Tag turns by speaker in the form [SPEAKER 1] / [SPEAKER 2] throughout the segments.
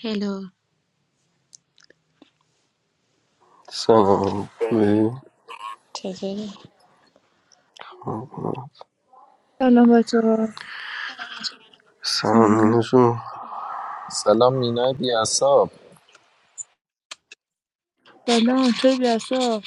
[SPEAKER 1] Hello
[SPEAKER 2] سلام خوبی؟
[SPEAKER 3] سلام بچه ها سلام
[SPEAKER 2] سلام جون
[SPEAKER 4] سلام مینای بیاساب
[SPEAKER 3] سلام چرا بیاسا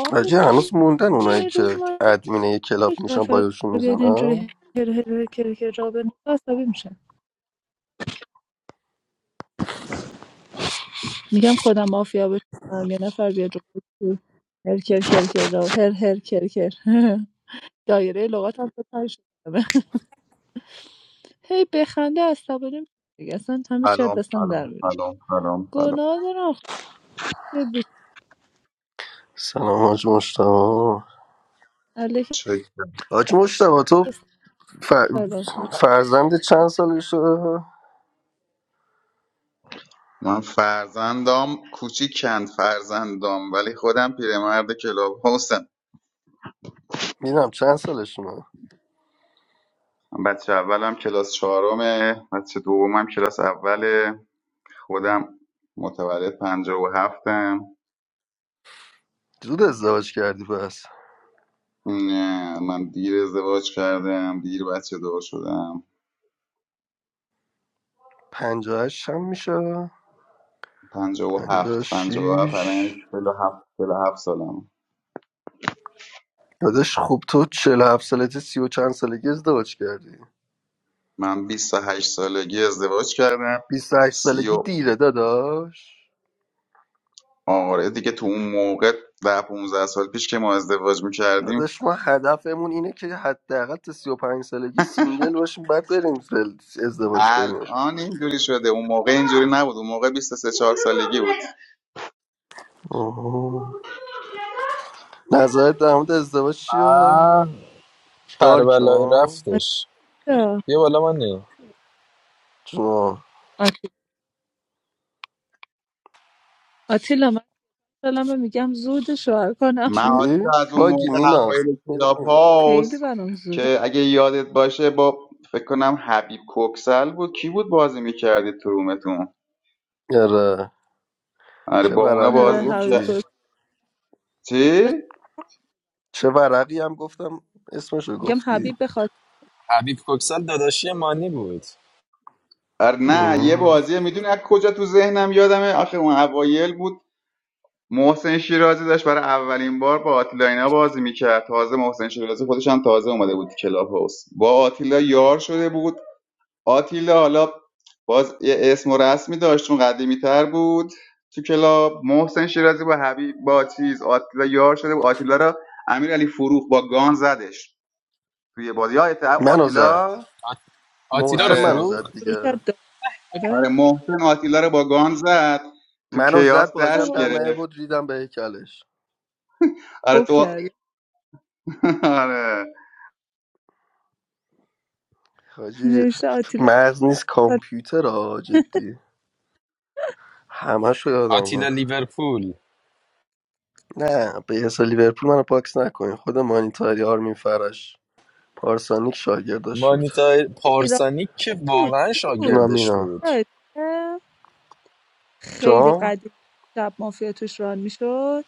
[SPEAKER 3] آقا
[SPEAKER 2] عجیه هنوز موندن اونایی
[SPEAKER 3] میای رو
[SPEAKER 2] که
[SPEAKER 3] ما
[SPEAKER 2] ادمین یه کلاب
[SPEAKER 3] یک
[SPEAKER 2] میشن
[SPEAKER 3] نفر
[SPEAKER 2] بایوشون
[SPEAKER 3] بیاد
[SPEAKER 2] میزنم
[SPEAKER 3] اینجوری هر هر کر کر را به عصبی میشه میگم خودم مافیا بشم یه نفر بیاد رو بگه هر کر کر کر را هر هر کر کر دایره لغات هم بتر شده هی بخنده عصبانی میشه دیگه اصلا همه چی از
[SPEAKER 5] سلام
[SPEAKER 3] دستم در
[SPEAKER 5] سلام
[SPEAKER 3] میره
[SPEAKER 5] سلام سلام سلام
[SPEAKER 3] گناه دارم خیلی بیشتر
[SPEAKER 2] سلام حاج مشتبا
[SPEAKER 3] علیک
[SPEAKER 5] چه-
[SPEAKER 2] حاج مشتبا تو ف...
[SPEAKER 3] سلام
[SPEAKER 2] فرزند چند سالشه؟
[SPEAKER 5] من فرزندام کوچیکند فرزندام ولی خودم پیرمرد کلاب هاوسم
[SPEAKER 2] میدونم چند سالشونه
[SPEAKER 5] بچه اولم کلاس چهارمه بچه دومم کلاس اوله خودم متولد پنجاه و هفتم
[SPEAKER 2] زود ازدواج کردی پس
[SPEAKER 5] نه، من دیر ازدواج کردم دیر بچه دار شدم
[SPEAKER 2] پنجاهش هم میشه
[SPEAKER 5] پنجاه و
[SPEAKER 2] پنجاه و
[SPEAKER 5] هفت پنجاه و هفت
[SPEAKER 2] شیش
[SPEAKER 5] الان چهل و هفت چهل و هفت سالم
[SPEAKER 2] داداش خوب تو چهل و هفت سالته سی و چند سالگی ازدواج کردی
[SPEAKER 5] من بیست و هشت سالگی ازدواج کردم
[SPEAKER 2] بیست و هشت سالگی دیره داداش
[SPEAKER 5] آره دیگه تو اون موقع ده 15 سال پیش که ما ازدواج میکردیم
[SPEAKER 2] داداش ما هدفمون اینه که حداقل تا 35 سالگی سینگل باشیم بعد بریم فل- ازدواج کنیم
[SPEAKER 5] الان اینجوری شده اون موقع اینجوری نبود اون موقع 23 4 سالگی بود
[SPEAKER 2] آها. نظرت در مورد ازدواج چیه؟
[SPEAKER 4] آه
[SPEAKER 2] دارک
[SPEAKER 4] کربلای
[SPEAKER 2] ها؟
[SPEAKER 4] رفتش
[SPEAKER 3] آتیلا
[SPEAKER 4] بیا بالا مانی
[SPEAKER 2] جونا.
[SPEAKER 3] آتیلا آتیلا، دلمه میگم زود شوهر کنم
[SPEAKER 5] من
[SPEAKER 2] چی؟
[SPEAKER 5] آتیلا از اون
[SPEAKER 2] باگی
[SPEAKER 5] موقع
[SPEAKER 2] مینا
[SPEAKER 5] اوایل کلاب
[SPEAKER 3] خیلی
[SPEAKER 5] هاوس
[SPEAKER 3] برام زوده
[SPEAKER 5] که اگه یادت باشه با فکر کنم حبیب کوکسل بود کی بود بازی میکردید تو رومتون
[SPEAKER 2] آره
[SPEAKER 5] آره
[SPEAKER 2] چه
[SPEAKER 5] با اونا
[SPEAKER 2] ورقی هم
[SPEAKER 3] نره
[SPEAKER 5] بازی
[SPEAKER 3] حبیب
[SPEAKER 5] میکرد
[SPEAKER 2] گفتی؟
[SPEAKER 3] گفت
[SPEAKER 5] چی؟
[SPEAKER 3] بخ-
[SPEAKER 2] چه ورقی هم گفتم اسمشو
[SPEAKER 3] میگم
[SPEAKER 2] گفتی
[SPEAKER 3] حبیب به خاطر
[SPEAKER 4] حبیب کوکسل داداشی مانی بود
[SPEAKER 5] آره نه یه
[SPEAKER 2] آره.
[SPEAKER 5] بازیه میدونی از کجا تو ذهنم یادمه آخه اون اوایل بود محسن شیرازی داشت برای اولین بار با آتیلا بازی میکرد تازه محسن شیرازی خودش هم تازه اومده بود کلاب هاوس با آتیلا یار شده بود آتیلا حالا باز یه اسم و رسمی داشت چون قدیمی تر بود تو کلاب محسن شیرازی با حبیب با چیز آتیلا یار شده بود آتیلا را امیرعلی فروخ با گان زدش توی بازی یادت
[SPEAKER 2] منو زد
[SPEAKER 5] آتیلا
[SPEAKER 4] آت- آتیلا رو
[SPEAKER 2] محسن منو
[SPEAKER 5] آره
[SPEAKER 2] زد
[SPEAKER 4] فروخت
[SPEAKER 3] شروع
[SPEAKER 2] دیگه
[SPEAKER 3] کرد داره
[SPEAKER 5] آره محسن آتیلا رو با گان زد تو
[SPEAKER 2] منو زد
[SPEAKER 5] کیاس
[SPEAKER 2] بازی هم
[SPEAKER 5] دست
[SPEAKER 2] در
[SPEAKER 3] اوه
[SPEAKER 2] نیه
[SPEAKER 5] گرفت
[SPEAKER 2] بود ریدم به هیکلش
[SPEAKER 5] آره
[SPEAKER 3] خوب
[SPEAKER 5] تو
[SPEAKER 3] کردی
[SPEAKER 5] آره
[SPEAKER 2] حاجی
[SPEAKER 3] نوشته آتیلا
[SPEAKER 2] مغز نیست
[SPEAKER 3] خاطر
[SPEAKER 2] کامپیوتر ها جدی همه شو
[SPEAKER 4] آتیلا
[SPEAKER 2] یادم
[SPEAKER 4] لیورپول
[SPEAKER 2] نه به یه سال لیورپول منو پاکس نکنین خود مانیتاری آرمین فرش پارسانیک شاگرداش بود
[SPEAKER 4] مانیتا
[SPEAKER 3] ایران
[SPEAKER 4] پارسانی که
[SPEAKER 3] بود
[SPEAKER 4] واقعا
[SPEAKER 3] چی بود
[SPEAKER 2] جونم
[SPEAKER 4] شاگردش
[SPEAKER 2] اینا
[SPEAKER 4] بود
[SPEAKER 3] یادته؟ خیلی
[SPEAKER 2] جام
[SPEAKER 3] قدیم شب مافیا توش ران میشد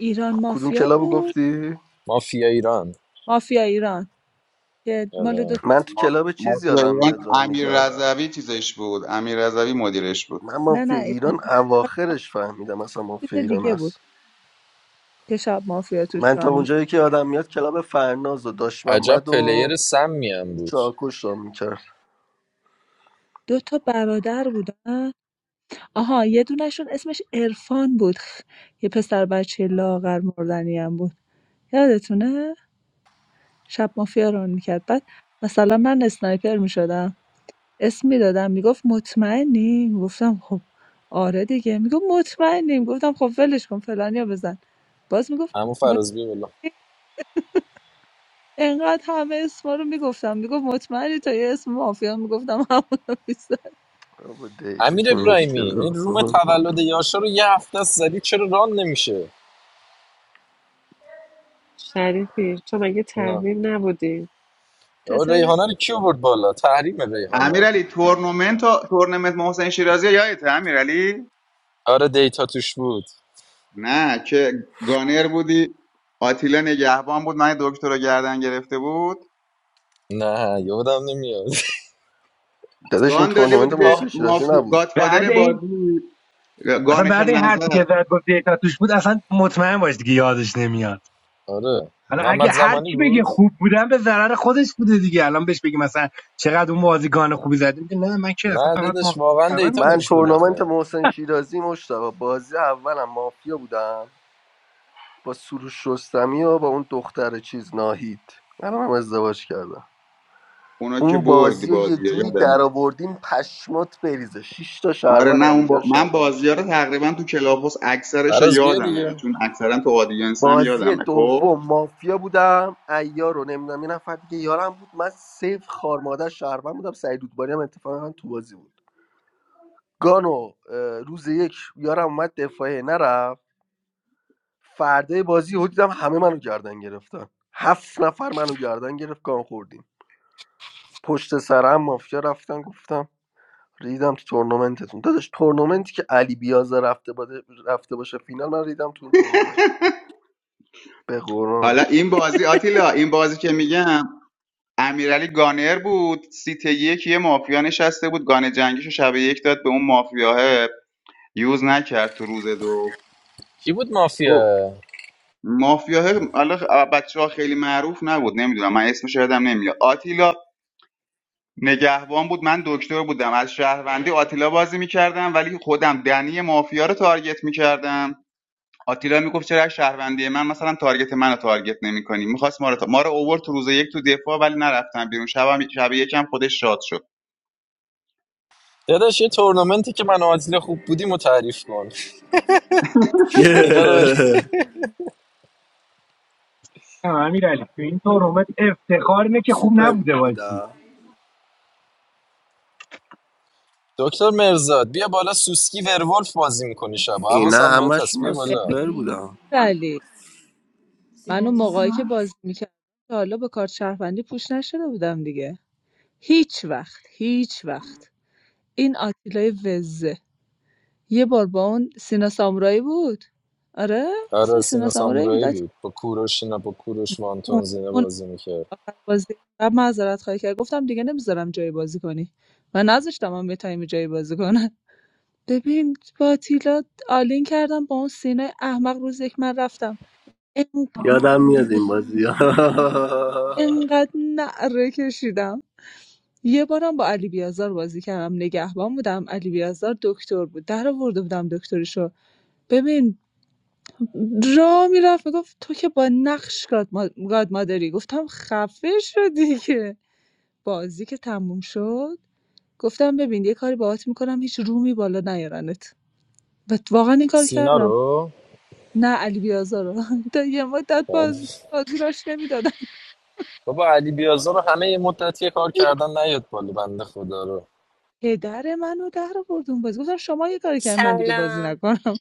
[SPEAKER 3] ایران
[SPEAKER 2] کدوم
[SPEAKER 3] مافیا
[SPEAKER 2] کلابو
[SPEAKER 3] بود
[SPEAKER 2] گفتی
[SPEAKER 4] مافیا ایران
[SPEAKER 3] مافیا ایران که مال دو
[SPEAKER 4] آره.
[SPEAKER 3] تا-
[SPEAKER 2] من تو کلاب چیز
[SPEAKER 5] مافیا
[SPEAKER 2] یادم
[SPEAKER 5] ایران
[SPEAKER 2] میاد رام
[SPEAKER 5] امیر
[SPEAKER 2] میکردن
[SPEAKER 5] رضوی چیزش بود امیر رضوی مدیرش بود
[SPEAKER 2] من
[SPEAKER 3] نه
[SPEAKER 2] مافیا
[SPEAKER 3] نه ایران
[SPEAKER 2] ایران
[SPEAKER 3] مافیا
[SPEAKER 2] اواخرش فهمیدم مثلا مافیا
[SPEAKER 3] چیز
[SPEAKER 2] ایران
[SPEAKER 3] دیگه بود
[SPEAKER 2] هست
[SPEAKER 3] که شب مافیا توش
[SPEAKER 2] من تا
[SPEAKER 3] ران میشد
[SPEAKER 2] اونجایی که یادم میاد کلاب فرناز و داشت
[SPEAKER 4] عجب
[SPEAKER 2] محمد و
[SPEAKER 4] پلیر سمی هم بود
[SPEAKER 2] چاکوش را میکرد
[SPEAKER 3] دو تا برادر بودن آها یه دونشون اسمش عرفان بود خ، یه پسر بچه لاغر مردنی هم بود یادتونه شب مافیا ران میکرد بعد مثلا من اسنایپر میشدم اسم میدادم میگفت مطمئنی میگفتم خب آره دیگه میگفت مطمئنی میگفتم خب ولش کن فلانیا بزن باز میگفت
[SPEAKER 4] اما
[SPEAKER 3] مطمئنی
[SPEAKER 4] فراز بیا بالا
[SPEAKER 3] انقدر همه اسما رو میگفتم میگفت مطمئنی تا یه اسم مافیا میگفتم همون رو میزد
[SPEAKER 2] بابا دیتا
[SPEAKER 4] امیر
[SPEAKER 2] که
[SPEAKER 4] ابراهیمی این روم
[SPEAKER 2] مشکل
[SPEAKER 4] تولد یاشا رو یه هفته است زدی چرا ران نمیشه
[SPEAKER 6] Shadi fi. Chomake
[SPEAKER 4] چرا؟
[SPEAKER 6] tahvei nabad.
[SPEAKER 4] یا
[SPEAKER 3] چطوره
[SPEAKER 4] ریحانه رو کی برد بالا تحریم
[SPEAKER 5] امیر
[SPEAKER 4] ریحانه
[SPEAKER 5] علی تورنمنت و- تورنمنت محسن شیرازی یادته امیر علی
[SPEAKER 4] آره دیتا توش بود
[SPEAKER 5] نه که گانر بودی آتیلا نگهبان بود من دکتر رو گردن گرفته بود
[SPEAKER 4] نه یادم نمیاد
[SPEAKER 2] داداش این
[SPEAKER 5] گان داده
[SPEAKER 2] تورنمنت
[SPEAKER 5] بود به
[SPEAKER 2] محسن
[SPEAKER 4] آه
[SPEAKER 5] مافی...
[SPEAKER 2] شیرازی نبود
[SPEAKER 7] بعد
[SPEAKER 5] گادفادر
[SPEAKER 7] این
[SPEAKER 5] بازی
[SPEAKER 7] اصلا
[SPEAKER 5] گانش
[SPEAKER 7] بعد
[SPEAKER 5] هم
[SPEAKER 7] این حرفی
[SPEAKER 5] نزد
[SPEAKER 7] که زد گفت دیتا توش بود اصلا مطمئن باش دیگه یادش نمیاد
[SPEAKER 4] آره
[SPEAKER 7] حالا
[SPEAKER 4] محمد
[SPEAKER 7] اگه هر
[SPEAKER 4] زمانی
[SPEAKER 7] کی بگه
[SPEAKER 4] بود
[SPEAKER 7] خوب بودن به ضرر خودش بوده دیگه الان بهش بگی مثلا چقدر اون بازیکن خوبی زدی میگه نه من که اصلا
[SPEAKER 4] نه
[SPEAKER 7] فقط
[SPEAKER 4] دادش
[SPEAKER 7] مافیا
[SPEAKER 4] واقعا
[SPEAKER 7] خبر
[SPEAKER 4] دیتا
[SPEAKER 2] من
[SPEAKER 4] توش
[SPEAKER 7] میزدم
[SPEAKER 4] بود
[SPEAKER 2] تورنمنت
[SPEAKER 4] آخه
[SPEAKER 2] محسن شیرازی مشتاق بازی اولم مافیا بودم با سروش رستمی و با اون دختر چیز ناهید من هم ازدواج کردم
[SPEAKER 5] اونا که
[SPEAKER 2] اون
[SPEAKER 5] بردی
[SPEAKER 2] بازی رو
[SPEAKER 5] بازی
[SPEAKER 2] یه
[SPEAKER 5] رو،
[SPEAKER 2] جوری در
[SPEAKER 5] یادمه
[SPEAKER 2] آوردیم پشمات بریزه شش تا
[SPEAKER 5] آره
[SPEAKER 2] شهروند
[SPEAKER 5] نه
[SPEAKER 2] هم
[SPEAKER 5] اون
[SPEAKER 2] دیگه
[SPEAKER 5] با... من
[SPEAKER 2] شهروند
[SPEAKER 5] بازی ها رو
[SPEAKER 2] داشتم
[SPEAKER 5] تقریبا تو کلاپوس اکثرش رو
[SPEAKER 4] فراز بیا
[SPEAKER 5] یادمه
[SPEAKER 4] دیگه
[SPEAKER 5] چون اکثرا تو آدینس هم
[SPEAKER 2] بازی
[SPEAKER 5] یادمه خب
[SPEAKER 2] دوم مافیا بودم ایار رو نمیدونم یه نفر دیگه یارم بود من سیف خارماده شهروند بودم سعید رودباری هم اتفاقا تو بازی بود گانو اه، روز یک یارم اومد دفاعه نرفت فردای بازی یهو دیدم همه منو گردن گرفتن هفت نفر منو گردن گرفت گان خوردیم پشت سرم مافیا رفتن گفتم ریدم تو تورنمنتتون داداش تورنمنتی که علی بیازه رفته باده رفته باشه فینال من ریدم تو اون تورنمنت به قرآن
[SPEAKER 5] حالا این بازی آتیلا این بازی که میگم امیرعلی گانر بود سیت یک یه مافیا نشسته بود گانه جنگیشو شب یک داد به اون مافیاه یوز نکرد تو روز دو
[SPEAKER 4] کی بود
[SPEAKER 5] خب،
[SPEAKER 4] مافیا
[SPEAKER 5] مافیاه حالا بچه ها خیلی معروف نبود نمیدونم من اسمش یادم نمیاد آتیلا نگهبان بود من دکتر بودم از شهروندی آتیلا بازی میکردم ولی خودم دنی مافیا رو تارگت میکردم آتیلا میگفت چرا از شهروندی من مثلا تارگت منو تارگت نمیکنی میخواست ما رو تا- ما رو اوورد تو روز یک تو دفاع ولی نرفتن بیرون شب هم... شب یکم خودش شاد شد
[SPEAKER 4] داداش یه تورنمنتی که من و آتیلا خوب بودیم و تعریف کن اینا رو ول-
[SPEAKER 7] نه امیرعلی تو این تورنمنت افتخار اینه که خوب
[SPEAKER 2] سوپر
[SPEAKER 7] نبوده بازی
[SPEAKER 2] بودم
[SPEAKER 4] دکتر مرزاد بیا بالا سوسکی ورولف بازی میکنی شبا
[SPEAKER 2] اینا
[SPEAKER 4] حواسم به
[SPEAKER 2] همش
[SPEAKER 4] تصویه
[SPEAKER 2] من
[SPEAKER 3] ببین
[SPEAKER 4] بالا
[SPEAKER 2] سوپر بودم
[SPEAKER 3] ولی من اون موقعی که بازی میکردم تا حالا با کارت شهروندی پوش نشده بودم دیگه هیچ وقت هیچ وقت این آتیلای وزه یه بار با اون سینا سامورایی بود آره
[SPEAKER 4] آره
[SPEAKER 3] اسمش سینا
[SPEAKER 4] سینا
[SPEAKER 3] سامورایی بود
[SPEAKER 4] سامورایی
[SPEAKER 3] آتیلا.
[SPEAKER 4] بود با کوروش اینا با کوروش
[SPEAKER 3] اون
[SPEAKER 4] وانتون زینه
[SPEAKER 3] اون
[SPEAKER 4] بازی میکرد
[SPEAKER 3] بازی قبل معذرت خواهی کرد گفتم دیگه نمیذارم جای بازی کنی و نذاشتم هم به تایم جای بازی کنن ببین با آتیلا آلین کردم با اون سینا. احمق روز یک من رفتم انق-
[SPEAKER 2] یادم میاد این بازی
[SPEAKER 3] انقدر نعره کشیدم یه بارم با علی بیازار بازی کردم نگهبان بودم علی بیازار دکتر بود در آورده بودم دکترشو ببین را میرفت میگفت تو که با نقش گاد مادری گفتم خفه شدی که بازی که تموم شد گفتم ببین یه کاری باهات میکنم هیچ رومی بالا نیارنت و واقعا این کار
[SPEAKER 4] سینا
[SPEAKER 3] کردم
[SPEAKER 4] رو
[SPEAKER 3] نه علی بیازار رو. تا یه مدت باز
[SPEAKER 4] بله.
[SPEAKER 3] بازی راش نمیدادم
[SPEAKER 4] بابا علی بیازار رو همه یه مدتی کار کردن نیاد بالا بنده خدا رو
[SPEAKER 3] پدر منو در آورد اون بازی گفتم شما یه کاری کردین من دیگه بازی
[SPEAKER 8] سلام
[SPEAKER 3] نکنم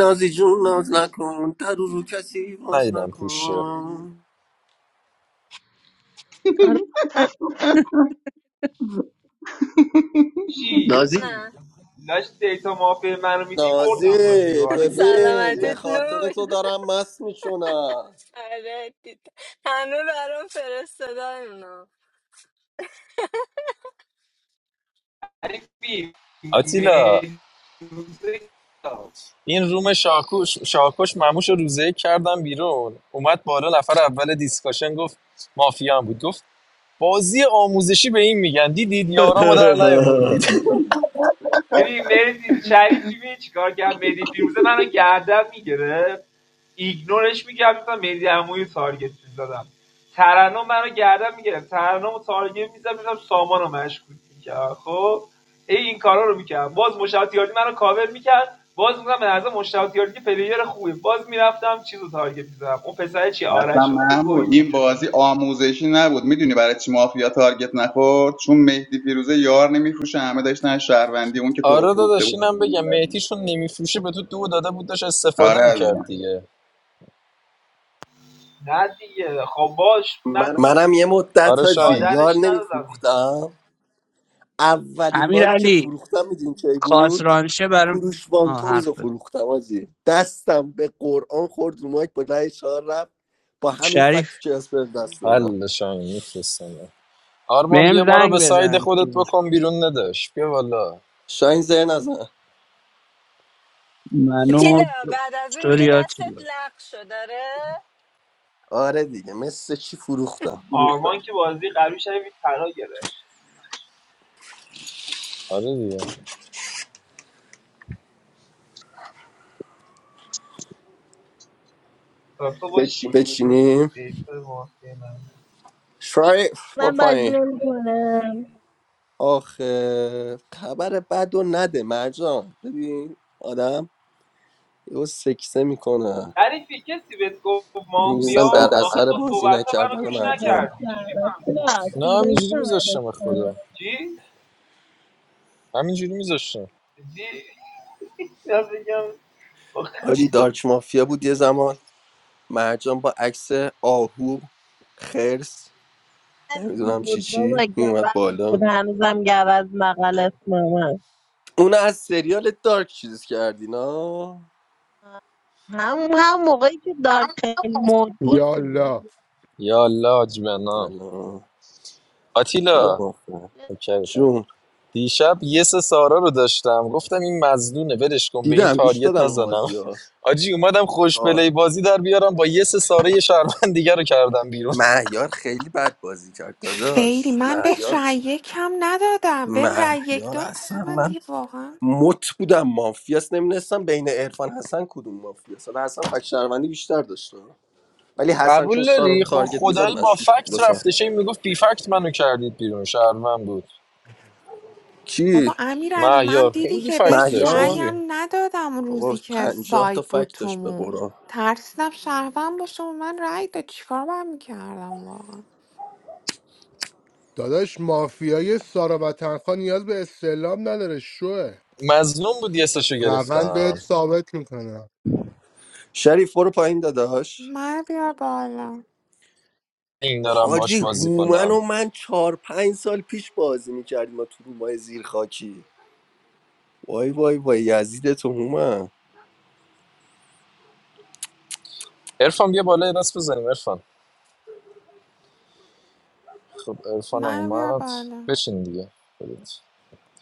[SPEAKER 2] نازی جون ناز نکن در رو کسی باز
[SPEAKER 4] ندیدم پوشه
[SPEAKER 2] نکن
[SPEAKER 3] آره
[SPEAKER 9] نازی
[SPEAKER 8] نه
[SPEAKER 2] نازی ببین به
[SPEAKER 8] سلامتت
[SPEAKER 2] خاطر
[SPEAKER 8] نوش
[SPEAKER 2] تو دارم مست میشونم
[SPEAKER 8] سرت همه برام فرستادن اونا
[SPEAKER 4] آتیلا این روم شاکوش شاکوش مموش رو روزه کردم بیرون اومد بالا نفر اول دیسکاشن گفت مافیا هم بود گفت بازی آموزشی به این میگن دیدید یارامو در نیاوردید
[SPEAKER 5] اصلا محمود این بازی آموزشی نبود میدونی برای چی مافیا تارگت نخورد چون مهدی فیروزه یار نمیفروشه همه داشتن از شهروندی اون که تو رو
[SPEAKER 4] آره
[SPEAKER 5] فروخته
[SPEAKER 4] داداش
[SPEAKER 5] بود
[SPEAKER 4] اینم بگم
[SPEAKER 5] می‌کردی.
[SPEAKER 4] مهتیشون نمیفروشه به تو دو داده بود داشت استفاده
[SPEAKER 5] آره
[SPEAKER 4] میکرد
[SPEAKER 5] عزیزم
[SPEAKER 4] دیگه
[SPEAKER 2] منم یه
[SPEAKER 4] آره
[SPEAKER 2] مدت حاجی
[SPEAKER 4] شاین
[SPEAKER 2] یار نمیفروختم اولین
[SPEAKER 10] امیر
[SPEAKER 2] باری که
[SPEAKER 10] علی
[SPEAKER 2] فروختم میدون کی بود
[SPEAKER 10] خاطرانشه برام
[SPEAKER 2] کوروش
[SPEAKER 10] آه
[SPEAKER 2] وانتونز رو
[SPEAKER 10] حرف بزن
[SPEAKER 2] فروختم حاجی دستم به قرآن خورد رو مایک با رای چهار رفت با همین فکت تو
[SPEAKER 10] شریف
[SPEAKER 2] کلاس بهم دست دادم
[SPEAKER 4] حل شاین میفرستم آرمان بیا
[SPEAKER 10] بهم
[SPEAKER 4] ما رو
[SPEAKER 10] زنگ
[SPEAKER 4] به ساید
[SPEAKER 10] بزن
[SPEAKER 4] خودت بکن بیرون نداش. بیا والا
[SPEAKER 2] شاین زر نزن
[SPEAKER 10] منو
[SPEAKER 8] تیلا بعد از اون دیگه
[SPEAKER 10] استوریات
[SPEAKER 8] دستت لق شد داره
[SPEAKER 2] آره دیگه مثل چی فروختم
[SPEAKER 4] آره دیگه
[SPEAKER 9] بشینی
[SPEAKER 2] بچینیم شاین برو
[SPEAKER 11] Mam, bagh
[SPEAKER 2] پایین.
[SPEAKER 11] nem kone.
[SPEAKER 2] آخه خبر بد و نده مرجان ببین آدم یهو سکسه میکنه میبیسن در اثر بازی نکردن
[SPEAKER 11] I
[SPEAKER 2] مرجان
[SPEAKER 11] just saw a lot.
[SPEAKER 4] نه
[SPEAKER 11] Should I
[SPEAKER 4] همینجوری
[SPEAKER 11] come
[SPEAKER 4] میذاشتم
[SPEAKER 11] with
[SPEAKER 4] به
[SPEAKER 11] you?
[SPEAKER 4] خدا همینجوری میذاشتم
[SPEAKER 2] حاجی
[SPEAKER 9] حاجی
[SPEAKER 2] دارک مافیا بود یه زمان مرجان با عکس آهو خرس
[SPEAKER 11] I'm
[SPEAKER 2] نمیدونم چی
[SPEAKER 11] good, bro.
[SPEAKER 2] چی
[SPEAKER 11] Like
[SPEAKER 2] میومد
[SPEAKER 11] I'm
[SPEAKER 2] بالا
[SPEAKER 11] good. I'm still from Galas, Mama.
[SPEAKER 2] اون از سریال دارک چیز کردی نه
[SPEAKER 11] Ham, ham, maga ki darkeel mood
[SPEAKER 12] یا
[SPEAKER 11] buddiye.
[SPEAKER 12] الله
[SPEAKER 4] یا الله حاج بنا
[SPEAKER 2] سلام میگم
[SPEAKER 4] آتیلا
[SPEAKER 2] آخه
[SPEAKER 4] اوکیتم
[SPEAKER 2] چون
[SPEAKER 4] دیشب یه سه سارا رو داشتم گفتم این مزدونه ولش کن به این
[SPEAKER 2] دیدم گوش
[SPEAKER 4] تاریت
[SPEAKER 2] دادم اون
[SPEAKER 4] نزنم
[SPEAKER 2] بازی ها
[SPEAKER 4] آجی اومدم خوش
[SPEAKER 2] آه،
[SPEAKER 4] پلی بازی در بیارم با یه سه ساره یه شهروند دیگه رو کردم بیرون
[SPEAKER 2] مهیار خیلی بد بازی کرد
[SPEAKER 13] خیلی
[SPEAKER 2] داداش
[SPEAKER 13] من
[SPEAKER 2] مهیار
[SPEAKER 13] بهش رأی یکم ندادم بهم رأی یک
[SPEAKER 2] مهیار
[SPEAKER 13] داد اصلا
[SPEAKER 2] اصلا
[SPEAKER 13] من
[SPEAKER 2] من
[SPEAKER 13] دیگه واقعا
[SPEAKER 2] مت بودم مافیاس نمیدونستم بین عرفان حسن کدوم مافیاس حالا حسن فک شهروندی بیشتر داشته ولی حسن چون
[SPEAKER 4] قبول
[SPEAKER 2] سارا رو
[SPEAKER 4] داری خب
[SPEAKER 2] تارگت میزد
[SPEAKER 4] خدایی با
[SPEAKER 2] مشکوش بود
[SPEAKER 4] فکت رفته
[SPEAKER 2] بسن
[SPEAKER 4] شی میگفت بی فکت منو کردید بیرون شهروند بود
[SPEAKER 2] کی
[SPEAKER 13] بابا امیر علی من
[SPEAKER 4] مهیار
[SPEAKER 13] دیدی
[SPEAKER 4] خیلی
[SPEAKER 13] که
[SPEAKER 4] فکت
[SPEAKER 13] بهش
[SPEAKER 4] داشت
[SPEAKER 2] مهیار
[SPEAKER 4] آجی
[SPEAKER 13] رأیم ندادم اون
[SPEAKER 2] بابا
[SPEAKER 13] روزی که
[SPEAKER 2] پنجاه تا
[SPEAKER 13] ساید بود
[SPEAKER 2] فک داشت به
[SPEAKER 13] تومون
[SPEAKER 2] قرآن
[SPEAKER 13] ترسیدم شهروند باشه و من رأی داد چیکار باید میکردم واقعا
[SPEAKER 12] داداش مافیای سارا وطنخواه نیاز به استعلام نداره شوه
[SPEAKER 4] مظلوم بود یه سشو
[SPEAKER 12] روند بهت
[SPEAKER 4] گرفتم
[SPEAKER 12] ثابت میکنم
[SPEAKER 2] شریف برو پایین داداش
[SPEAKER 13] من بیار بالا
[SPEAKER 4] این دارم باش
[SPEAKER 2] حاجی
[SPEAKER 4] بازی
[SPEAKER 2] هومن
[SPEAKER 4] کنم
[SPEAKER 2] و من چهار پنج سال پیش بازی میکردیم ما تو رومای زیر خاکی وای وای وای یزیدت هومن
[SPEAKER 4] ارفان بیا بالا یه دست بزنیم ارفان خب ارفانم
[SPEAKER 13] من بیار
[SPEAKER 4] اومد
[SPEAKER 13] بالا
[SPEAKER 4] بشین دیگه خودت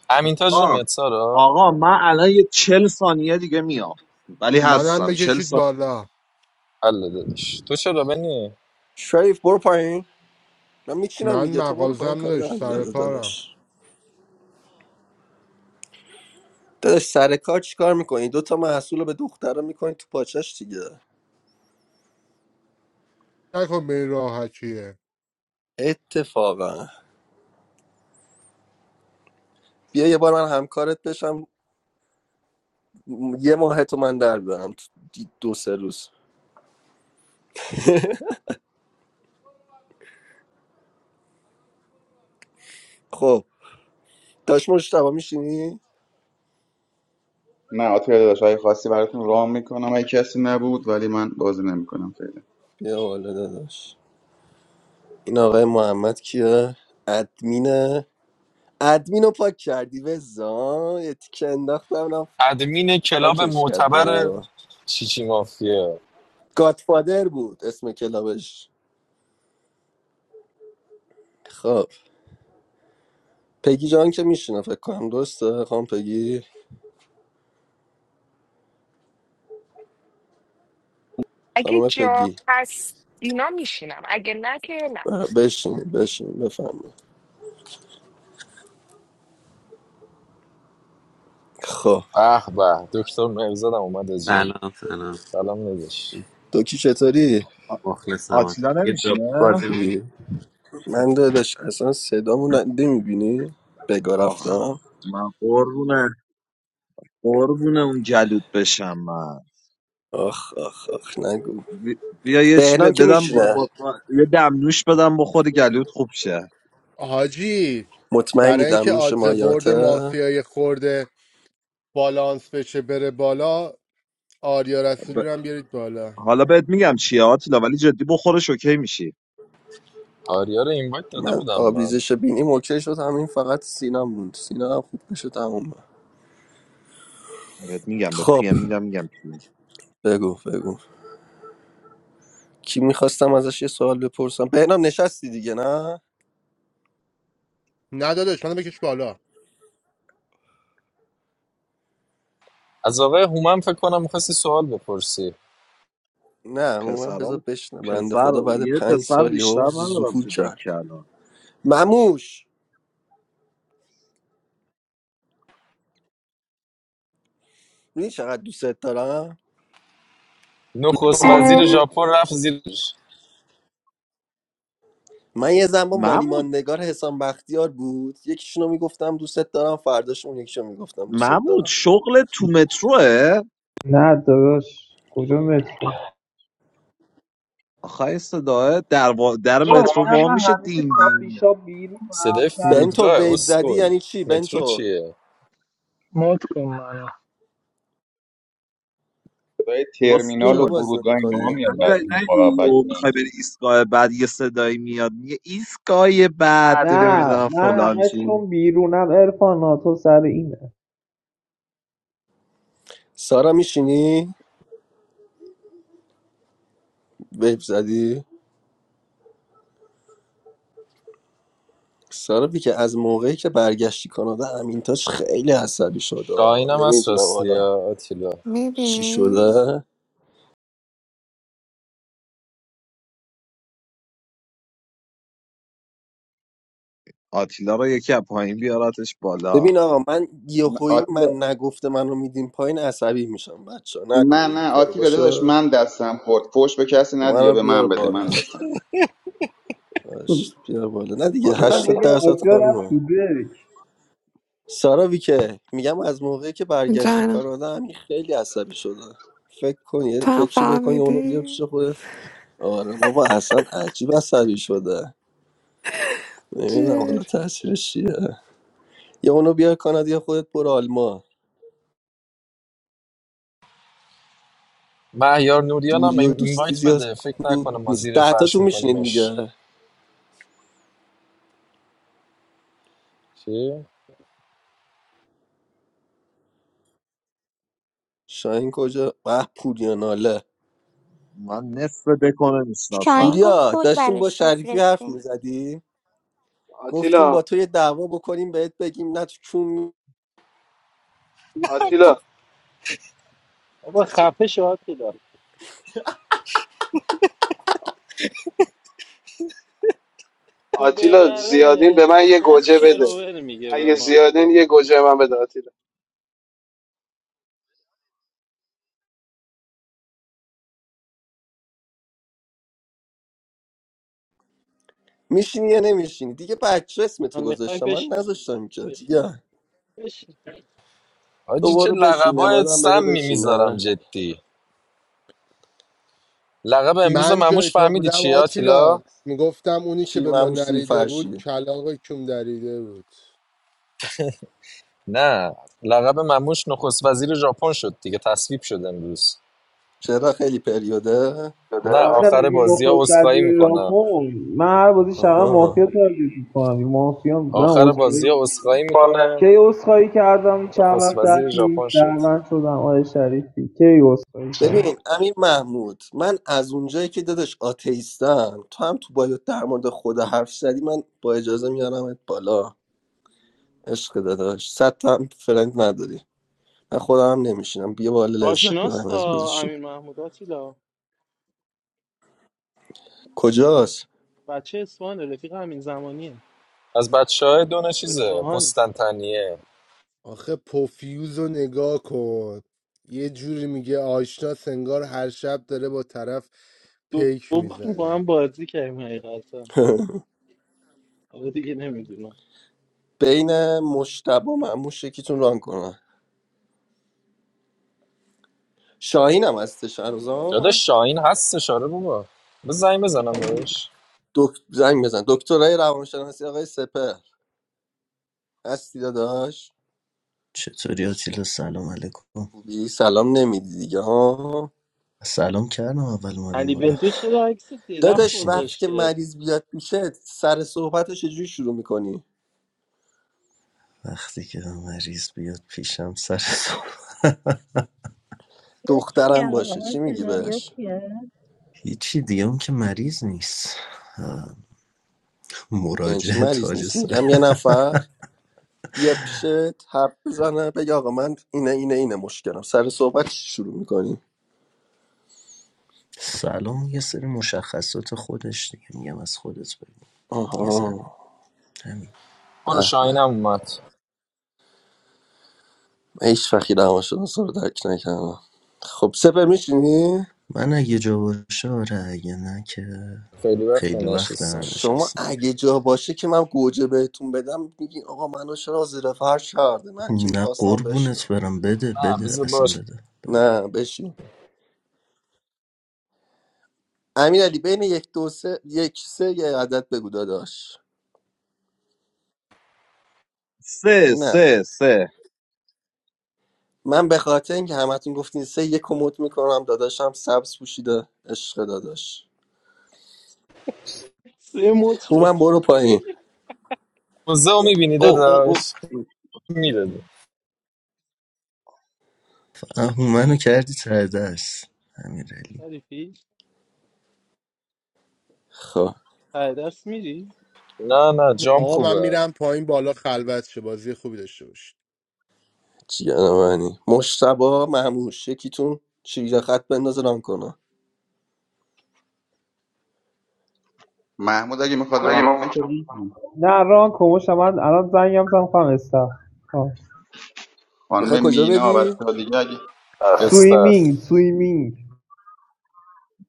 [SPEAKER 4] امین تاج
[SPEAKER 14] آقا
[SPEAKER 4] نمیاد سارا
[SPEAKER 14] آقا من الان یه چل ثانیه دیگه میام ولی
[SPEAKER 12] منم
[SPEAKER 14] هستم چل
[SPEAKER 12] بکشید
[SPEAKER 14] ثانیه
[SPEAKER 12] بالا
[SPEAKER 4] الله دادش تو چرا بنی
[SPEAKER 2] شریف برو پایین من میچینم
[SPEAKER 12] من
[SPEAKER 2] دیگه تو برو پایین
[SPEAKER 12] مغازم
[SPEAKER 2] کار در
[SPEAKER 12] نداشت سر
[SPEAKER 2] میاره
[SPEAKER 12] کارم
[SPEAKER 2] داداش داداش سر کار چیکار میکنی دوتا تا محصول رو به دخترا میکنی تو پاچش دیگه
[SPEAKER 12] نکن به این راحتیه
[SPEAKER 2] اتفاقا بیا یه بار من همکارت بشم م- یه ماه تو من در برم تو دی- دو سه روز خب داش مشتبا میشینی
[SPEAKER 5] نه آتیلا داداش اگه خاصی براتون رام میکنم اگه کسی نبود ولی من بازی نمیکنم فعلا
[SPEAKER 2] بیا والا داداش این آقای محمد کیه ادمینه ادمینو پاک کردی وزا یه تیکه انداختم رفت
[SPEAKER 4] ادمین کلاب
[SPEAKER 2] پاکش کرد بایو
[SPEAKER 4] معتبر
[SPEAKER 2] رو
[SPEAKER 4] چیچی مافیا
[SPEAKER 2] گادفادر بود اسم کلابش خب پگی جان که میشینه فکر کنم درسته خانم پگی
[SPEAKER 15] اگه
[SPEAKER 2] خانم
[SPEAKER 15] جا
[SPEAKER 2] پگی
[SPEAKER 15] هست اینا میشینم اگه نه که نه
[SPEAKER 2] ب- بشین بشین بفهمید خب
[SPEAKER 4] به به دکتر مهرزادم اومد آجی
[SPEAKER 16] سلام سلام
[SPEAKER 4] سلام دادش
[SPEAKER 2] دوکی چطوری؟
[SPEAKER 14] آ-
[SPEAKER 16] مخلصمات
[SPEAKER 14] آتیلا
[SPEAKER 16] یه جا
[SPEAKER 14] نمیشینه
[SPEAKER 16] بود بازی
[SPEAKER 2] خوبی؟
[SPEAKER 16] می‌کنم.
[SPEAKER 2] من داداش اصلا صدامو نمیبینی؟ بگا
[SPEAKER 14] آخ
[SPEAKER 2] رفتم
[SPEAKER 14] من قربونه قربونه اون جلود بشم من
[SPEAKER 2] آخ آخ آخ نگو
[SPEAKER 14] بی- بیا یه چی
[SPEAKER 2] بهنام
[SPEAKER 14] ب-
[SPEAKER 2] که
[SPEAKER 14] بدم با...
[SPEAKER 2] میشینه
[SPEAKER 14] با- با- یه دمنوش بدم بخوری گلود خوب شه
[SPEAKER 12] حاجی
[SPEAKER 2] مطمئنی
[SPEAKER 12] برای اینکه
[SPEAKER 2] دمنوش
[SPEAKER 12] آدز برد
[SPEAKER 2] مایاته
[SPEAKER 12] مافیای خورده بالانس بشه بره بالا آریا
[SPEAKER 14] ب...
[SPEAKER 12] رسولی رو هم بیارید بالا
[SPEAKER 14] حالا بهت میگم چیه آتیلا ولی جدی بخورش اوکی میشی
[SPEAKER 4] آریا رو اینوایت داده
[SPEAKER 2] من
[SPEAKER 4] بودم من
[SPEAKER 2] آبریزش بینیم اوکی شد همین فقط سینم بود سینا هم خوب بشه تمومه
[SPEAKER 14] بهت میگم بهت
[SPEAKER 2] خب
[SPEAKER 14] پیم میدم میگم پیم
[SPEAKER 2] بگو بگو کی میخواستم ازش یه سوال بپرسم بهنام نشستی دیگه نه
[SPEAKER 12] نه داداش منو بکش بالا
[SPEAKER 4] از آقای هومن فکر کنم میخواستی سوال بپرسی
[SPEAKER 2] نه من
[SPEAKER 14] پسرام
[SPEAKER 2] بذار بشنه بنده
[SPEAKER 14] پسر
[SPEAKER 2] خدا بعد
[SPEAKER 14] یه
[SPEAKER 2] پنج
[SPEAKER 14] پسر
[SPEAKER 2] سال
[SPEAKER 14] بیشتر
[SPEAKER 2] یهو
[SPEAKER 14] ندارم
[SPEAKER 2] ظهور
[SPEAKER 14] تو دکه
[SPEAKER 2] کرد
[SPEAKER 14] الان.
[SPEAKER 2] مموش میدونی چقدر دوستت دارم
[SPEAKER 4] نخست وزیر ژاپن رفت زیرش
[SPEAKER 2] من یه زن با
[SPEAKER 14] محمود
[SPEAKER 2] مانیماندگار حسام بختیار بود یکیشونو میگفتم دوستت دارم فرداش اون یکیشو میگفتم دوستت
[SPEAKER 14] محمود
[SPEAKER 2] دارم
[SPEAKER 14] شغل تو متروه آخه صداه در, وا... در مترو وا میشه دین دین
[SPEAKER 4] صدای
[SPEAKER 2] بنتو
[SPEAKER 4] فرودگاه
[SPEAKER 2] ویو زدی
[SPEAKER 4] اسکل
[SPEAKER 2] یعنی چی
[SPEAKER 4] مترو
[SPEAKER 2] بنتو
[SPEAKER 4] چیه؟
[SPEAKER 17] مات کن منو
[SPEAKER 5] برای ترمینال
[SPEAKER 2] چرا
[SPEAKER 5] و
[SPEAKER 14] بسکن
[SPEAKER 2] بازی
[SPEAKER 5] فرودگاه اینا
[SPEAKER 2] نمیکنی
[SPEAKER 5] میاد
[SPEAKER 14] اگر
[SPEAKER 5] بعضی موقع
[SPEAKER 14] ندی و
[SPEAKER 5] بگیرن
[SPEAKER 14] میخوای بری ایستگاه بعد یه صدایی میاد میگه ایستگاه بعد
[SPEAKER 9] نه
[SPEAKER 14] نمیدونم
[SPEAKER 9] نه
[SPEAKER 14] فلان
[SPEAKER 9] همش
[SPEAKER 14] چی
[SPEAKER 9] کن بیرونم ارفان تو سر اینه
[SPEAKER 2] سارا میشینی ویو زدی سارا بی که از موقعی که برگشتی کانادا امینتاش خیلی عصبی شده
[SPEAKER 4] داینم هست
[SPEAKER 2] نمیدونم
[SPEAKER 4] راستی
[SPEAKER 2] حالا
[SPEAKER 4] آتیلا
[SPEAKER 2] چی
[SPEAKER 13] میبینی
[SPEAKER 2] شده
[SPEAKER 14] آتیلا رو یکی از پایین بیاراتش بالا
[SPEAKER 2] ببین آقا من یهویی
[SPEAKER 5] آتیلا
[SPEAKER 2] من نگفته منو میدین پایین عصبی میشم بچه
[SPEAKER 5] نه
[SPEAKER 2] نکنین این
[SPEAKER 5] نه
[SPEAKER 2] کارو
[SPEAKER 5] آتیلا داداش
[SPEAKER 2] باشه
[SPEAKER 5] من دستم خورد فوش به کسی
[SPEAKER 2] خب
[SPEAKER 5] ندی یا
[SPEAKER 2] منو
[SPEAKER 5] به
[SPEAKER 2] بیار
[SPEAKER 5] من بده من
[SPEAKER 2] بالا
[SPEAKER 5] دستم
[SPEAKER 2] باش، بیار بالا نه دیگه
[SPEAKER 9] بالا اصلا ندی
[SPEAKER 2] هشتاد
[SPEAKER 9] بگم
[SPEAKER 2] درصد
[SPEAKER 9] آکیا رفت
[SPEAKER 2] خانومه
[SPEAKER 9] تو دک
[SPEAKER 2] سارا ویکه میگم از موقعی که برگشتی
[SPEAKER 13] جانم
[SPEAKER 2] کانادا همین خیلی عصبی شده فکر کن یه
[SPEAKER 13] تو هم
[SPEAKER 2] فکری بکنی اونو
[SPEAKER 13] فهمیدی
[SPEAKER 2] بیار پیش خودت آره بابا اصلا عجیب عصبی شده نمیدونم حالا تاثیرش چیه یا اونو بیار کانادا یا خودت برو آلمان
[SPEAKER 4] مهیار نوریان هم
[SPEAKER 2] دوری و
[SPEAKER 4] این-
[SPEAKER 2] دوستی
[SPEAKER 4] اینوایت
[SPEAKER 2] زیاد
[SPEAKER 4] بده فکر
[SPEAKER 2] خوب
[SPEAKER 4] نکنه ما
[SPEAKER 2] نیست
[SPEAKER 4] زیر
[SPEAKER 2] ده تا
[SPEAKER 4] فرش
[SPEAKER 2] تو میشینین
[SPEAKER 4] میکنیمش
[SPEAKER 2] دیگه
[SPEAKER 4] چی؟
[SPEAKER 2] شاهین کجا به پوریا ناله
[SPEAKER 14] من نصف دکونه
[SPEAKER 18] Shine
[SPEAKER 14] میشناسم
[SPEAKER 18] of
[SPEAKER 2] پوریا
[SPEAKER 18] God's light
[SPEAKER 2] داشتیم با شریفی
[SPEAKER 18] reflects.
[SPEAKER 2] حرف میزدیم گفتیم
[SPEAKER 19] آتیلا
[SPEAKER 2] با تو یه دعوا بکنیم بهت بگیم نه تو چون
[SPEAKER 19] آتیلا
[SPEAKER 20] بابا خفه شاد که داره تو
[SPEAKER 19] آتیلا زیادین
[SPEAKER 20] ببره
[SPEAKER 19] به من یه
[SPEAKER 20] باز
[SPEAKER 19] گوجه بده
[SPEAKER 20] شروور میگه به
[SPEAKER 19] اگه
[SPEAKER 20] ما
[SPEAKER 19] زیادین یه گوجه به من بده آتیلا
[SPEAKER 2] میشینی یا نمیشینی دیگه بچه اسم
[SPEAKER 20] من
[SPEAKER 2] تو
[SPEAKER 20] میخوای
[SPEAKER 2] گذاشتم من
[SPEAKER 20] بشینیم دیگه.
[SPEAKER 2] نذاشتم که
[SPEAKER 20] بش-
[SPEAKER 2] دیگه
[SPEAKER 20] بشین
[SPEAKER 2] تو
[SPEAKER 4] آجی چه
[SPEAKER 2] برو بشین
[SPEAKER 4] لقبای
[SPEAKER 2] امادم بره
[SPEAKER 4] سمی میذارم
[SPEAKER 2] بشینه
[SPEAKER 4] جدی لقب امروز
[SPEAKER 12] من جای
[SPEAKER 4] مموش
[SPEAKER 12] تو
[SPEAKER 4] فهمیدی
[SPEAKER 12] بودم
[SPEAKER 4] چیه آتیلا؟
[SPEAKER 12] آتیلا میگفتم اونی که
[SPEAKER 2] چی
[SPEAKER 12] به ما
[SPEAKER 2] مموش سیر
[SPEAKER 12] نریده بود
[SPEAKER 2] فرشی
[SPEAKER 12] کلاغ کم دریده بود
[SPEAKER 4] نه لقب مموش نخست وزیر ژاپن شد دیگه تصویب شد امروز
[SPEAKER 2] چرا خیلی پریوده
[SPEAKER 9] داده
[SPEAKER 4] نه
[SPEAKER 9] آخه
[SPEAKER 4] آخر
[SPEAKER 9] میگی
[SPEAKER 4] بازی ها
[SPEAKER 9] نخواست
[SPEAKER 4] اسخایی
[SPEAKER 9] تدبیر را
[SPEAKER 4] میکنه
[SPEAKER 9] کن من هر بازی شبه
[SPEAKER 2] آها
[SPEAKER 9] مافیا تارگیت میکنم این مافیا من
[SPEAKER 4] آخر
[SPEAKER 9] اصخایی
[SPEAKER 4] بازی ها اسخایی میکنه
[SPEAKER 9] کی اصخایی کردم چند
[SPEAKER 4] نخست
[SPEAKER 9] وقت
[SPEAKER 4] وزیر
[SPEAKER 9] اخیر
[SPEAKER 4] ژاپن شد
[SPEAKER 9] درمند شدم آقای شریفی کی اصخایی کردم
[SPEAKER 2] ببین امیر محمود من از اونجایی که دادش آتیستم تو هم تو باید در مورد خدا حرف زدی من با اجازه میارمت بالا عشق داداش صد تا هم فرنگ نداری من خودم هم نمیشینم بیا بالا لذت
[SPEAKER 20] آشناس
[SPEAKER 2] ببریم از
[SPEAKER 20] تا
[SPEAKER 2] بازیشون
[SPEAKER 20] امیر محمود آتیلا
[SPEAKER 2] کجاست
[SPEAKER 20] بچه اصفهانه رفیق همین زمانیه
[SPEAKER 4] از بچه های دونه چیزه
[SPEAKER 20] اصفهان
[SPEAKER 4] قسطنطنیه
[SPEAKER 12] آخه پوفیوز رو نگاه کن یه جوری میگه آشنا سنگار هر شب داره با طرف
[SPEAKER 20] دو
[SPEAKER 12] پیک
[SPEAKER 20] دو بار با هم
[SPEAKER 12] میزنه
[SPEAKER 20] بازی کردیم حقیقتا حالا دیگه نمیدونم
[SPEAKER 2] بین مشتبه و معموش یکیتون ران کنه شاهین هم هستش
[SPEAKER 4] داده
[SPEAKER 2] هنوزا
[SPEAKER 4] شاین هستش آره بابا بزنگ بزنم
[SPEAKER 20] میخوای
[SPEAKER 4] بهش
[SPEAKER 2] دک... زنگ بزن دکترای روانشناسی آقای سپر هستی داداش
[SPEAKER 21] چطوری آتیلا سلام علیکم
[SPEAKER 2] خوبی سلام نمیدی دیگه ها
[SPEAKER 21] سلام کردم اول اومدم
[SPEAKER 20] علی
[SPEAKER 21] بالا
[SPEAKER 20] بنتو چرا عکس درخت
[SPEAKER 2] داداش
[SPEAKER 21] نشنیدیم
[SPEAKER 2] وقتی که
[SPEAKER 20] گذاشته
[SPEAKER 2] مریض بیاد میشه سر صحبتش چجوری شروع میکنی
[SPEAKER 21] وقتی که مریض بیاد پیشم سر صبح.
[SPEAKER 11] Ya shia,
[SPEAKER 2] دخترم باشه چی میگی
[SPEAKER 11] senar yok
[SPEAKER 2] بهش
[SPEAKER 11] ya.
[SPEAKER 21] هیچی دیگه اون که مریض نیست آه.
[SPEAKER 2] یعنی چی
[SPEAKER 21] مراجعه
[SPEAKER 2] مریض
[SPEAKER 21] تاج
[SPEAKER 2] نیست
[SPEAKER 21] سر
[SPEAKER 2] میگم یه نفر بیاد پیشت حرف بزنه بگه آقا من اینه اینه اینه مشکلم سر صحبت شروع میکنی
[SPEAKER 21] سلام یه سری مشخصات خودش دیگه میگم از خودت بگو یه ذره
[SPEAKER 2] آها
[SPEAKER 21] همین
[SPEAKER 2] به
[SPEAKER 4] برو
[SPEAKER 2] به
[SPEAKER 4] شاهین هم اومد
[SPEAKER 2] من هیچ وقتی روانشناسا رو درک نکردم خب سپر میشینی
[SPEAKER 21] من اگه جا باشه آره اگه نه که
[SPEAKER 4] خیلی وقت
[SPEAKER 21] خیلی وقت
[SPEAKER 4] نشستم
[SPEAKER 2] شما
[SPEAKER 21] ننشستم
[SPEAKER 2] اگه جا باشه که من گوجه بهتون بدم میگین آقا منو چرا زیر فرش کرده من که
[SPEAKER 21] نه
[SPEAKER 2] میخواستم
[SPEAKER 21] قربونت
[SPEAKER 2] بشینم
[SPEAKER 21] برم بده
[SPEAKER 4] نه
[SPEAKER 21] بده
[SPEAKER 4] بذار
[SPEAKER 21] اصلا
[SPEAKER 4] باش
[SPEAKER 21] بده, بده.
[SPEAKER 2] نه بشین امین علی بین یک دو سه یک سه یه عدد بگو داداش
[SPEAKER 14] سه
[SPEAKER 2] نه
[SPEAKER 14] سه سه
[SPEAKER 2] من به خاطر اینکه همتون گفتین سه یک کموت میکنم داداشم سبز پوشیده عشق داداش
[SPEAKER 20] سه متر شد
[SPEAKER 2] من برو پایین
[SPEAKER 4] موزه میبینی
[SPEAKER 14] او او او
[SPEAKER 4] داداش میدادی
[SPEAKER 21] آه، منو کردی ته دست همین.
[SPEAKER 20] شریفی
[SPEAKER 2] خب
[SPEAKER 20] ته دست میری
[SPEAKER 4] نه نه جام
[SPEAKER 12] آقا من
[SPEAKER 4] خوبه
[SPEAKER 12] میرم پایین بالا خلوت شه بازی خوبی داشته باشید
[SPEAKER 2] جیان منی مشتبا مهموش یکیتون شیرجه خط بنداز ران کنه
[SPEAKER 5] محمود اگه میخواد ران
[SPEAKER 9] مدگی ما
[SPEAKER 5] کنه که می‌تونه.
[SPEAKER 9] نه ران کموشم من الان زنگم زن خواهم استخ
[SPEAKER 2] میخوای
[SPEAKER 5] خانم
[SPEAKER 2] کجا
[SPEAKER 5] مینا
[SPEAKER 2] بدی؟
[SPEAKER 5] بچه‌ها دیگه اگه
[SPEAKER 4] استخ
[SPEAKER 9] سویمینگ سویمینگ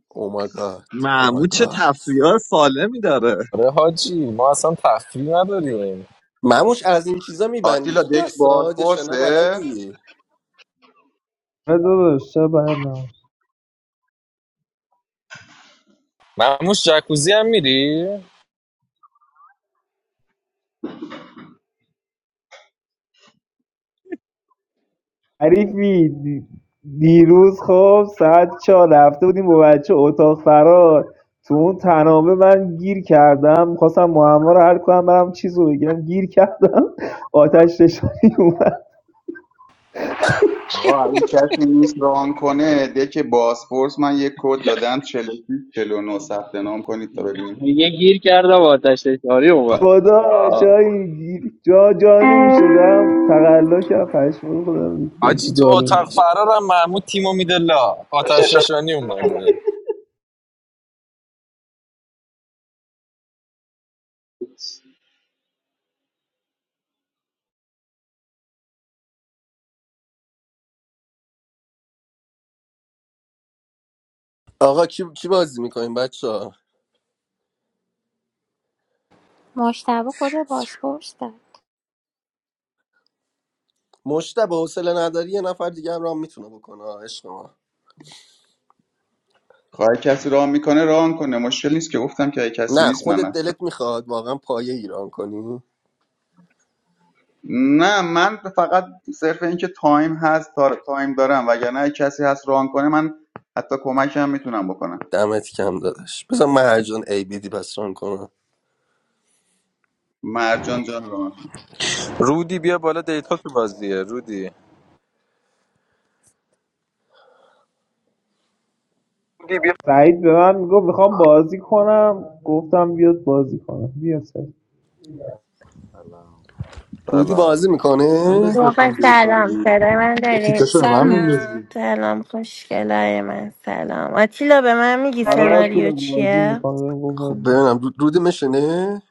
[SPEAKER 2] او مای گاد او مای
[SPEAKER 14] محمود چه
[SPEAKER 2] گاد
[SPEAKER 14] تفریه سالمی داره
[SPEAKER 4] آره حاجی ما اصلا تفریح نداریم
[SPEAKER 2] مموش از این چیزا میبندی
[SPEAKER 5] آتیلا
[SPEAKER 2] تو
[SPEAKER 5] دک
[SPEAKER 2] دستات یا شنا
[SPEAKER 5] بازپرسه
[SPEAKER 2] بلدی
[SPEAKER 9] آره داداش چرا برنامه
[SPEAKER 4] معموش جکوزی هم میری؟
[SPEAKER 9] حریفی دی- دیروز خب ساعت چهار رفته بودیم با بچه اتاق فرار تو اون تنابه من گیر کردم خواستم معما رو حل کنم برم چیز رو بگیرم گیر کردم آتش نشانی اومد
[SPEAKER 5] آقا اگه کسی نیست ران کنه دک بازپرس من یک کد دادم 46 49 ثبت نام کنید تا ببینیم
[SPEAKER 10] یه گیر کردم آتش نشانی اومد
[SPEAKER 9] خدا
[SPEAKER 10] آه.
[SPEAKER 9] جایی گیر جا جا نمیشدم تقلا کردم پشمان خودم ریختم تو
[SPEAKER 4] حاجی تو
[SPEAKER 9] دارو
[SPEAKER 4] اتاق فرارم معمود تیمو میده لا آتش نشانی اومده
[SPEAKER 2] آقا کی, کی بازی میکنیم بچه ها
[SPEAKER 18] Most of the bus posts
[SPEAKER 2] مشتبا حوصله نداری یه نفر دیگه هم ران میتونه بکنه عشق ما
[SPEAKER 5] خواهی کسی ران میکنه ران کنه مشکل نیست که گفتم که اگه کسی
[SPEAKER 2] نه
[SPEAKER 5] نیست من
[SPEAKER 2] خودت
[SPEAKER 5] هستم
[SPEAKER 2] دلت میخواد واقعا پایه ایران کنی
[SPEAKER 5] نه من فقط صرف اینکه تایم هست تا تایم دارم وگرنه اگه کسی هست ران کنه من حتی کمک هم میتونم بکنم
[SPEAKER 2] دمت کم دادش بذار مرجان ای بی دی پس ران کنم
[SPEAKER 5] مرجان جان ران کن.
[SPEAKER 4] رودی بیا بالا دیتا تو بازیه رودی
[SPEAKER 9] سعید به من میگفت میخوام بازی کنم گفتم بیاد بازی کنم بیا سعید
[SPEAKER 22] سلام
[SPEAKER 2] رودی بازی
[SPEAKER 4] سلام
[SPEAKER 22] من من
[SPEAKER 2] میکنه
[SPEAKER 22] بهت
[SPEAKER 23] واقعا
[SPEAKER 22] گفتم دیتا داری
[SPEAKER 23] سلام صدای من
[SPEAKER 22] یه تیکه
[SPEAKER 23] داریم
[SPEAKER 22] به من میندازی
[SPEAKER 8] سلام
[SPEAKER 23] سلام خوشگلای من سلام آتیلا به من میگی
[SPEAKER 9] آره آتیلا
[SPEAKER 23] سناریو
[SPEAKER 9] بازی
[SPEAKER 23] چیه؟
[SPEAKER 9] میکنم گفت
[SPEAKER 2] خب
[SPEAKER 9] بازی
[SPEAKER 2] ببینم رود- روده میشنه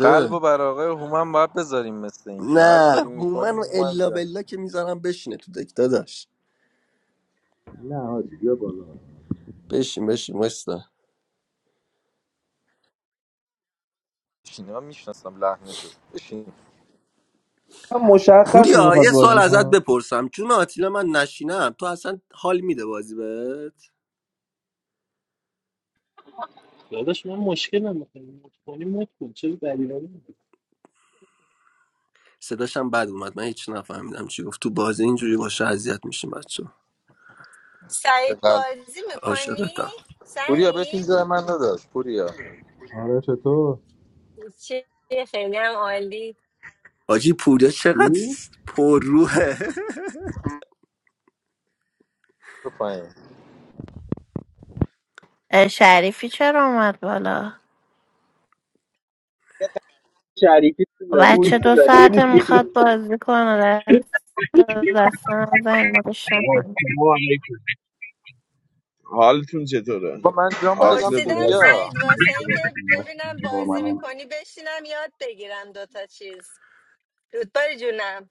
[SPEAKER 4] قلب و بر آقای هومن باید بذاریم مثل اینکه هر
[SPEAKER 2] نه
[SPEAKER 4] کاری
[SPEAKER 2] هومن
[SPEAKER 4] میکنیم
[SPEAKER 2] و
[SPEAKER 4] هومن
[SPEAKER 2] الا
[SPEAKER 4] جان
[SPEAKER 2] بلا که میذارم بشینه تو دک داداش
[SPEAKER 22] نه حاجی بیا بالا
[SPEAKER 2] بشین بشین وایستا
[SPEAKER 4] بشین ها میشناسم لحنشو بشین
[SPEAKER 9] من مشخصی
[SPEAKER 2] پوریا
[SPEAKER 9] میخواد
[SPEAKER 2] یه سوال
[SPEAKER 9] بازی
[SPEAKER 2] ازت
[SPEAKER 9] کنه
[SPEAKER 2] بپرسم چون آتیلا من نشینم تو اصلا حال میده بازی بهت
[SPEAKER 20] داداش من مشکلم میخوام مت کنی مت کن چرا دلیلا
[SPEAKER 2] صداشم بد اومد من هیچ نفهمیدم چی گفت تو بازی اینجوری باشه اذیت میشیم بچه
[SPEAKER 8] سعید
[SPEAKER 4] قلب
[SPEAKER 8] بازی میکنی؟
[SPEAKER 2] عاشقتم
[SPEAKER 4] پوریا بشین جای
[SPEAKER 8] سعید
[SPEAKER 4] من نداشت پوریا
[SPEAKER 22] آره چطور
[SPEAKER 8] چی خیلی هم عالی
[SPEAKER 2] حاجی پوریا
[SPEAKER 22] چی
[SPEAKER 2] چقدر پرروه
[SPEAKER 4] برو پایین
[SPEAKER 23] اه، شریفی چرا اومد بالا؟
[SPEAKER 10] شریفی تو
[SPEAKER 23] خب
[SPEAKER 10] داری
[SPEAKER 23] بچه
[SPEAKER 9] پوری
[SPEAKER 23] دو ساعته میخواد بازی کنه دست دست نزنید مدش نکنید
[SPEAKER 24] No, I. How do you know that?
[SPEAKER 4] با
[SPEAKER 5] خب،
[SPEAKER 4] من جامو دادم
[SPEAKER 5] اگه-
[SPEAKER 24] Atilla did.
[SPEAKER 8] پرسیدم
[SPEAKER 4] پوریا
[SPEAKER 8] سعید واسه اینکه ببینم بازی میکنی بشینم یاد بگیرم دوتا چیز رودباری جونم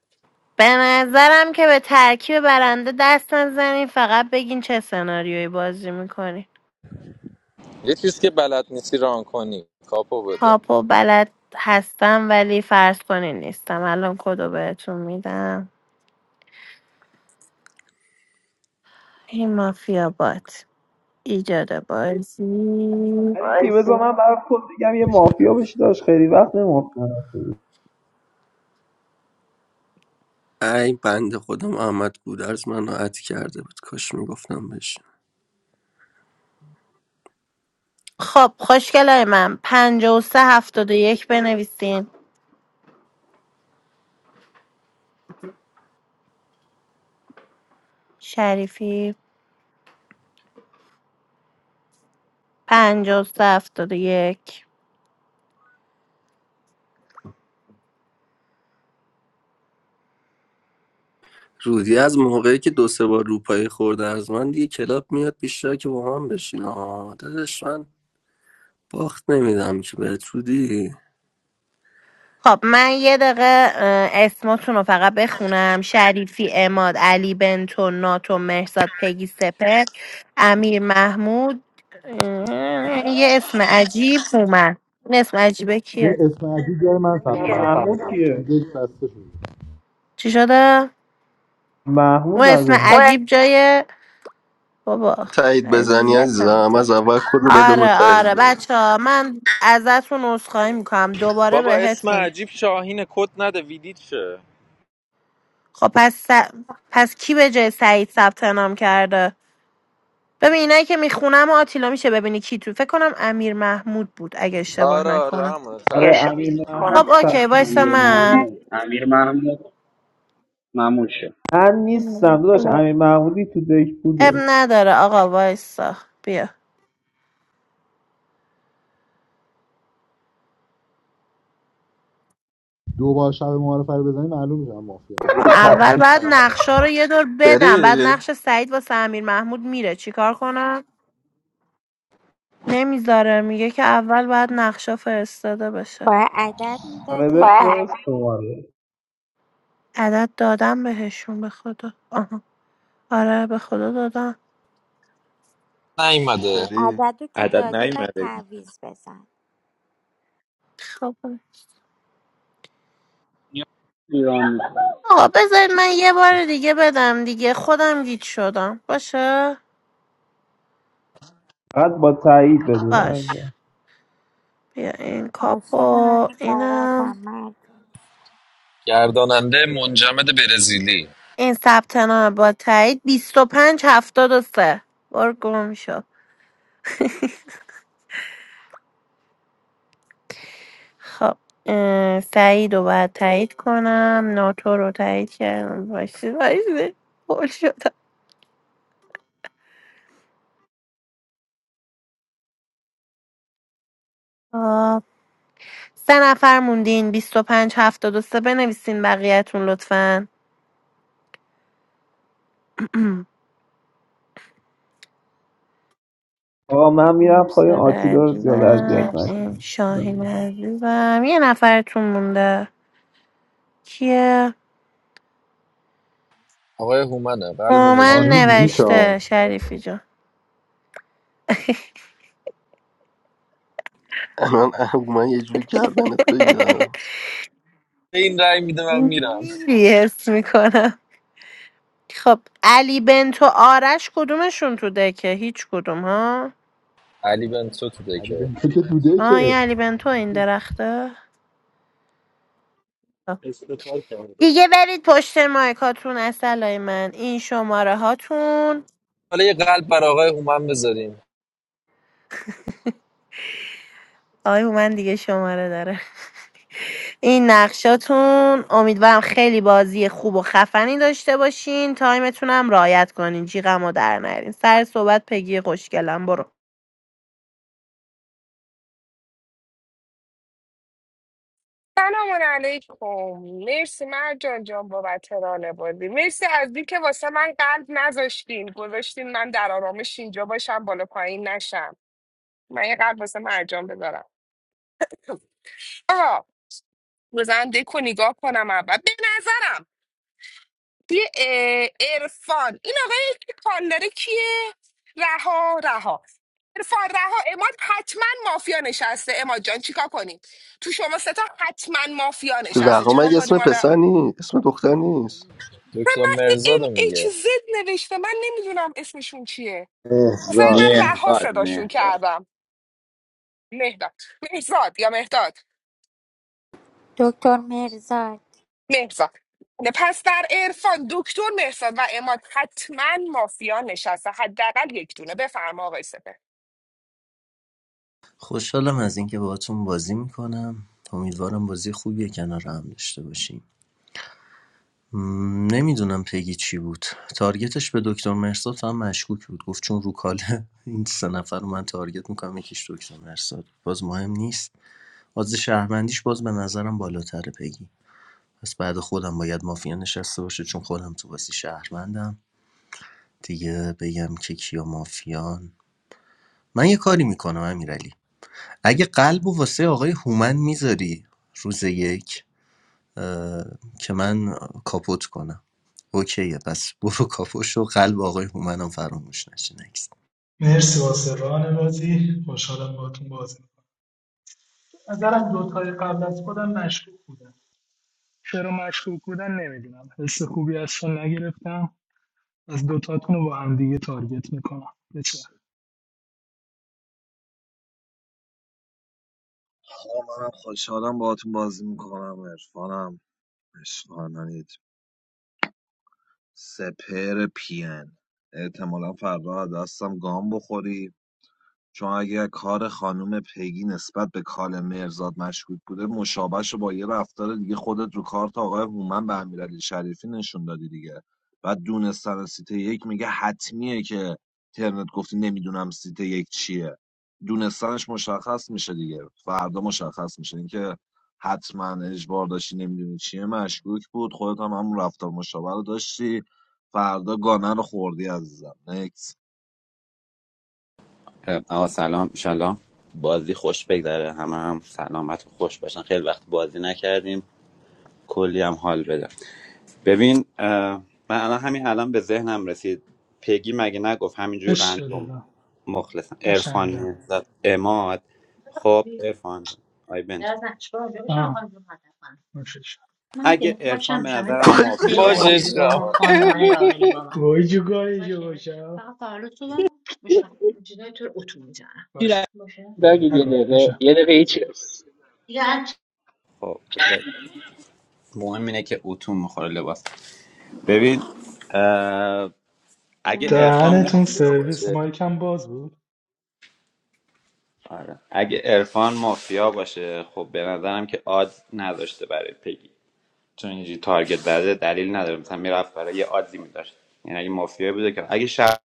[SPEAKER 23] به نظرم که به ترکیب برنده دست نزنید فقط بگین چه سناریویی بازی میکنی
[SPEAKER 4] یه چیز که بلد نیستی ران کنی کاپو بده
[SPEAKER 23] کاپو بلد هستم ولی فرض کنین نیستم الان کدو بهتون میدم این مافیا باد ایجاد بازی
[SPEAKER 9] ولی تیمز من برای خود بگم یه مافیا بشه داشت خیلی وقت نمافیا نشده
[SPEAKER 2] ای بنده خودم احمد گودرز منو عطی کرده بود کاش میگفتم بهش
[SPEAKER 23] خب خوشگلای من پنجاه و سه هفتاد و یک بنویسین شریفی پنجاه و سه هفتاد و یک
[SPEAKER 2] رودی از موقعی که دو سه بار روپایی خورده از من دیگه کلاب میاد بیشتر که با من بشین آه داداش من باخت نمیدم که بهت رودی
[SPEAKER 23] خب من یه دقیقه اه، اسماتون رو فقط بخونم شریفی اماد علی بنتو ناتو مهرزاد پگی سپر امیر محمود اه، یه اسم عجیب اومد این اسم عجیبه
[SPEAKER 22] این
[SPEAKER 23] کیه
[SPEAKER 22] اسم عجیب جای من ثبت نام
[SPEAKER 9] محمود
[SPEAKER 22] کرده چون
[SPEAKER 9] کیه
[SPEAKER 22] دیک بسته شده
[SPEAKER 23] چی شده؟
[SPEAKER 9] محمود
[SPEAKER 23] اون اسم
[SPEAKER 9] نداریم
[SPEAKER 23] عجیب جای بابا
[SPEAKER 2] تایید بزنی
[SPEAKER 23] اذیتم
[SPEAKER 2] عزیزم از اول کل رو بده به
[SPEAKER 23] آره
[SPEAKER 2] تایید
[SPEAKER 23] آره
[SPEAKER 2] بده
[SPEAKER 23] بچه ها من ازتون عذرخواهی میکنم دوباره
[SPEAKER 4] بابا اسم
[SPEAKER 23] بهتون
[SPEAKER 4] عجیب شاهین کد نده ویدیت شه
[SPEAKER 23] خب پس س- پس کی به جای سعید ثبت نام کرده ببین اینایی که میخونم آتیلا میشه ببینی کی تو فکر کنم امیر محمود بود اگه اشتباه
[SPEAKER 4] آره آره
[SPEAKER 23] نکنم
[SPEAKER 4] همونه
[SPEAKER 9] آره
[SPEAKER 4] تعویز
[SPEAKER 9] امیر
[SPEAKER 4] بزن
[SPEAKER 9] محمود
[SPEAKER 10] امیر
[SPEAKER 23] خب
[SPEAKER 9] سر
[SPEAKER 23] اوکی وایسا
[SPEAKER 10] امیر
[SPEAKER 23] من
[SPEAKER 10] محمود امیر محمود مموشه
[SPEAKER 9] من نیستم داداش امیر محمودی تو دک
[SPEAKER 23] اب
[SPEAKER 9] بوده
[SPEAKER 23] نداره آقا وایسا بیا
[SPEAKER 22] دو بار شب معارفه رو بزنی معلوم میشه من مافیا
[SPEAKER 23] اول بعد نقشه رو یه دور بدم بعد
[SPEAKER 2] فری
[SPEAKER 23] نقش سعید واسه امیر محمود میره چیکار کنم نمیذاره میگه که اول باید نقشه فرستاده بشه
[SPEAKER 18] are added.
[SPEAKER 9] آره
[SPEAKER 18] Diaper.
[SPEAKER 9] بفرست شماره
[SPEAKER 23] عدد دادم بهشون به خدا. آها آره به خدا دادم
[SPEAKER 4] نیومده
[SPEAKER 2] فری
[SPEAKER 18] Add to the
[SPEAKER 16] عدد
[SPEAKER 18] diaper
[SPEAKER 16] نیومده
[SPEAKER 18] tab is present.
[SPEAKER 23] خب
[SPEAKER 10] ایران
[SPEAKER 23] آقا بذارید من یه بار دیگه بدم دیگه خودم گیت شدم باشه
[SPEAKER 9] فقط با تایید بده
[SPEAKER 23] باش بیا این
[SPEAKER 18] Also, I'm
[SPEAKER 23] کاپو
[SPEAKER 18] a carer.
[SPEAKER 23] اینم
[SPEAKER 18] Mad.
[SPEAKER 4] گرداننده منجمد برزیلی
[SPEAKER 23] این ثبت نام با تایید 25 73 بار گم شد خب اه، سعید رو باید تایید کنم ناتو رو تایید کردم باشی باشی بول شدم سه نفر موندین بیست و پنج هفتاد و سه بنویسین بقیهتون لطفا
[SPEAKER 9] آقا من میرم پایین
[SPEAKER 23] مرسد
[SPEAKER 9] آتیلا رو زیاد اذیت
[SPEAKER 23] عزیزم
[SPEAKER 9] نکن
[SPEAKER 23] این شاهین عزیزم یه نفرتون مونده کیه؟
[SPEAKER 4] آقای هومنه قلبو
[SPEAKER 23] من
[SPEAKER 22] آنی
[SPEAKER 4] بذارید
[SPEAKER 22] بیدی
[SPEAKER 4] دیگه
[SPEAKER 22] چا
[SPEAKER 23] نوشته شریفی جان
[SPEAKER 2] الان اه، من یه جوری گردنت بگم
[SPEAKER 4] به این رأی میده من میرم
[SPEAKER 23] میری حس میکنم خب علی بنتو آرش کدومشون تو دکه هیچ کدوم ها
[SPEAKER 4] علی بنتو تو
[SPEAKER 22] علی
[SPEAKER 4] دکه
[SPEAKER 22] بنتو که دوده
[SPEAKER 23] آه
[SPEAKER 22] که
[SPEAKER 23] این علی بنتو این درخته خب.
[SPEAKER 20] It's the type of it.
[SPEAKER 23] دیگه برید پشت مایکاتون اصلای من این شماره هاتون
[SPEAKER 4] حالا یه قلب بر آقای هومن بذاریم
[SPEAKER 23] آی من دیگه شماره داره این نقشاتون امیدوارم خیلی بازی خوب و خفنی داشته باشین تایمتونم رعایت کنین جیغم در نرین سر صحبت پگی خوشگلم برو
[SPEAKER 15] سلام علیکم مرسی مرجان جان بابت ران بازی مرسی از دی که واسه من قلب نذاشتین گذاشتین من در آرامش اینجا باشم بالا پایین نشم من یه قلب واسه مرجان بذارم آقا بزن دکو نگاه کنم اول به نظرم توی ارفان این آقای که کانداره کیه رها رها ارفان رها اماد حتما مافیا نشسته اماد جان چیکار کنیم تو شما ستا حتما مافیا نشسته
[SPEAKER 2] رقا
[SPEAKER 15] چیکار
[SPEAKER 2] مگه
[SPEAKER 15] کنیم
[SPEAKER 2] اسم
[SPEAKER 15] حالا
[SPEAKER 2] پسر نیست اسم دختر نیست
[SPEAKER 15] و
[SPEAKER 4] دکتر
[SPEAKER 15] من ام
[SPEAKER 4] مرزادو
[SPEAKER 15] ایچ
[SPEAKER 4] میگه
[SPEAKER 15] زد نوشته من نمیدونم اسمشون چیه مثلا من
[SPEAKER 22] احزار
[SPEAKER 15] رها
[SPEAKER 16] مهرداد
[SPEAKER 15] صداشون
[SPEAKER 16] مهرداد
[SPEAKER 15] کردم مهداد مهزاد یا مهداد
[SPEAKER 18] Doctor Mirza.
[SPEAKER 15] مهزاد پس در عرفان دکتر مهزاد و اماد حتما مافیا نشسته حداقل یک دونه بفرما آقای سپهر.
[SPEAKER 21] خوشحالم از اینکه باهاتون بازی میکنم امیدوارم بازی خوبی کنار هم داشته باشیم م، نمیدونم پگی چی بود تارگتش به دکتر مرساد هم مشکوک بود گفت چون رو کاله این سه نفر رو من تارگت میکنم یکیش دکتر مرساد باز مهم نیست باز شهروندیش باز به نظرم بالاتره پگی پس بعد خودم باید مافیا نشسته باشه چون خودم تو بازی شهروندم دیگه بگم که کیا مافیان من یه کاری میکنم امیرعلی اگه قلب و واسه آقای هومن میذاری روز یک اه، که من کاپوت کنم اوکیه پس برو کاپوش و قلب آقای هومن هم فراموش نشه نکست
[SPEAKER 17] مرسی واسه ران بازی خوشحالم باهاتون بازی می‌کنم. نظرم دوتای قبل از خودم مشکوک بودن چرا مشکوک بودن نمیدونم حس خوبی از شما نگرفتم از دوتاتون رو با هم دیگه تارگت میکنم بچه
[SPEAKER 14] آقا منم خوشحالم باهاتون بازی میکنم عرفانم عشقانانید سپر پین احتمالا فردا از دستم گام بخوری چون اگر کار خانم پیگی نسبت به کار مرزاد مشکوک بوده مشابهش رو با یه رفتار دیگه خودت رو کارت آقای هومن به امیرعلی شریفی نشون دادی دیگه و دونستن سیت یک میگه حتمیه که ترنت گفتی نمیدونم سیت یک چیه دونستنش مشخص میشه دیگه فردا مشخص میشه اینکه حتما اجبار داشتی نمیدونی چیه مشکوک بود خودت هم همون رفتار مشابه رو داشتی فردا گانه رو خوردی عزیزم نکس
[SPEAKER 16] آقا سلام انشالله بازی خوش بگذره همه هم سلامت و خوش باشن خیلی وقت بازی نکردیم کلی هم حال بده ببین اه، من الان همین الان به ذهنم رسید پگی مگه نگفت همینجور
[SPEAKER 17] عشق
[SPEAKER 16] رندوم
[SPEAKER 17] دلم
[SPEAKER 16] مخلصم عرفان
[SPEAKER 17] قشنگم
[SPEAKER 16] مهرداد اماد خب عرفان جان آی بنتو
[SPEAKER 17] از نقشبار اونجا میتونم آه خانم رو مطرح کنم نوشش من
[SPEAKER 16] اگه
[SPEAKER 17] که کفشم
[SPEAKER 16] عرفان به
[SPEAKER 17] میشم ولی
[SPEAKER 16] نظرم
[SPEAKER 17] کفشم
[SPEAKER 2] باشه
[SPEAKER 17] خیلی
[SPEAKER 16] مافیا
[SPEAKER 17] برای
[SPEAKER 4] باشه
[SPEAKER 17] اینجوری
[SPEAKER 16] باشه
[SPEAKER 17] با
[SPEAKER 4] عشقم.
[SPEAKER 17] هم
[SPEAKER 16] آقا
[SPEAKER 17] خانمانه را بری با من گوی جو گوی جو باشه باشه فقط تولد صبح میشم جلوی تو رو اتو میزنم باشه باشه
[SPEAKER 10] بگید یه
[SPEAKER 17] نکن
[SPEAKER 10] دقیقه
[SPEAKER 17] میشه
[SPEAKER 10] یه دقیقه
[SPEAKER 17] دوست
[SPEAKER 10] هیچ
[SPEAKER 17] دارم. دیگه هر چی
[SPEAKER 16] خب اوکی. مهم اینه که اتو میخوره لباس ببین اه،
[SPEAKER 17] اونا
[SPEAKER 16] اگه ارفان
[SPEAKER 17] دهنتون
[SPEAKER 16] مافیا
[SPEAKER 17] سرویس
[SPEAKER 16] باشه
[SPEAKER 17] ما باز بود
[SPEAKER 16] آره اگه ارفان مافیا باشه خب به نظرم که آدز نداشته برای پگی چون اینجوری تارگت زده دلیل نداره مثلا میرفت برای یه آدزی میداشت یعنی اگه مافیا بوده که اگه شهر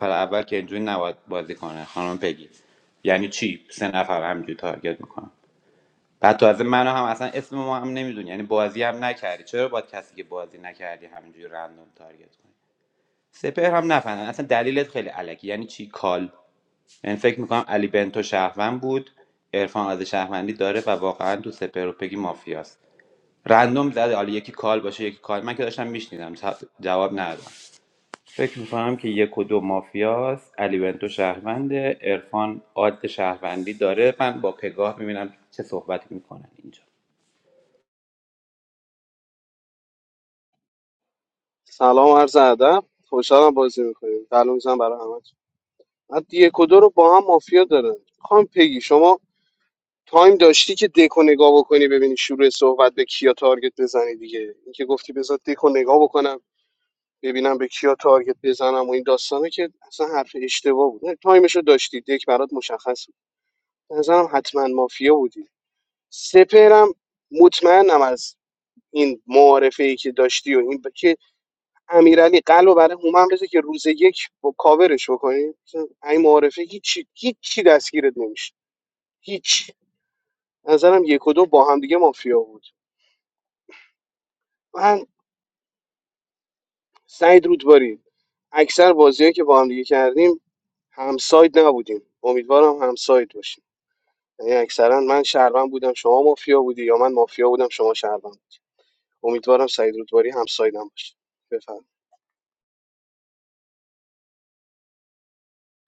[SPEAKER 16] اول که اینجوری نباید بازی کنه خانم پگی یعنی چی سه نفر همینجوری تارگت میکنم بعد تازه منو هم اصلا اسم ما هم نمیدونی یعنی بازی هم نکردی چرا باید کسی که بازی نکردی همینجوری رندوم تارگت کنی سپهر هم نفهمم اصلا دلیلت خیلی علکی یعنی چی کال من فکر میکنم علی بنتو شهروند بود عرفان از شهروندی داره و واقعا تو سپهر و پگی مافیاست رندوم زده حالا یکی کال باشه یکی کال من که داشتم میشنیدم جواب ندادم فکر میکنم که یک و دو مافیاست علی بنتو شهرونده عرفان عاد شهروندی داره من با پگاه میبینم چه صحبتی میکنن اینجا
[SPEAKER 19] سلام و عرض ادب خوشحالم بازی میکنیم قلب میزنم برای همه من یک و دو رو با هم مافیا داره خانم پگی شما تایم داشتی که دکو نگاه بکنی ببینی شروع صحبت به کیا تارگت بزنی دیگه اینکه گفتی بذار دکو نگاه بکنم ببینم به کیا تارگت بزنم و این داستانه که اصلا حرف اشتباه بود نه، تایمشو داشتی دک برات مشخص بود به نظرم حتما مافیا بودی سپهرم مطمئنم از این معارفه ای که داشتی و این ب- که امیرعلی قلب برای هومن بذار که روز یک با کاورش بکنی مثلا این معارفه هیچی هیچی دستگیرت نمیشه هیچ نظرم یک و دو با هم دیگه مافیا بود من سعید رودباری اکثر بازیایی که با هم دیگه کردیم همساید نبودیم امیدوارم همساید باشیم یعنی اکثرا من شهروند بودم شما مافیا بودی یا من مافیا بودم شما شهروند امیدوارم سعید رودباری همسایدم باشه بفرمایید.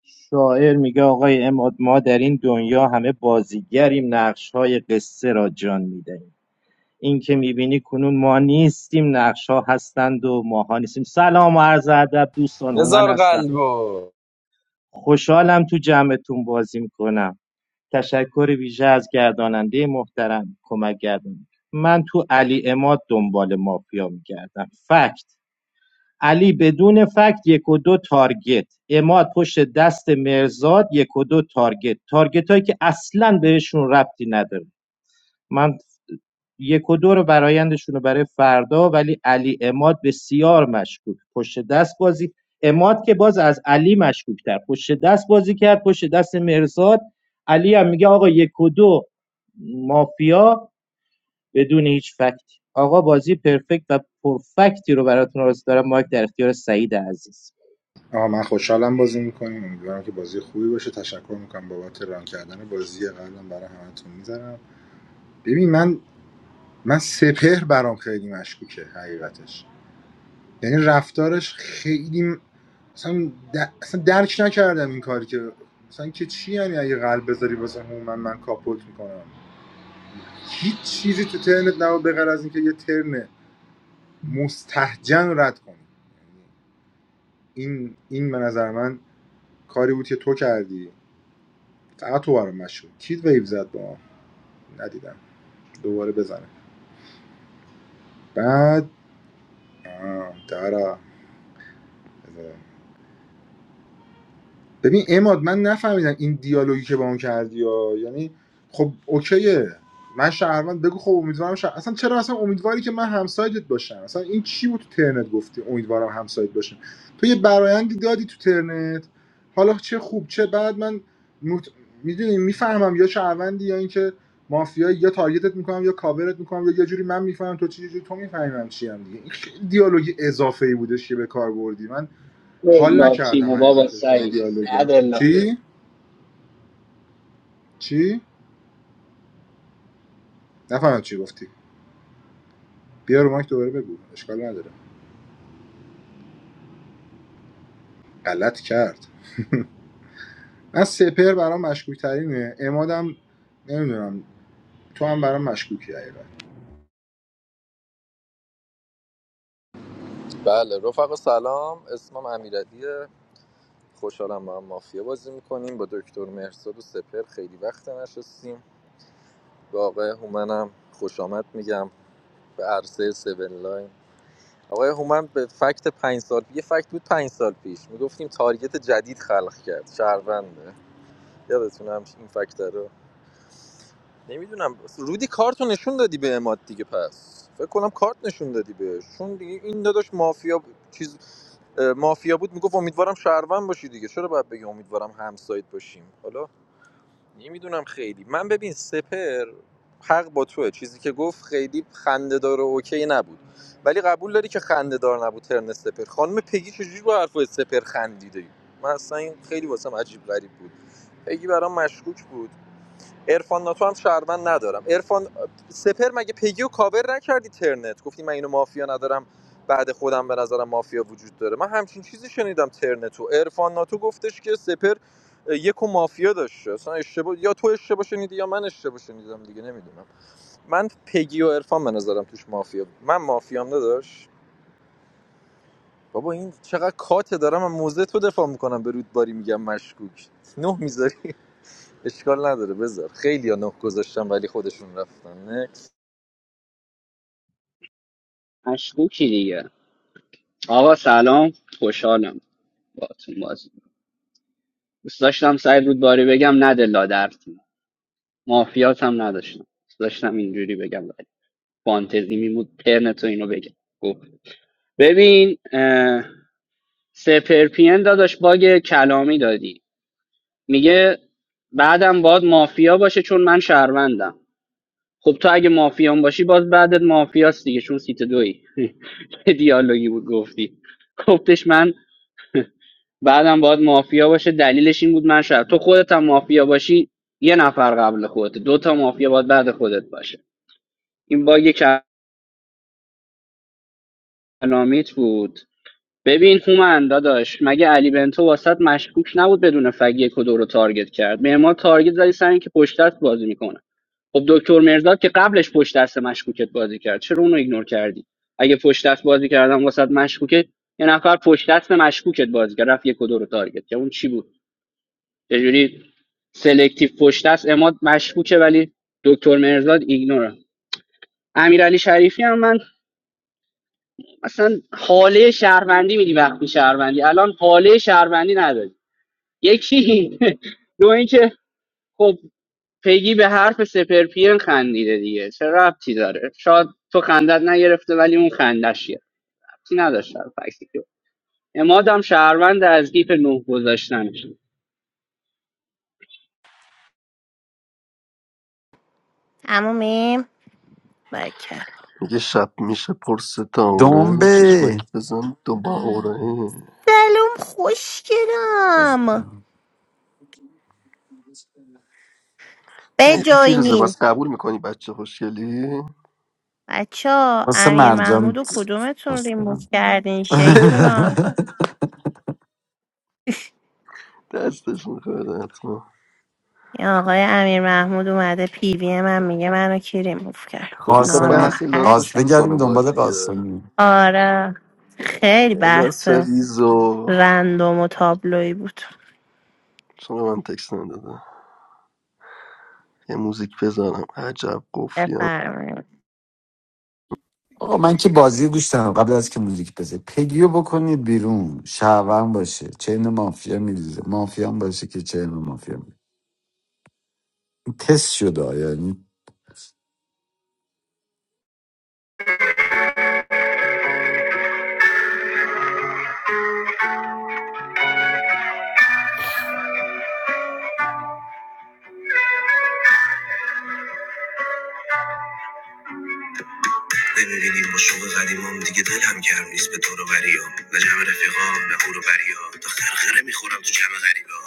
[SPEAKER 25] شاعر میگه آقای اماد ما در این دنیا همه بازیگریم نقشهای قصه را جان میدهیم این که میبینی کنون ما نیستیم نقش ها هستند و ماها نیستیم سلام و عرض ادب دوستان هومن
[SPEAKER 4] بذار
[SPEAKER 25] هستم
[SPEAKER 4] قلبو
[SPEAKER 25] خوشحالم تو جمعتون بازی میکنم تشکر ویژه از گرداننده محترم کمک گردان من تو علی اماد دنبال مافیا میگردم فکت علی بدون فکت یک و دو تارگت اماد پشت دست مرزاد یک و دو تارگت تارگت هایی که اصلا بهشون ربطی نداره من یک و دو رو برایندشون رو برای فردا ولی علی اماد بسیار مشکوک پشت دست بازی اماد که باز از علی مشکوکتر. تر پشت دست بازی کرد پشت دست مرزاد علی هم میگه آقا یک و دو مافیا بدون هیچ فکتی آقا بازی پرفکت و پرفکتی رو براتون آرزو دارم مایک در اختیار سعید عزیز
[SPEAKER 22] آه من خوشحالم بازی میکنیم امیدوارم که بازی خوبی باشه تشکر میکنم بابت ران کردن بازی قبلا برای همتون میذارم ببین من من سپهر برام خیلی مشکوکه حقیقتش یعنی رفتارش خیلی مثلا, در... اصلا درک نکردم این کاری که مثلا که چی یعنی اگه قلب بذاری واسه هومن من, من کاپوت میکنم هیچ چیزی تو ترنت نبود به غیر از اینکه یه ترن مستحجن رد کنی این این به نظر من کاری بود که تو کردی فقط تو برام مشهور کید ویو زد با ما ندیدم دوباره بزنه بعد آه، دارا بزنه. ببین اماد من نفهمیدم این دیالوگی که با اون کردی ها. یعنی خب اوکیه من شهروند بگو خب امیدوارم شهر... اصلا چرا اصلا امیدواری که من همسایدت باشم اصلا این چی بود تو ترنت گفتی امیدوارم همسایت باشم تو یه برایندی دادی تو ترنت حالا چه خوب چه بعد من مت... میدونی میفهمم یا شهروندی یا اینکه مافیایی یا تارگتت میکنم یا کاورت میکنم یا یه جوری من میفهمم تو چی یه جوری تو میفهمم چی هم دیگه این خیلی دیالوگی اضافه ای بودش که به کار بردی من حال
[SPEAKER 10] بلا
[SPEAKER 22] نکردم
[SPEAKER 10] تیم و بابا
[SPEAKER 22] حقیقتش با این
[SPEAKER 10] سعید
[SPEAKER 22] دیالوگه
[SPEAKER 10] عدلا
[SPEAKER 22] چی چی نفهمم چی گفتی بیا رو مایک دوباره بگو اشکال نداره غلط کرد من سپر برام مشکوک ترینه امادم نمیدونم تو هم برام مشکوکی حقیقت
[SPEAKER 4] بله رفقا سلام اسمم امیرعلیه خوشحالم با هم مافیا بازی میکنیم با دکتر مهرزاد و سپر خیلی وقت نشستیم به آقای هومنم خوش آمد میگم به عرصه سیون لاین آقای هومن به فکت پنج سال یه فکت بود پنج سال پیش میگفتیم تارگت جدید خلق کرد شهرونده یادتونه همش این فکت رو نمیدونم رودی کارت نشون دادی به اماد دیگه پس فکر کنم کارت نشون دادی بهش چون دیگه این داداش مافیا ب- چیز اه، مافیا بود میگفت امیدوارم شهروند باشی دیگه چرا باید بگی امیدوارم همسایت باشیم حالا نمیدونم خیلی من ببین سپر حق با توه چیزی که گفت خیلی خندهدار و اوکی نبود ولی قبول داری که خندهدار نبود ترن سپر خانم پگی چجوری با حرفای سپر خندیده من اصلا این خیلی واسم عجیب غریب بود پگی برام مشکوک بود عرفان ناتو هم شهروند ندارم عرفان سپر مگه پیگیو کاور نکردی ترنت گفتی من اینو مافیا ندارم بعد خودم به نظرم مافیا وجود داره من همچین چیزی شنیدم ترنتو عرفان ناتو گفتش که سپر یکو مافیا داشته اصلا اشتباه یا تو اشتباه شنیدی یا من اشتباه شنیدم دیگه نمیدونم من پگی و عرفان به نظرم توش مافیا من مافیام نداشت بابا این چقدر کاته دارم من موزه تو دفاع میکنم به رودباری میگم مشکوک نه میذاری اشکال نداره بذار خیلی ها نه گذاشتم ولی خودشون رفتن نه
[SPEAKER 10] مشکوکی دیگه آقا سلام خوشحالم باتون بازی دوست داشتم سعید رودباری بگم نده لادر مافیات هم نداشتم دوست داشتم اینجوری بگم ولی فانتزی میمود پرنتو اینو بگم گفت ببین اه، سپرپین داداش باگ کلامی دادی میگه بعدم باید مافیا باشه چون من شهروندم خب تو اگه مافیان باشی باز بعدت مافیاست دیگه چون سیت دوی دیالوگی بود گفتی گفتش من بعدم باید مافیا باشه دلیلش این بود من شاید تو خودت هم مافیا باشی یه نفر قبل خودت دو تا مافیا باید بعد خودت باشه این باگ کلامیت بود ببین هومن داداش مگه علی بنتو واسط مشکوک نبود بدون فگ یک و دو رو تارگت کرد معمار تارگت زدی سر اینکه پشت دست بازی میکنه خب دکتر مرزاد که قبلش پشت دست مشکوکت بازی کرد چرا اونو ایگنور کردی اگه پشت دست بازی کردم واسط مشکوکه یه نفر پشت دست مشکوکت بازی کرد رفت یک و دو رو تارگت کرد اون چی بود یه جوری سلکتیو پشت است اماد مشکوکه ولی دکتر مرزاد ایگنوره امیرعلی شریفی هم من اصلا حاله شهروندی میدی وقتی شهروندی الان حاله شهروندی نداری یکی دو اینکه خب پیگی به حرف سپر پی خندیده دیگه چه ربطی داره شاید تو خندت نگرفته ولی اون خندش یه ربطی نداشت در فکتی که امادم شهروند از گیف نه گذاشتنش
[SPEAKER 23] عمومیم بکر
[SPEAKER 2] میگه شب میشه پر ستاره
[SPEAKER 26] دنبه
[SPEAKER 2] چشمک بزن دوباره
[SPEAKER 23] سلام خوشگلم
[SPEAKER 2] مهدی فیروزه
[SPEAKER 23] بجاینین
[SPEAKER 2] بس قبول میکنی بچه خوشگلی
[SPEAKER 23] بچه ها
[SPEAKER 26] واسه
[SPEAKER 23] امیر محمود
[SPEAKER 26] مرجان
[SPEAKER 23] و کدومتون
[SPEAKER 26] خوش
[SPEAKER 23] ریموف
[SPEAKER 26] دارم
[SPEAKER 23] کردین شیطونا
[SPEAKER 2] دستش میخواد حتما
[SPEAKER 23] این آقای امیر محمود اومده پیوی من میگه منو کی ریموف کرد
[SPEAKER 2] خب میخواد
[SPEAKER 26] قاسمی
[SPEAKER 2] بحث لاس رو
[SPEAKER 26] قاس
[SPEAKER 23] ناراحت
[SPEAKER 2] شروع کنه
[SPEAKER 26] بگردیم
[SPEAKER 2] باید
[SPEAKER 26] دنبال
[SPEAKER 2] دیگه
[SPEAKER 26] قاسمی
[SPEAKER 23] آره خیلی بحث
[SPEAKER 2] لاس ریزو
[SPEAKER 23] رندوم و تابلویی بود
[SPEAKER 2] چرا به من تکس نداده یه موزیک بذارم عجب قفلی
[SPEAKER 23] بفرمایید
[SPEAKER 26] آقا من که بازی گوش دارم قبل از که موزیک بزه پگیو بکنید بیرون شهرون باشه چین مافیا میریزه مافیا هم باشه که چین مافیا میریزه تست شده یعنی
[SPEAKER 2] نمیبینیم با شوق قدیمام دیگه دلم گرم نیست به دور رو بریام نه جمع رفیقام نه هورو بریا تا خرخره میخورم تو جمع غریبا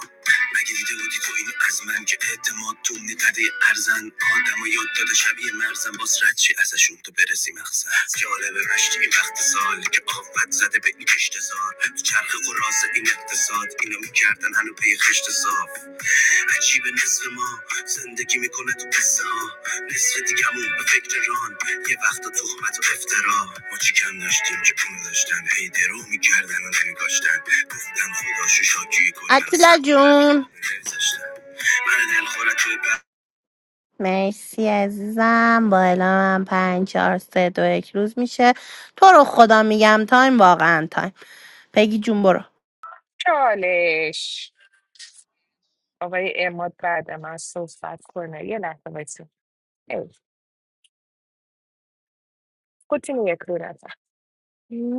[SPEAKER 2] مگه دیده بودی تو این از من که اعتماد تو نقده ارزن آدم و یاد داده شبیه مرزن باز رد چی ازشون تو برسی مقصد جالبه مشتی این وقت سال که آفت زده به این کشت زار تو چرخ قراز این اقتصاد اینو میکردن هنو پی خشت صاف عجیب نصف ما زندگی میکنه تو قصه ها نصف دیگمون به فکر ران یه وقت تهمت و افترا ما چی کم داشتیم که پول داشتن هی درو میکردن و نمیکاشتن گفتن خداشو شاکی کلن و سر
[SPEAKER 23] اتیلا
[SPEAKER 2] میبره
[SPEAKER 23] جون
[SPEAKER 2] باقی نمیذاشتن من دلخورت توی بر
[SPEAKER 23] مرسی عزیزم با اعلام من پنج چهار سه دو یک روز میشه تو رو خدا میگم تایم واقعا تایم پگی جون برو
[SPEAKER 15] چالش آقای اماد بعد من صحبت کنه یه لحظه بایسته کتین یک رو نزن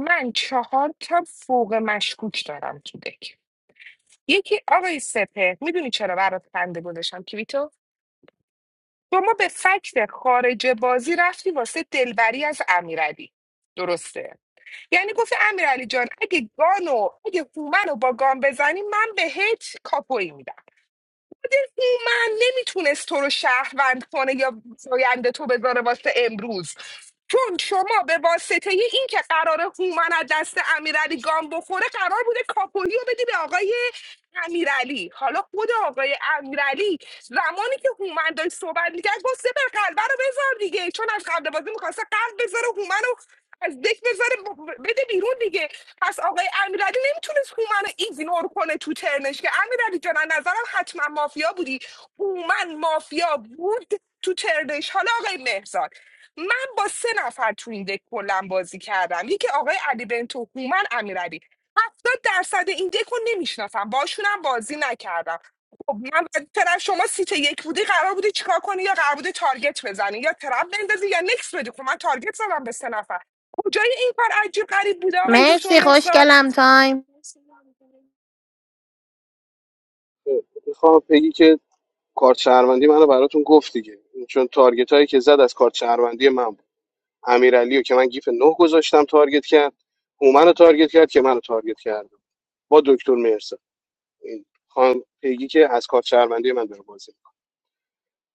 [SPEAKER 15] من چهار تا فوق مشکوک دارم تو دک یکی آقای سپه میدونی چرا برات خنده گذاشتم کیویتو شما به فکت خارج بازی رفتی واسه دلبری از امیرعلی درسته یعنی گفت امیرعلی جان اگه گانو اگه هومنو با گان بزنی من بهت کاپوی میدم هومن نمیتونست تو رو شهروند کنه یا زاینده تو بذاره واسه امروز چون شما به واسطه این که قرار هومن از دست امیرعلی گام بخوره قرار بوده کاپویی رو بدی به آقای امیرعلی حالا خود آقای امیرعلی زمانی که هومن داشت صحبت میکرد گفت سپر قلبه رو بذار دیگه چون از قبل بازی میخواسته قلب بذاره هومن از دک بذاره ب- بده بیرون دیگه پس آقای امیرعلی نمیتونست هومن رو ایگنور کنه تو ترنش که امیرعلی جان از نظرم حتما مافیا بودی هومن مافیا بود تو ترنش حالا آقای مهرزاد من با سه نفر تو این دک کلا بازی کردم یکی آقای علی بنتو هومن امیرعلی هفتاد درصد این دک رو نمیشناسم باشونم بازی نکردم خب من طرف شما سیت یک بودی قرار بوده چیکار کنی یا قرار بوده تارگت بزنی یا ترپ بندازی یا نکس بدی خب من تارگت زدم به سه نفر کجای این کار عجیب غریب بوده آقای دکتر
[SPEAKER 23] مرسی
[SPEAKER 15] مهسان
[SPEAKER 23] خوشگلم تایم
[SPEAKER 19] میخوام بگی که کارت شهروندی منو براتون گفت دیگه چون تارگت هایی که زد از کارت شهروندی من بود امیرعلی رو که من گیف نه گذاشتم تارگت کرد هومن رو تارگت کرد که منو تارگت کرد با دکتر مرسا این خانم پیگی که از کارت شهروندی من داره بازی می‌کنه.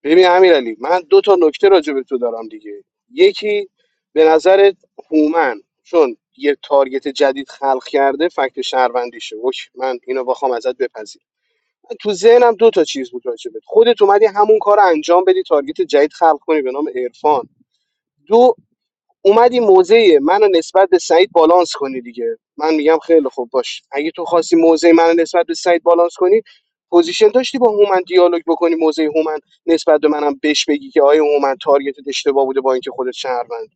[SPEAKER 19] ببین امیرعلی من دو تا نکته راجع به تو دارم دیگه یکی به نظر هومن چون یه تارگت جدید خلق کرده فکت شهروندیشه اوکی من اینو بخوام ازت بپذیرم تو ذهنم دو تا چیز بود راجبت خودت اومدی همون کار رو انجام بدی تارگت جدید خلق کنی به نام عرفان دو اومدی موزه منو نسبت به سعید بالانس کنی دیگه من میگم خیلی خوب باش اگه تو خواستی موزه منو نسبت به سعید بالانس کنی پوزیشن داشتی با هومن دیالوگ بکنی موزه هومن نسبت به منم بهش بگی که آیا هومن تارگتت اشتباه بوده با اینکه خودت شهروند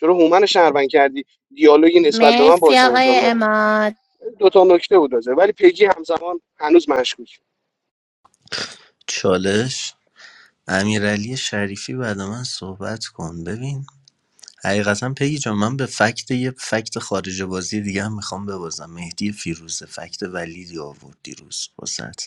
[SPEAKER 19] چرا هومن رو شهروند کردی دیالوگی نسبت به من
[SPEAKER 23] مرسی
[SPEAKER 19] باش
[SPEAKER 23] آقای
[SPEAKER 19] انجام نه
[SPEAKER 23] اماد
[SPEAKER 19] دو تا نکته بود راجع ولی پیجی همزمان هنوز مشکوک
[SPEAKER 21] چالش امیرعلی شریفی بعد من صحبت کن ببین حقیقتا پگی جان من به فکت یه فکت خارج بازی دیگه هم میخوام ببازم مهدی فیروزه فکت ولیدی آورد دیروز واسه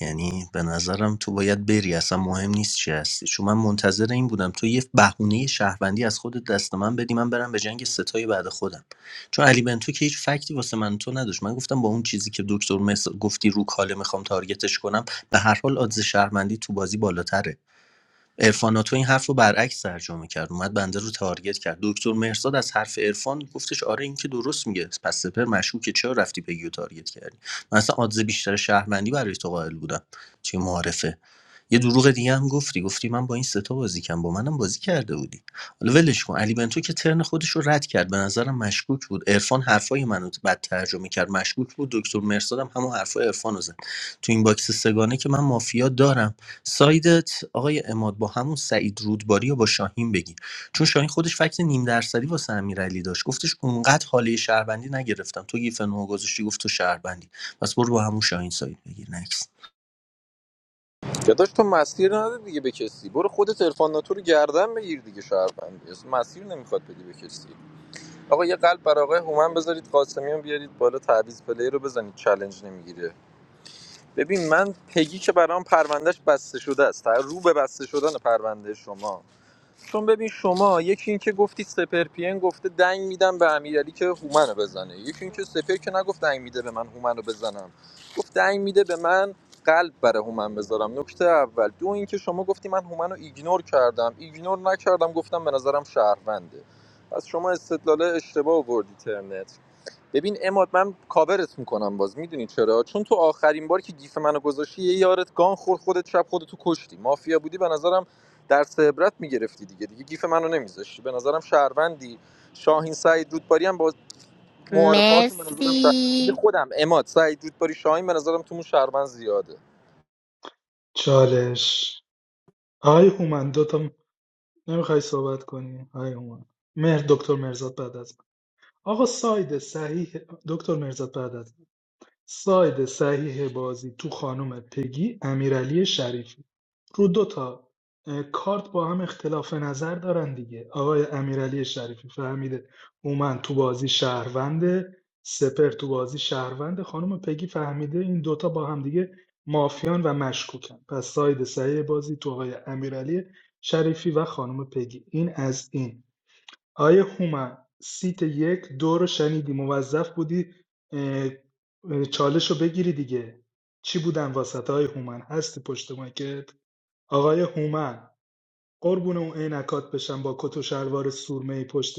[SPEAKER 21] یعنی به نظرم تو باید بری اصلا مهم نیست چی هستی چون من منتظر این بودم تو یه بهونه شهروندی از خودت دست من بدی من برم به جنگ ستای بعد خودم چون علی بنتو که هیچ فکتی واسه من تو نداشت من گفتم با اون چیزی که دکتر مس... گفتی رو کاله میخوام تارگتش کنم به هر حال آدز شهروندی تو بازی بالاتره عرفان ناتو این حرف رو برعکس ترجمه کرد اومد بنده رو تارگت کرد دکتر مهرزاد از حرف عرفان گفتش آره این که درست میگه پس سپر مشکوکه چرا رفتی پیگی و تارگت کردی من اصلا آدز بیشتر شهرمندی برای تو قائل بودم چه معارفه یه دروغ دیگه هم گفتی گفتی من با این ستا بازی کردم با منم بازی کرده بودی حالا ولش کن علی بنتو که ترن خودش رو رد کرد به نظرم مشکوک بود عرفان حرفای منو بد ترجمه کرد مشکوک بود دکتر مرسادم همون حرفای عرفان رو زد تو این باکس سگانه که من مافیا دارم سایدت آقای اماد با همون سعید رودباری یا با شاهین بگی چون شاهین خودش فکت نیم درصدی واسه امیرعلی داشت گفتش اونقدر حاله شهروندی نگرفتم تو گیف نو گذاشتی گفت تو شهروندی پس برو با همون شاهین ساید بگیر نکس
[SPEAKER 4] داداش تو مسیر نده دیگه به کسی برو خودت عرفان ناتو رو گردن بگیر دیگه شهروندی اصلا مسیر نمیخواد بدی به کسی آقا یه قلب برای آقای هومن بذارید قاسمیان بیارید بالا تعویض پلی رو بزنید چالش نمیگیره ببین من پگی که برام پروندهش بسته شده است رو به بسته شدن پرونده شما چون ببین شما یکی اینکه گفتی سپر پی ام گفته دنگ میدم به امیرعلی که هومنو بزنه یکی اینکه سپر که نگفت دنگ میده به من هومنو بزنم گفت دنگ میده به من قلب برای هومن بذارم نکته اول دو اینکه شما گفتی من هومنو ایگنور کردم ایگنور نکردم گفتم به نظرم شهرونده از شما استدلال اشتباه آوردی ترنت ببین اماد من کاورت میکنم باز میدونی چرا چون تو آخرین بار که گیف منو گذاشتی یه یارت گان خورد خودت شب خودتو کشتی مافیا بودی به نظرم درس عبرت میگرفتی دیگه دیگه گیف منو نمیذاشتی به نظرم شهروندی شاهین سعید رودباری هم با معارفه‌هاشون به نظرم شهر... یعنی
[SPEAKER 23] مرسی
[SPEAKER 4] خودم اماد سعید رودباری شاهین به نظرم تو شهروند زیاده
[SPEAKER 17] چالش آی هومن دوتا نمیخوای صحبت کنی آی هومن مهر دکتر مرزاد بعد از من آقا ساید صحیح دکتر مرزاد بعد از من. ساید صحیح بازی تو خانم پگی امیرعلی شریفی رو دو تا اه، کارت با هم اختلاف نظر دارن دیگه آقای امیرعلی شریفی فهمیده اومن تو بازی شهرونده سپر تو بازی شهرونده خانم پگی فهمیده این دوتا با هم دیگه مافیان و مشکوکن پس ساید صحیح بازی تو آقای امیرعلی شریفی و خانم پگی این از این آیه هومن سیت یک دو رو شنیدی موظف بودی اه، اه، چالش رو بگیری دیگه چی بودن واسط آیه هومن هستی پشت مایکت آقای هومن قربون اون عینکات بشم با کت و شلوار سورمه پشت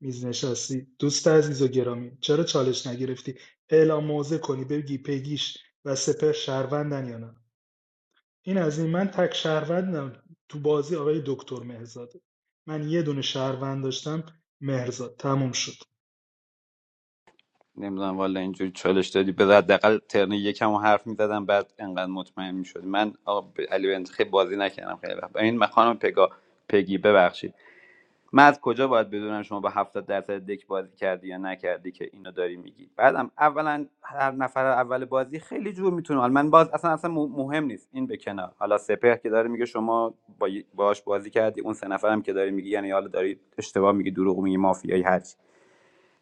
[SPEAKER 17] میز نشستی دوست عزیز و گرامی چرا چالش نگرفتی اعلام موضع کنی بگی پیگیش و سپر شهروندن یا نه این از این من تک شهروندم تو بازی آقای دکتر مهرزاده من یه دونه شهروند داشتم مهرزاد تموم شد
[SPEAKER 16] نمیدونم والا اینجوری چالش دادی به حداقل ترن یکم رو حرف میزدم بعد انقدر مطمئن میشد من آقا ب- علی بنت خیلی بازی نکردم خیلی وقت این من خانم پگا پگی ببخشید من از کجا باید بدونم شما با 70 درصد دک بازی کردی یا نکردی که اینو داری میگی بعدم اولا هر نفر اول بازی خیلی جور میتونه حالا من باز اصلا اصلا مه- مهم نیست این به کنار حالا سپهر که داره میگه شما با باش بازی کردی اون سه نفرم که داری میگی یعنی حالا داری اشتباه میگی دروغ میگی مافیایی هر چی.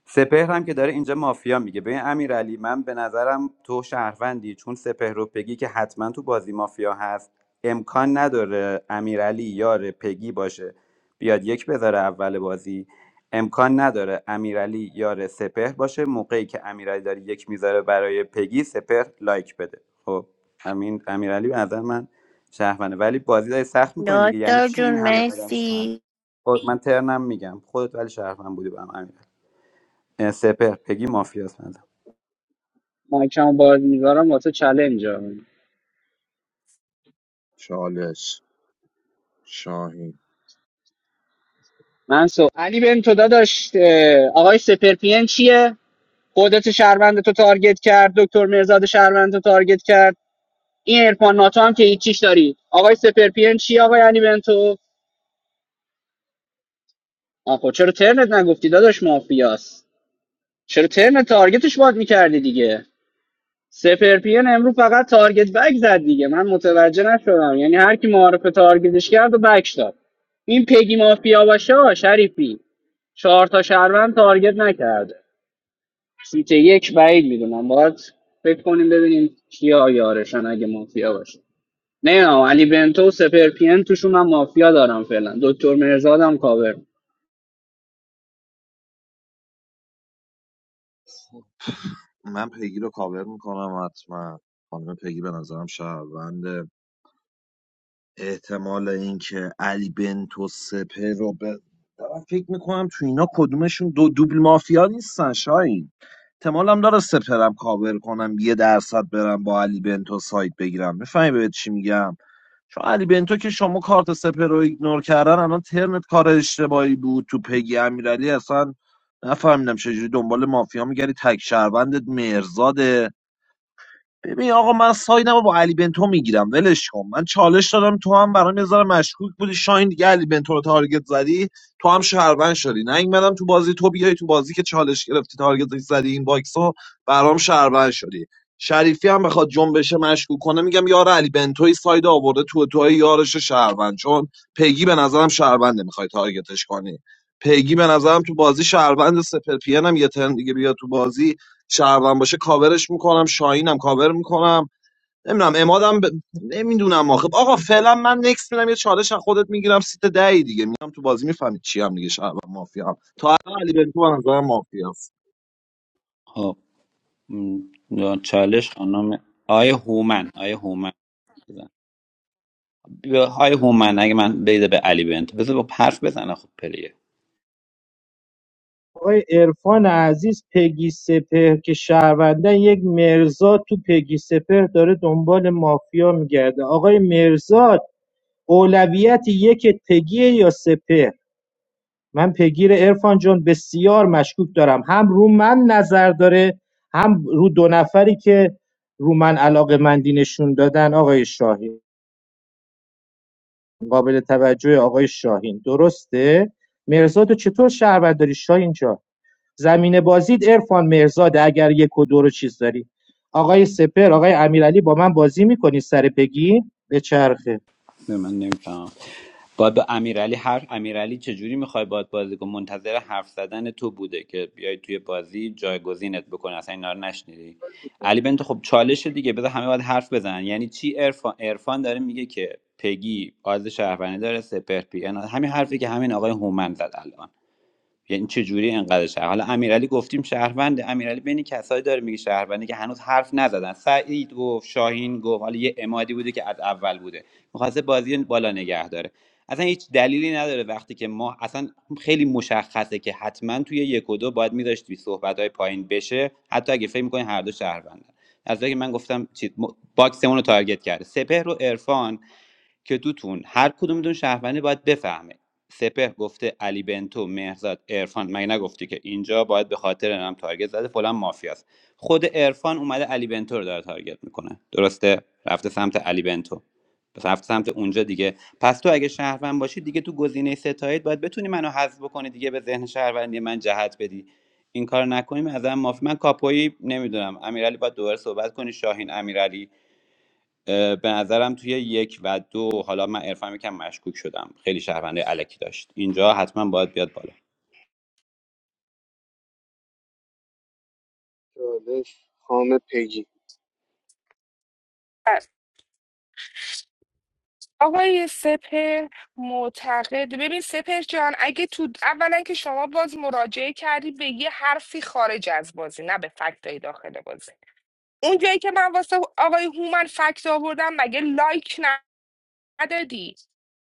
[SPEAKER 16] سپهر هم که داره اینجا مافیا میگه ببین امیرعلی من به نظرم تو شهروندی چون سپهر رو پگی که حتما تو بازی مافیا هست امکان نداره امیرعلی یار پگی باشه بیاد یک بذاره اول بازی امکان نداره امیرعلی یار سپهر باشه موقعی که امیرعلی داره یک میذاره برای پگی سپهر لایک بده خب امین امیرعلی به نظر من شهرونده ولی بازی داری سخت میکنین دیگه یعنی
[SPEAKER 23] دکتر
[SPEAKER 16] چی این
[SPEAKER 23] جون
[SPEAKER 16] همه آدم شهر
[SPEAKER 23] مرسی
[SPEAKER 16] خب من ترنم میگم خودت ولی شهروند بودی به هم سپر پگی مافیاس مزن
[SPEAKER 10] مایکمو باز میذارم واسه چلنج
[SPEAKER 14] چالش شاهین
[SPEAKER 10] منصور علی بن تو داداش اه، آقای سپرپین چیه قدرت شهروند تو تارگت کرد دکتر مرزاد شهروند تو تارگت کرد این ارفان ناتو هم که هیچیش داری آقای سپرپین چیه آقای علی بن تو آخو چرا ترنت نگفتی داداش مافیاست چرا ترنت تارگتش باد میکردی دیگه سپرپین امروز فقط تارگت بک زد دیگه من متوجه نشدم یعنی هر کی معارف تارگتش کرد و بک داد این پگی مافیا باشه آ، شریفی چهار تا شهروند تارگت نکرده سیت یک بعید میدونم باید فکر کنیم ببینیم کیا یارشن اگه مافیا باشه نه علی بنتو و سپر پی ان توشون من مافیا دارم فعلا دکتر مرزادم کاور
[SPEAKER 14] من پیگی رو کاور میکنم حتما خانم پیگی به نظرم شهرونده احتمال اینکه علی بنتو سپه رو به دارم فکر میکنم تو اینا کدومشون دو دوبل مافیا نیستن شاین احتمالم داره سپرم کاور کنم یه درصد برم با علی بنتو سایت بگیرم میفهمی بهت چی میگم چون علی بنتو که شما کارت سپر رو ایگنور کردن الان ترنت کار اشتباهی بود تو پیگی امیرعلی اصلا نفهمیدم چجوری دنبال مافیا میگری تک شهروندت مرزاده ببین آقا من سایدم رو با علی بنتو میگیرم ولش کن من چالش دادم تو هم برام یه ذره مشکوک بودی شاین دیگه علی بنتو رو تارگت زدی تو هم شهروند شدی نه این مدام تو بازی تو بیای تو بازی که چالش گرفتی تارگت زدی این باکس رو برام شهروند شدی شریفی هم بخواد جنبش مشکوک کنه میگم یار علی بنتوی ساید آورده تو توی یارش شهروند چون پیگی به نظرم شهرونده میخوای تارگتش کنی پیگی به نظرم تو بازی شهروند سپر پی ان هم یه ترن دیگه بیا تو بازی شهروند باشه کاورش میکنم شاهینم کاور میکنم نمیدونم امادم ب... نمیدونم آخه آقا فعلا من نکس میدم یه چالش از خودت میگیرم سیت دهی دیگه میام تو بازی میفهمید چی هم دیگه شهروند مافیا هم تا الان علی بنتو به نظرم مافیا است
[SPEAKER 16] خب م، چالش خانم آیه هومن آیه هومن بزن بیا، آیه هومن اگه من بیده به علی بنت بذار با حرف بزنه خب پلیه
[SPEAKER 25] آقای عرفان عزیز پگی سپهر که شهروندن یک مرزاد تو پگی سپهر داره دنبال مافیا میگرده آقای مرزاد اولویت یک پگیه یا سپهر من پگیر عرفان جان بسیار مشکوک دارم هم رو من نظر داره هم رو دو نفری که رو من علاقه مندی نشون دادن آقای شاهین قابل توجه آقای شاهین درسته مرزاد رو چطور شهروند داری شاهین جان زمین بازید عرفان مرزاده اگر یک و دو رو چیز داری آقای سپر آقای امیرعلی با من بازی میکنی سر پگی به چرخه
[SPEAKER 16] نه، من نمیفهمم باید به امیرعلی حرف امیرعلی چجوری میخوای باید بازی کن منتظر حرف زدن تو بوده که بیای توی بازی جایگزینت بکنه اصلا اینا رو نشنیدی علی بنت خب چالش دیگه بذار همه باید حرف بزنن یعنی چی عرفان عرفان داره میگه که پگی آز شهروندی داره سپر پی اینا. همین حرفی که همین آقای هومن زد الان یعنی چجوری اینقدر شهر حالا امیرعلی گفتیم شهروند امیرعلی بین کسایی داره میگه شهرونده که هنوز حرف نزدن سعید گفت شاهین گفت حالا یه امادی بوده که از اول بوده میخواسته بازی رو بالا نگه داره اصلا هیچ دلیلی نداره وقتی که ما اصلا خیلی مشخصه که حتما توی یک و دو باید میذاشتی صحبت های پایین بشه حتی اگه فکر میکنین هر دو شهروندن از وقتی که من گفتم چیز م- باکسمون رو تارگت کرده سپهر و عرفان که دوتون هر کدومتون شهروندی باید بفهمه سپه گفته علی بنتو مهرزاد عرفان مگه نگفتی که اینجا باید به خاطر نام تارگت زده فلان مافیاست خود عرفان اومده علی بنتو رو داره تارگت میکنه درسته رفته سمت علی بنتو پس رفته سمت اونجا دیگه پس تو اگه شهروند باشی دیگه تو گزینه ستایید باید بتونی منو حذف بکنی دیگه به ذهن شهروندی من جهت بدی این کار نکنیم از من مافی من کاپویی نمیدونم امیرعلی باید دوباره صحبت کنی شاهین امیرعلی به نظرم توی یک و دو حالا من عرفان یکم مشکوک شدم خیلی شهرونده علکی داشت اینجا حتما باید بیاد بالا
[SPEAKER 19] چالش خام پیگی
[SPEAKER 15] آقای سپر معتقد ببین سپر جان اگه تو اولا که شما باز مراجعه کردی به یه حرفی خارج از بازی نه به فکتای داخل بازی اون جایی که من واسه آقای هومن فکت آوردم مگه لایک ندادی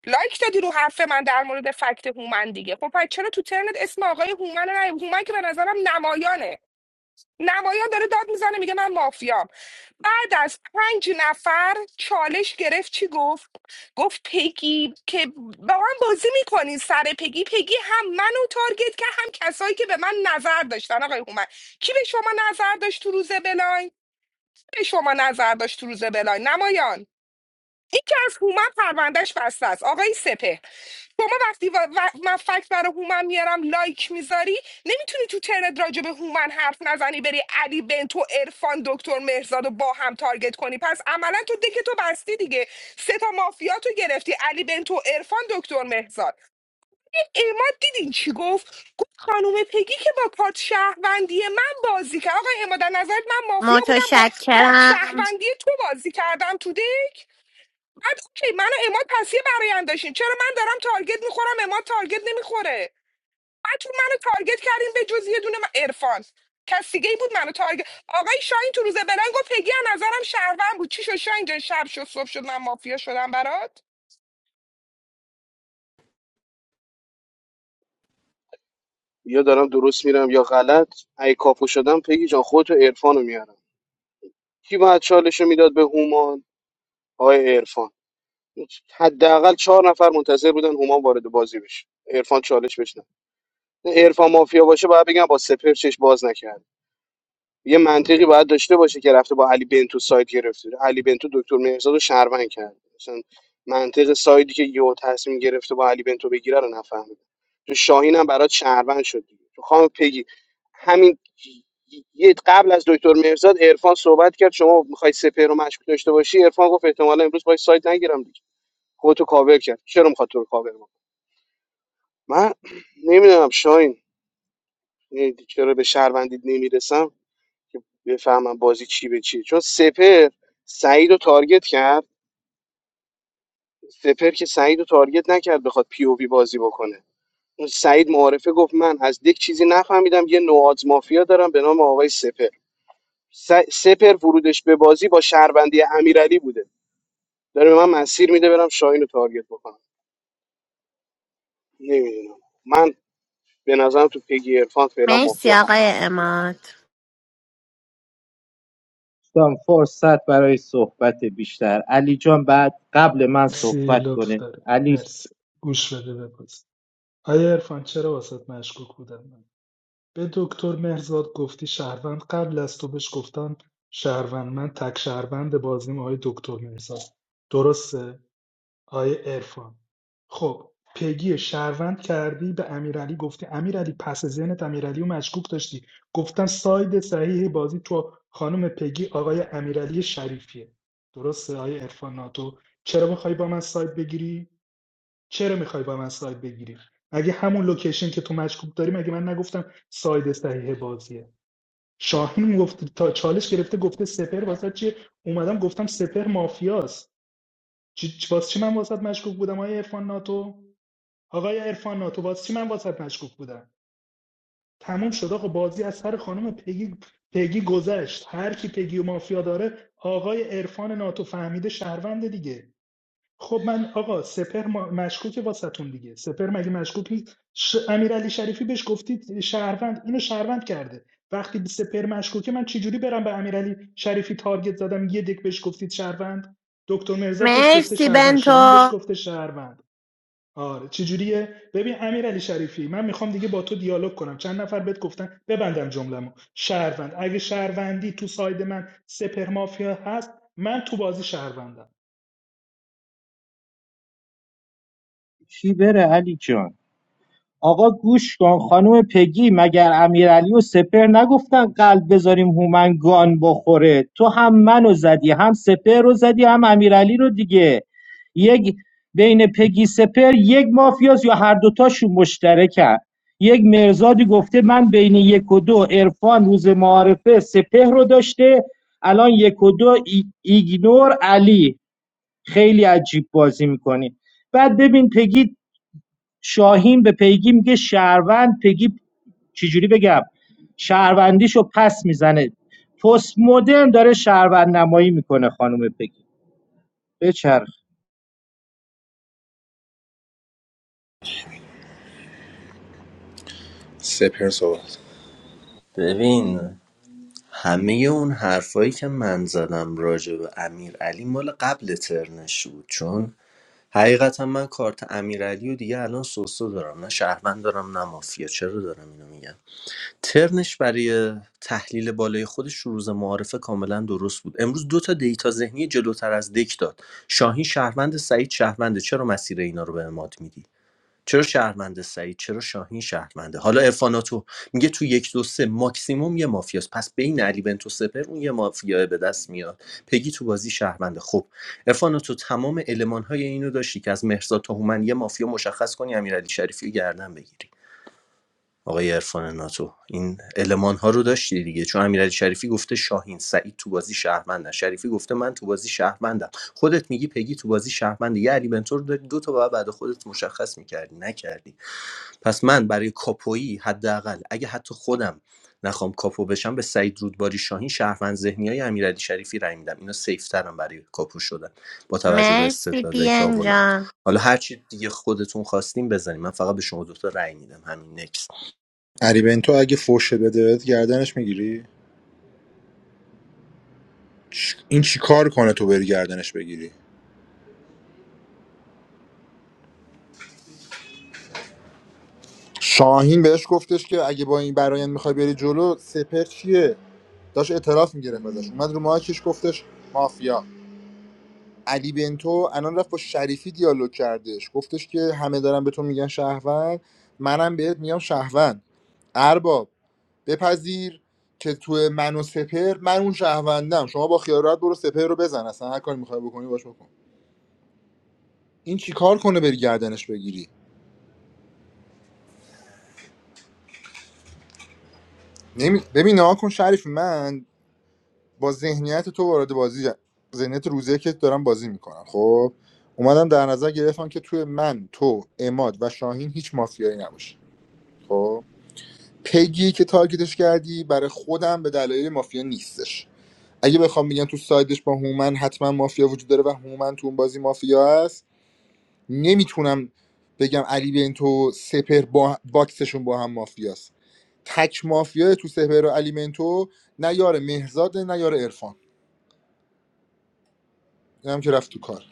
[SPEAKER 15] لایک دادی رو حرف من در مورد فکت هومن دیگه خب پس چرا تو ترنت اسم آقای هومن رو نیاوردی؟ هومن که به نظرم نمایانه نمایان داره داد میزنه میگه من مافیام بعد از پنج نفر چالش گرفت چی گفت گفت پگی که با من بازی میکنین سر پگی پگی هم منو تارگت که هم کسایی که به من نظر داشتن آقای هومن کی به شما نظر داشت تو روز بلاین به شما نظر داشت تو روز بلاین نمایان این که از هومن پروندهش بسته است آقای سپه شما وقتی و... و- من فکت برای هومن میارم لایک میذاری نمیتونی تو ترنت راجع به هومن حرف نزنی بری علی بنتو ارفان دکتر مهرزاد رو با هم تارگت کنی پس عملا تو دکه تو بستی دیگه سه تا مافیاتو گرفتی علی بنتو ارفان دکتر مهرزاد اماد دیدین چی گفت گفت خانم پگی که با کارت شهروندی من بازی کرد آقا اماد از نظرت من مافیا بودم با کارت
[SPEAKER 23] متشکرم
[SPEAKER 15] شهروندی تو بازی کردم تو دک بعد اوکی من و اماد پس یه برایم داشتیم چرا من دارم تارگت میخورم اماد تارگت نمیخوره بعد تو منو تارگت کردیم به جز یه دونه عرفان کس دیگه ای بود منو تارگت آقای شاهین تو روز بلنگ گفت پگی از نظرم شهروند بود چی شد شاهین جان شب شد صبح شد من مافیا شدم برات
[SPEAKER 19] یا دارم درست میرم یا غلط ای کاپو شدم پگی جان خودتو عرفان رو میارم کی باید چالش میداد به هومان آقای عرفان حداقل چهار نفر منتظر بودن هومان وارد بازی بشه عرفان چالش بشه نه عرفان مافیا باشه باید بگم با سپر چش باز نکرد یه منطقی باید داشته باشه که رفته با علی بنتو سایت گرفته علی بنتو دکتر مهرزاد رو شهروند کرد مثلا منطق سایدی که یهو تصمیم گرفته با علی بنتو بگیره رو نفهمیده تو شاهین هم برات شهروند شد دیگه. تو خام پگی همین یه قبل از دکتر مهرزاد عرفان صحبت کرد شما میخوای سپر رو مشکوک داشته باشی عرفان گفت احتمالا امروز باید سایت نگیرم دیگه خودتو کاور کرد چرا میخواد تو رو کاور کنه؟ من نمیدونم شاهین یعنی چرا به شهروندید نمیرسم که بفهمم بازی چی به چیه چون سپر سعید رو تارگت کرد سپر که سعید رو تارگت نکرد بخواد پی او وی بازی بکنه اون سعید معارفه گفت من از دک چیزی نفهمیدم یه نوآز مافیا دارم به نام آقای سپر س- سپر ورودش به بازی با شهروندی امیرعلی بوده داره به من مسیر میده برم شاهین رو تارگت بکنم نمیدونم من به نظرم تو پیگی عرفان فعلا
[SPEAKER 23] مرسی
[SPEAKER 19] مافیا
[SPEAKER 23] آقای
[SPEAKER 19] هست
[SPEAKER 23] اماد
[SPEAKER 25] دوستان فرصت برای صحبت بیشتر علی جان بعد قبل من
[SPEAKER 17] مرسی
[SPEAKER 25] صحبت
[SPEAKER 17] لطف
[SPEAKER 25] کنه
[SPEAKER 17] داری
[SPEAKER 25] علی
[SPEAKER 17] مرسی گوش بده بپز آیا عرفان چرا واسط مشکوک بودم من به دکتر مهرزاد گفتی شهروند قبل از تو بهش گفتم شهروند من تک شهروند بازیم آقای دکتر مهرزاد درسته آیه عرفان خب پیگی رو شهروند کردی به امیرعلی گفتی امیرعلی پس ذهنت امیرعلی رو مشکوک داشتی گفتم ساید صحیح بازی تو خانم پیگی آقای امیرعلی شریفیه درسته آقای عرفان ناتو چرا میخوای با من ساید بگیری چرا میخوای با من ساید بگیری مگه همون لوکیشن که تو مشکوک داری مگه من نگفتم ساید صحیح بازیه شاهین گفت تا چالش گرفته گفته سپر واسه چیه اومدم گفتم سپر مافیاست چی چی- واسه چی من واسط مشکوک بودم آقای عرفان ناتو آقای عرفان ناتو واسه چی من واسط مشکوک بودم تموم شد آقا بازی از سر خانم پگی پگی گذشت هر کی پگی و مافیا داره آقای عرفان ناتو فهمیده شهروند دیگه خب من آقا سپر ما- مشکوکه واسهتون دیگه سپهر مگه مشکوک نیست ش... امیرعلی شریفی بهش گفتید شهروند اینو شهروند کرده وقتی به سپر مشکوکه من چجوری برم به امیرعلی شریفی تارگت زدم یه دک بهش گفتید شهروند دکتر مرزاد بهش گفته
[SPEAKER 23] مرسی
[SPEAKER 17] شهروند شاهین بهش
[SPEAKER 23] بنتو
[SPEAKER 17] گفته شهروند آره چجوریه ببین امیرعلی شریفی من میخوام دیگه با تو دیالوگ کنم چند نفر بهت گفتن ببندم جمله‌مو شهروند اگه شهروندی تو ساید من سپر مافیا هست من تو بازی شهروندم
[SPEAKER 25] چی بره علی جان آقا گوش کن خانم پگی مگر امیرعلی و سپر نگفتن قلب بذاریم هومن گان بخوره تو هم منو زدی هم سپر رو زدی هم امیرعلی رو دیگه یک بین پگی سپر یک مافیاس یا هر دوتاشون مشترکن یک مرزادی گفته من بین یک و دو عرفان روز معارفه سپهر رو داشته الان یک و دو ای- ایگنور علی خیلی عجیب بازی میکنی بعد ببین پگی شاهین به پیگی میگه شهروند پیگی چجوری بگم شهروندیشو پس میزنه پست مدرن داره شهروند نمایی میکنه خانم پیگی بچرخ
[SPEAKER 22] سپر صحبت
[SPEAKER 21] ببین همه اون حرفایی که من زدم راجع به امیرعلی مال قبل ترنش بود چون حقیقتا من کارت امیر علی و دیگه الان سوسو دارم نه شهروند دارم نه مافیا چرا دارم اینو میگم ترنش برای تحلیل بالای خودش رو روز معارفه کاملا درست بود امروز دو تا دیتا ذهنی جلوتر از دک داد شاهین شهروند سعید شهرونده چرا مسیر اینا رو به اماد میدی چرا شهرونده سعید چرا شاهین شهرونده حالا افاناتو میگه تو یک دو سه ماکسیموم یه مافیاست پس بین علی بنتو سپر اون یه مافیا به دست میاد پگی تو بازی شهرونده خب افاناتو تمام المانهای اینو داشتی که از مهرزاد تا هومن یه مافیا مشخص کنی امیرعلی شریفی رو گردن بگیری آقای عرفان ناتو این المان ها رو داشتی دیگه چون امیرعلی شریفی گفته شاهین سعید تو بازی شهروندن شریفی گفته من تو بازی شهروندم خودت میگی پگی تو بازی شهرمنده یه علی بنتور داری دو تا بعد بعد خودت مشخص میکردی نکردی پس من برای کاپویی حداقل اگه حتی خودم نخوام کاپو بشم به سعید رودباری شاهین شهروند ذهنی های امیرعلی شریفی رای میدم اینا سیف ترن برای کاپو شدن با توجه به
[SPEAKER 23] مرسی
[SPEAKER 21] استدلالایی که
[SPEAKER 23] پین
[SPEAKER 21] آوردم
[SPEAKER 23] جان
[SPEAKER 21] حالا هر چی دیگه خودتون خواستیم بزنیم من فقط به شما دو تا رأی میدم همین نکست
[SPEAKER 22] علی بنتو اگه فوش بده گردنش میگیری چ... این چی کار کنه تو بری گردنش بگیری شاهین بهش گفتش که اگه با این برایند میخوای بری جلو سپر چیه داش اعتراف میگرفت ازش اومد رو ماکش گفتش مافیا علی بنتو الان رفت با شریفی دیالوگ کردش گفتش که همه دارن به تو میگن شهروند منم بهت میگم شهروند ارباب بپذیر که تو من و سپر من اون شهروندم شما با خیال راحت برو سپر رو بزن اصلا هر کاری میخوای بکنی باش بکن این چیکار کنه بری گردنش بگیری نمی... ببین نها کن شریف من با ذهنیت تو وارد بازی ذهنیت روزه که دارم بازی میکنم خب اومدم در نظر گرفتم که توی من تو اماد و شاهین هیچ مافیایی نباشه خب پیگی که تارگتش کردی برای خودم به دلایل مافیا نیستش اگه بخوام بگم تو سایدش با هومن حتما مافیا وجود داره و هومن تو اون بازی مافیا هست نمیتونم بگم علی بنتو سپر با باکسشون با هم مافیاست تک مافیا تو سپر و علی بنتو نه یار مهزاد نه یار عرفان اینم که رفت تو کار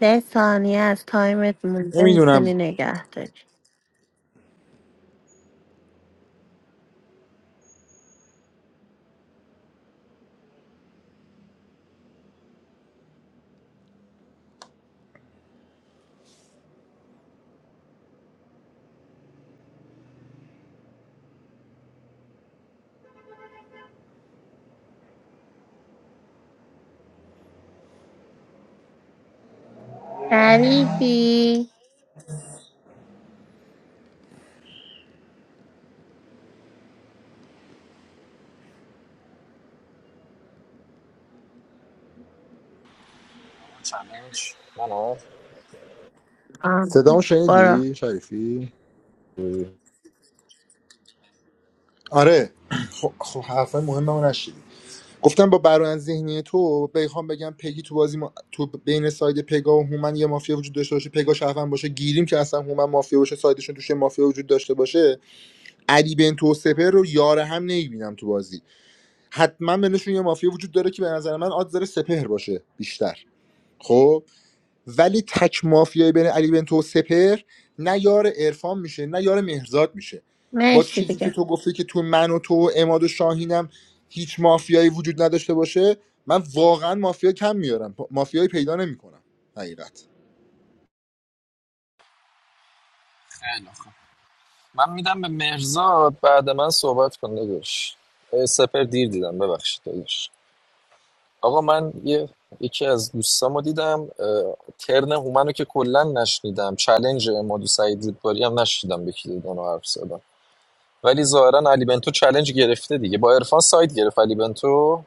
[SPEAKER 23] ده ثانیه از تایمت مونده
[SPEAKER 22] نمیدونم
[SPEAKER 23] میتونی نگه داری شریفی
[SPEAKER 4] منو
[SPEAKER 23] آه
[SPEAKER 22] صدامو
[SPEAKER 23] برو
[SPEAKER 22] شنیدی شریفی آره خب خب حرفای مهممو نشیدی گفتم با برایند ذهنی تو بخوام بگم پگی تو بازی ما... تو بین ساید پگا و هومن یه مافیا وجود داشته باشه پگا شهروند باشه گیریم که اصلا هومن مافیا باشه سایدشون توش یه مافیا وجود داشته باشه علی بنتو و سپر رو یار هم نمیبینم تو بازی حتما بینشون یه مافیا وجود داره که به نظر من آد داره سپهر باشه بیشتر خب ولی تک مافیای بین علی بنتو و سپر نه یار عرفان میشه نه یار مهرزاد میشه با
[SPEAKER 23] مرسی
[SPEAKER 22] چیزی که
[SPEAKER 23] دیگه
[SPEAKER 22] تو گفتی که تو من و تو و اماد و شاهینم هیچ مافیایی وجود نداشته باشه من واقعا مافیا کم میارم مافیایی پیدا نمیکنم حقیقت
[SPEAKER 4] خیلی خوب. من میدم به مرزاد بعد من صحبت کن داداش سپر دیر دیدم ببخشید داداش آقا من یه یکی از دوستامو دیدم اه، ترن هومنو که کلا نشنیدم چلنج امادو سعید رودباری هم نشنیدم به کی دادن و حرف زدم ولی ظاهرا علی بنتو چلنج گرفته دیگه با عرفان سایت گرفت علی بنتو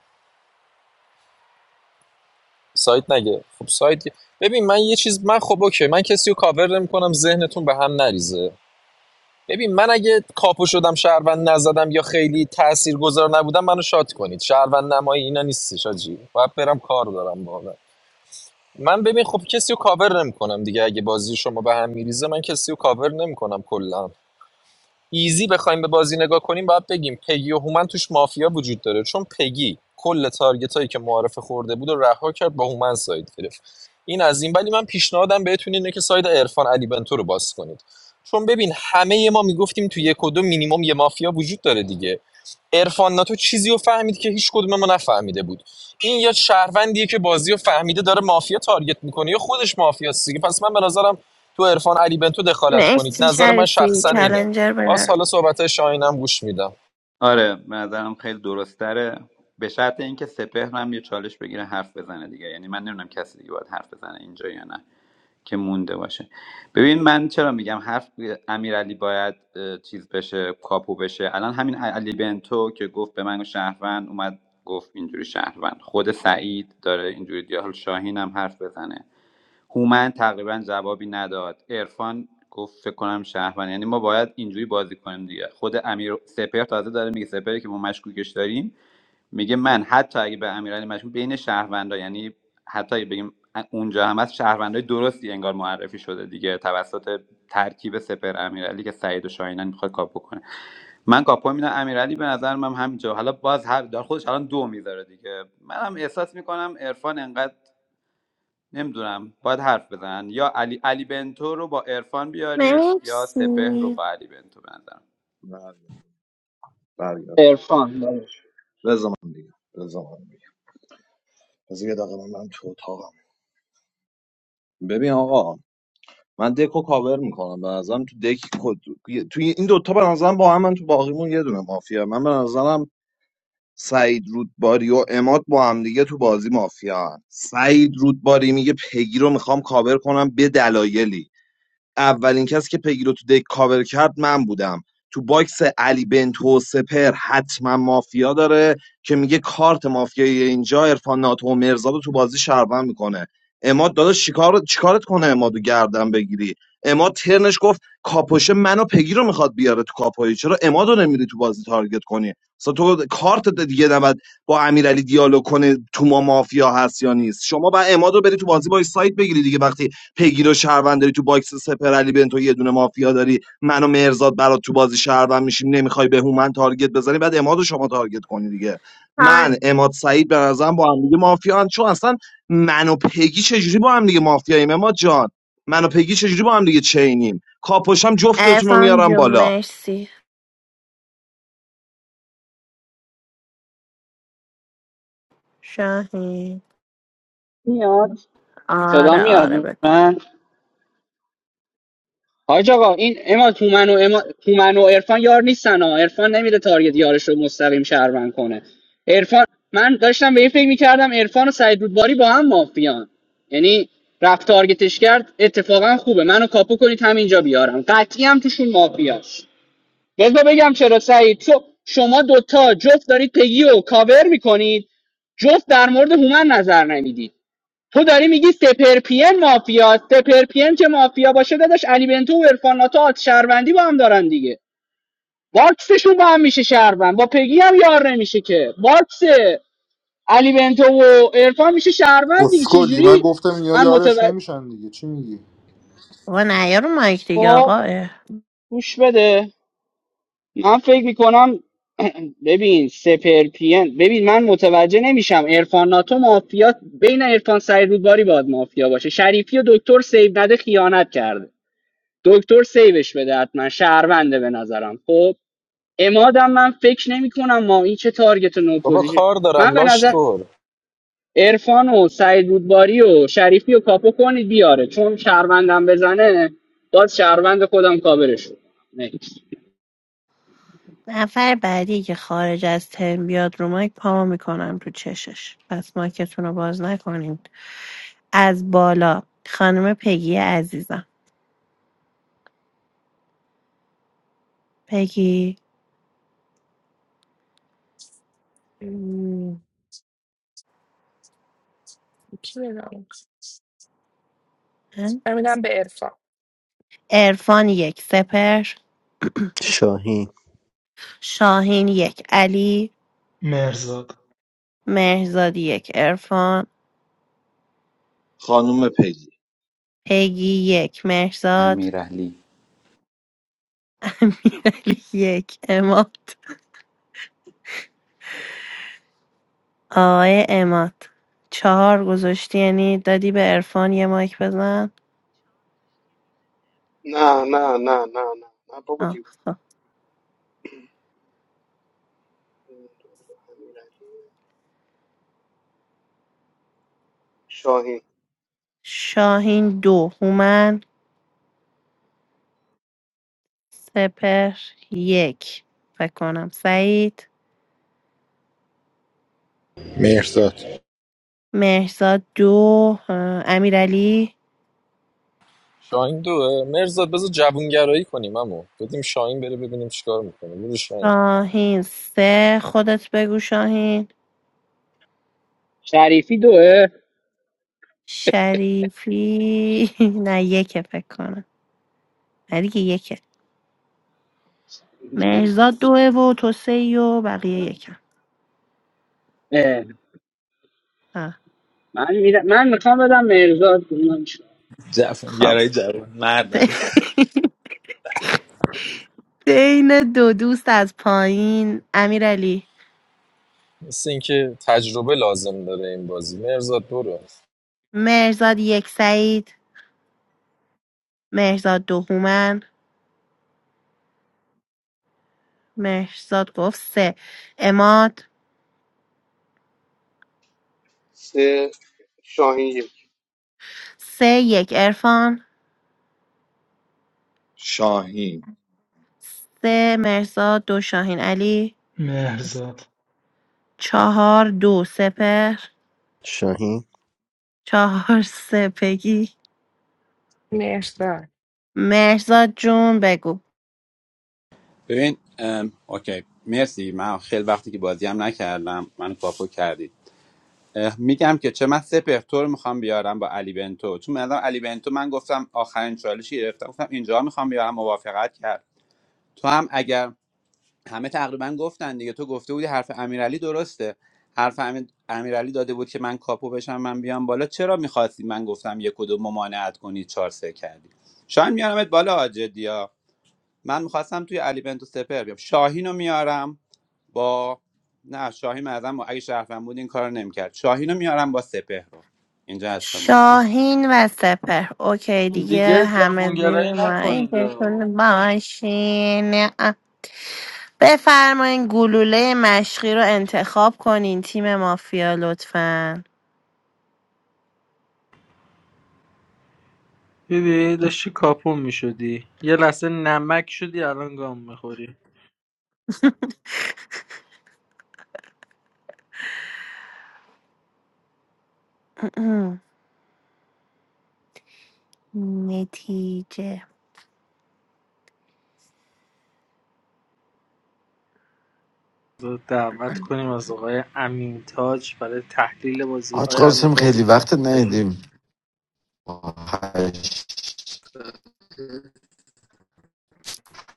[SPEAKER 4] سایت نگه خب سایت ببین من یه چیز من خب اوکی من کسی رو کاور نمیکنم ذهنتون به هم نریزه ببین من اگه کاپو شدم شهروند نزدم یا خیلی تاثیرگذار نبودم منو شات کنید شهروند نمایی اینا نیستش آجی باید برم کار دارم واقعا من ببین خب کسی رو کاور نمیکنم دیگه اگه بازی شما به هم میریزه من کسی رو کاور نمیکنم کلا ایزی بخوایم به بازی نگاه کنیم باید بگیم پگی و هومن توش مافیا وجود داره چون پگی کل تارگت هایی که معارفه خورده بود و رها کرد با هومن ساید گرفت این از این ولی من پیشنهادم بهتون اینه که ساید عرفان علی بنتو رو باز کنید چون ببین همه ما میگفتیم تو یک و دو مینیمم یه مافیا وجود داره دیگه عرفان ناتو چیزی رو فهمید که هیچ کدوم ما نفهمیده بود این یا شهروندیه که بازی رو فهمیده داره مافیا تارگت میکنه یا خودش مافیاست دیگه پس من به نظرم تو عرفان علی بنتو دخالت کنید
[SPEAKER 23] مرسی
[SPEAKER 4] نظر من
[SPEAKER 23] شریفی
[SPEAKER 4] شخصا اینه
[SPEAKER 23] چلنجر
[SPEAKER 4] باز
[SPEAKER 23] برو
[SPEAKER 4] حالا صحبت شاهینم گوش میدم
[SPEAKER 16] آره به نظرم خیلی درست داره به شرط اینکه سپهر هم یه چالش بگیره حرف بزنه دیگه یعنی من نمیدونم کسی دیگه باید حرف بزنه اینجا یا نه که مونده باشه ببین من چرا میگم حرف امیرعلی باید اه، چیز بشه کاپو بشه الان همین علی بنتو که گفت به من شهروند اومد گفت اینجوری شهروند خود سعید داره اینجوری دیال شاهین هم حرف بزنه هومن تقریبا جوابی نداد عرفان گفت فکر کنم شهروند یعنی ما باید اینجوری بازی کنیم دیگه خود امیر سپهر تازه داره میگه سپری که ما مشکوکش داریم میگه من حتی اگه به امیرعلی مشکوک بین شهروندا یعنی حتی اگه بگیم اونجا هم از شهروندای درستی انگار معرفی شده دیگه توسط ترکیب سپهر امیرعلی که سعید و شاهینان میخواد کاپو کنه من کاپو میدم امیرعلی به نظر من همینجا حالا باز هر دار خودش الان دو میذاره دیگه منم احساس میکنم عرفان انقدر نمیدونم باید حرف بزنن یا علی علی بنتو رو با عرفان بیارید یا سپهر رو
[SPEAKER 23] مرسی
[SPEAKER 16] با علی بنتو بندم
[SPEAKER 14] برگرد
[SPEAKER 10] عرفان داداش.
[SPEAKER 14] بذار من دیگه بذار من دیگه بذار یه دقیقه من برم تو اتاقم ببین آقا من دکو کاور میکنم به نظرم تو دک کد- توی این دوتا به نظرم با هم من تو باقیمون یه دونه مافیا من به نظرم سعید رودباری و اماد با هم دیگه تو بازی مافیا هن. سعید رودباری میگه پگی رو میخوام کاور کنم به دلایلی اولین کسی که پگی رو تو دک کاور کرد من بودم تو باکس علی بنتو سپر حتما مافیا داره که میگه کارت مافیایی اینجا عرفان ناتو و مرزاد رو تو بازی شهروند میکنه اماد داداش چیکار چیکارت کنه امادو گردن بگیری اماد ترنش گفت کاپوشه منو پگی رو میخواد بیاره تو کاپوی چرا امادو نمیری تو بازی تارگت کنی اصلا تو کارت دیگه نباید با امیرعلی دیالوگ کنه تو ما مافیا هست یا نیست شما با امادو بری تو بازی با سایت بگیری دیگه وقتی پگیر و شهروند داری تو باکس سپر علی بنتو یه دونه مافیا داری من و مرزاد برات تو بازی شهروند میشیم نمیخوای به هومن تارگت بزنی بعد اماد رو شما تارگت کنی دیگه
[SPEAKER 23] تایم
[SPEAKER 14] من اماد سعید به نظرم با هم دیگه مافیا هم چون اصلا من و پگی چجوری با هم دیگه مافیاییم اماد جان من و پگی چجوری با هم دیگه چینیم کاپوشم جفتتون رو
[SPEAKER 23] ارفان
[SPEAKER 14] میارم
[SPEAKER 23] جون
[SPEAKER 14] بالا
[SPEAKER 23] مرسی شاهین
[SPEAKER 10] میاد صدا
[SPEAKER 23] آره آره
[SPEAKER 10] میاد
[SPEAKER 23] بگو
[SPEAKER 10] من حاج آقا این اما تومن و اما تومن و عرفان یار نیستن ها عرفان نمیره تارگت یارش رو مستقیم شهروند کنه عرفان من داشتم به این فکر میکردم عرفان و سعید رودباری با هم مافیان یعنی رفت تارگتش کرد اتفاقا خوبه منو کاپو کنید همینجا بیارم قطعی هم توشون مافیاست بذار بگم چرا سعید تو شما دوتا جفت دارید پگی و کاور میکنید جفت در مورد هومن نظر نمیدید تو داری میگی سپر پی ام مافیا سپر که مافیا باشه داداش علی بنتو و عرفان ناتو آت شهروندی با هم دارن دیگه باکسشون با هم میشه شهروند با پگی هم یار نمیشه که باکس علی بنتو و عرفان میشه شهروند دیگه
[SPEAKER 22] اسکلی من
[SPEAKER 10] چجوری
[SPEAKER 22] گفتم اینا
[SPEAKER 10] من
[SPEAKER 22] یارش
[SPEAKER 10] متوجه
[SPEAKER 22] نمیشن دیگه چی میگی
[SPEAKER 23] آقا نیا رو مایک دیگه
[SPEAKER 10] خب
[SPEAKER 23] آقا
[SPEAKER 10] گوش بده من فکر میکنم ببین سپر ببین من متوجه نمیشم عرفان ناتو مافیا بین عرفان سعید رودباری باید مافیا باشه شریفی و دکتر سیو نده خیانت کرده دکتر سیوش بده حتما شهرونده به نظرم خب امادم من فکر نمی کنم ما این چه تارگت و نو
[SPEAKER 4] بابا
[SPEAKER 10] پوزیشن
[SPEAKER 4] کار
[SPEAKER 10] من
[SPEAKER 4] دارم
[SPEAKER 10] به
[SPEAKER 4] لاش
[SPEAKER 10] نظر
[SPEAKER 4] خور
[SPEAKER 10] عرفان و سعید رودباری و شریفی و کاپو کنید بیاره چون شهروندم بزنه باز شهروند خودم کاورش رو کنم. Next.
[SPEAKER 23] نفر بعدی که خارج از ترم بیاد رو مایک پامو میکنم تو چشش پس مایکتون رو باز نکنین از بالا خانم پگی عزیزم پگی
[SPEAKER 15] م، چی بود؟ به عرفان
[SPEAKER 23] ارفان یک سپر
[SPEAKER 21] شاهین
[SPEAKER 23] شاهین یک علی
[SPEAKER 17] مرزاد
[SPEAKER 23] مهرزاد یک ارفان
[SPEAKER 14] خانم پگی
[SPEAKER 23] پگی یک مهرزاد
[SPEAKER 16] امیر علی
[SPEAKER 23] امیرعلی یک اماد آقای اماد چهار گذاشتی یعنی دادی به ارفان یه مایک بزن
[SPEAKER 19] نه نه نه نه نه نه بابا
[SPEAKER 23] آه
[SPEAKER 19] دیو
[SPEAKER 23] خب.
[SPEAKER 19] امیرعلی. شاهین
[SPEAKER 23] شاهین دو هومن سپر یک فکر کنم سعید
[SPEAKER 22] مهرزاد
[SPEAKER 23] مهرزاد دو اه، امیرعلی
[SPEAKER 4] شاهین دوه مرزاد بذار جوونگرایی کنیم امو بدیم شاهین بره ببینیم چیکار میکنه برو شاهین
[SPEAKER 23] شاهین سه خودت بگو شاهین
[SPEAKER 10] شریفی دوه
[SPEAKER 23] شریفی نه یکه فکر کنم نه دیگه یکه مهرزاد دوه و تو سه و بقیه یکم
[SPEAKER 10] اه،
[SPEAKER 23] آه.
[SPEAKER 10] من می‌ر- من میخوام بدم مرزاد
[SPEAKER 23] خب
[SPEAKER 16] گرای جوان مردن
[SPEAKER 23] بین دو دوست از پایین امیرعلی
[SPEAKER 4] مثل اینکه تجربه لازم داره این بازی مرزاد برو
[SPEAKER 23] مهرزاد یک سعید مهرزاد دو هومن مهرزاد گفت سه اماد
[SPEAKER 19] سه شاهین یک
[SPEAKER 23] سه یک ارفان
[SPEAKER 14] شاهین
[SPEAKER 23] سه مرزا دو شاهین علی
[SPEAKER 17] مهرزاد
[SPEAKER 23] چهار دو سپر
[SPEAKER 21] شاهین
[SPEAKER 23] چهار سپگی
[SPEAKER 15] مرسی.
[SPEAKER 23] مرزا جون بگو
[SPEAKER 16] ببین ام، اوکی مرسی من خیلی وقتی که بازی هم نکردم منو کاپو کردید اه، میگم که چه من سپهر تو رو میخوام بیارم با علی بنتو چون مثلا علی بنتو من گفتم آخرین چالشی گرفتم گفتم اینجا میخوام بیارم موافقت کرد تو هم اگر همه تقریبا گفتن دیگه تو گفته بودی حرف امیرعلی درسته حرف امیر- امیرعلی داده بود که من کاپو بشم من بیام بالا چرا میخواستی من گفتم یک و دو ممانعت کنی چهار سه کردی شاید میارمت بالا جدی من میخواستم توی علی بنتو سپر بیام شاهین رو میارم با نه شاهین مردم اگه شرفم بود این کار نمیکرد شاهین رو میارم با سپهر رو اینجا از مافیا
[SPEAKER 23] شاهین و سپر اوکی دیگه
[SPEAKER 27] دیگه
[SPEAKER 23] همه
[SPEAKER 27] جوانگرایی
[SPEAKER 23] زیر ما این
[SPEAKER 27] نکنید آه.
[SPEAKER 23] بتون باشین بفرمایین گلوله مشقی رو انتخاب کنین تیم مافیا لطفا
[SPEAKER 27] دیدی داشتی کاپون میشدی یه لحظه نمک شدی الان گام میخوری
[SPEAKER 23] نتیجه
[SPEAKER 27] دعوت کنیم از آقای امین تاج برای تحلیل بازی
[SPEAKER 26] حاج
[SPEAKER 27] آقای امین
[SPEAKER 26] قاسم
[SPEAKER 27] تاج
[SPEAKER 26] خیلی وقت
[SPEAKER 27] تشریف
[SPEAKER 26] ندیدیم با هشت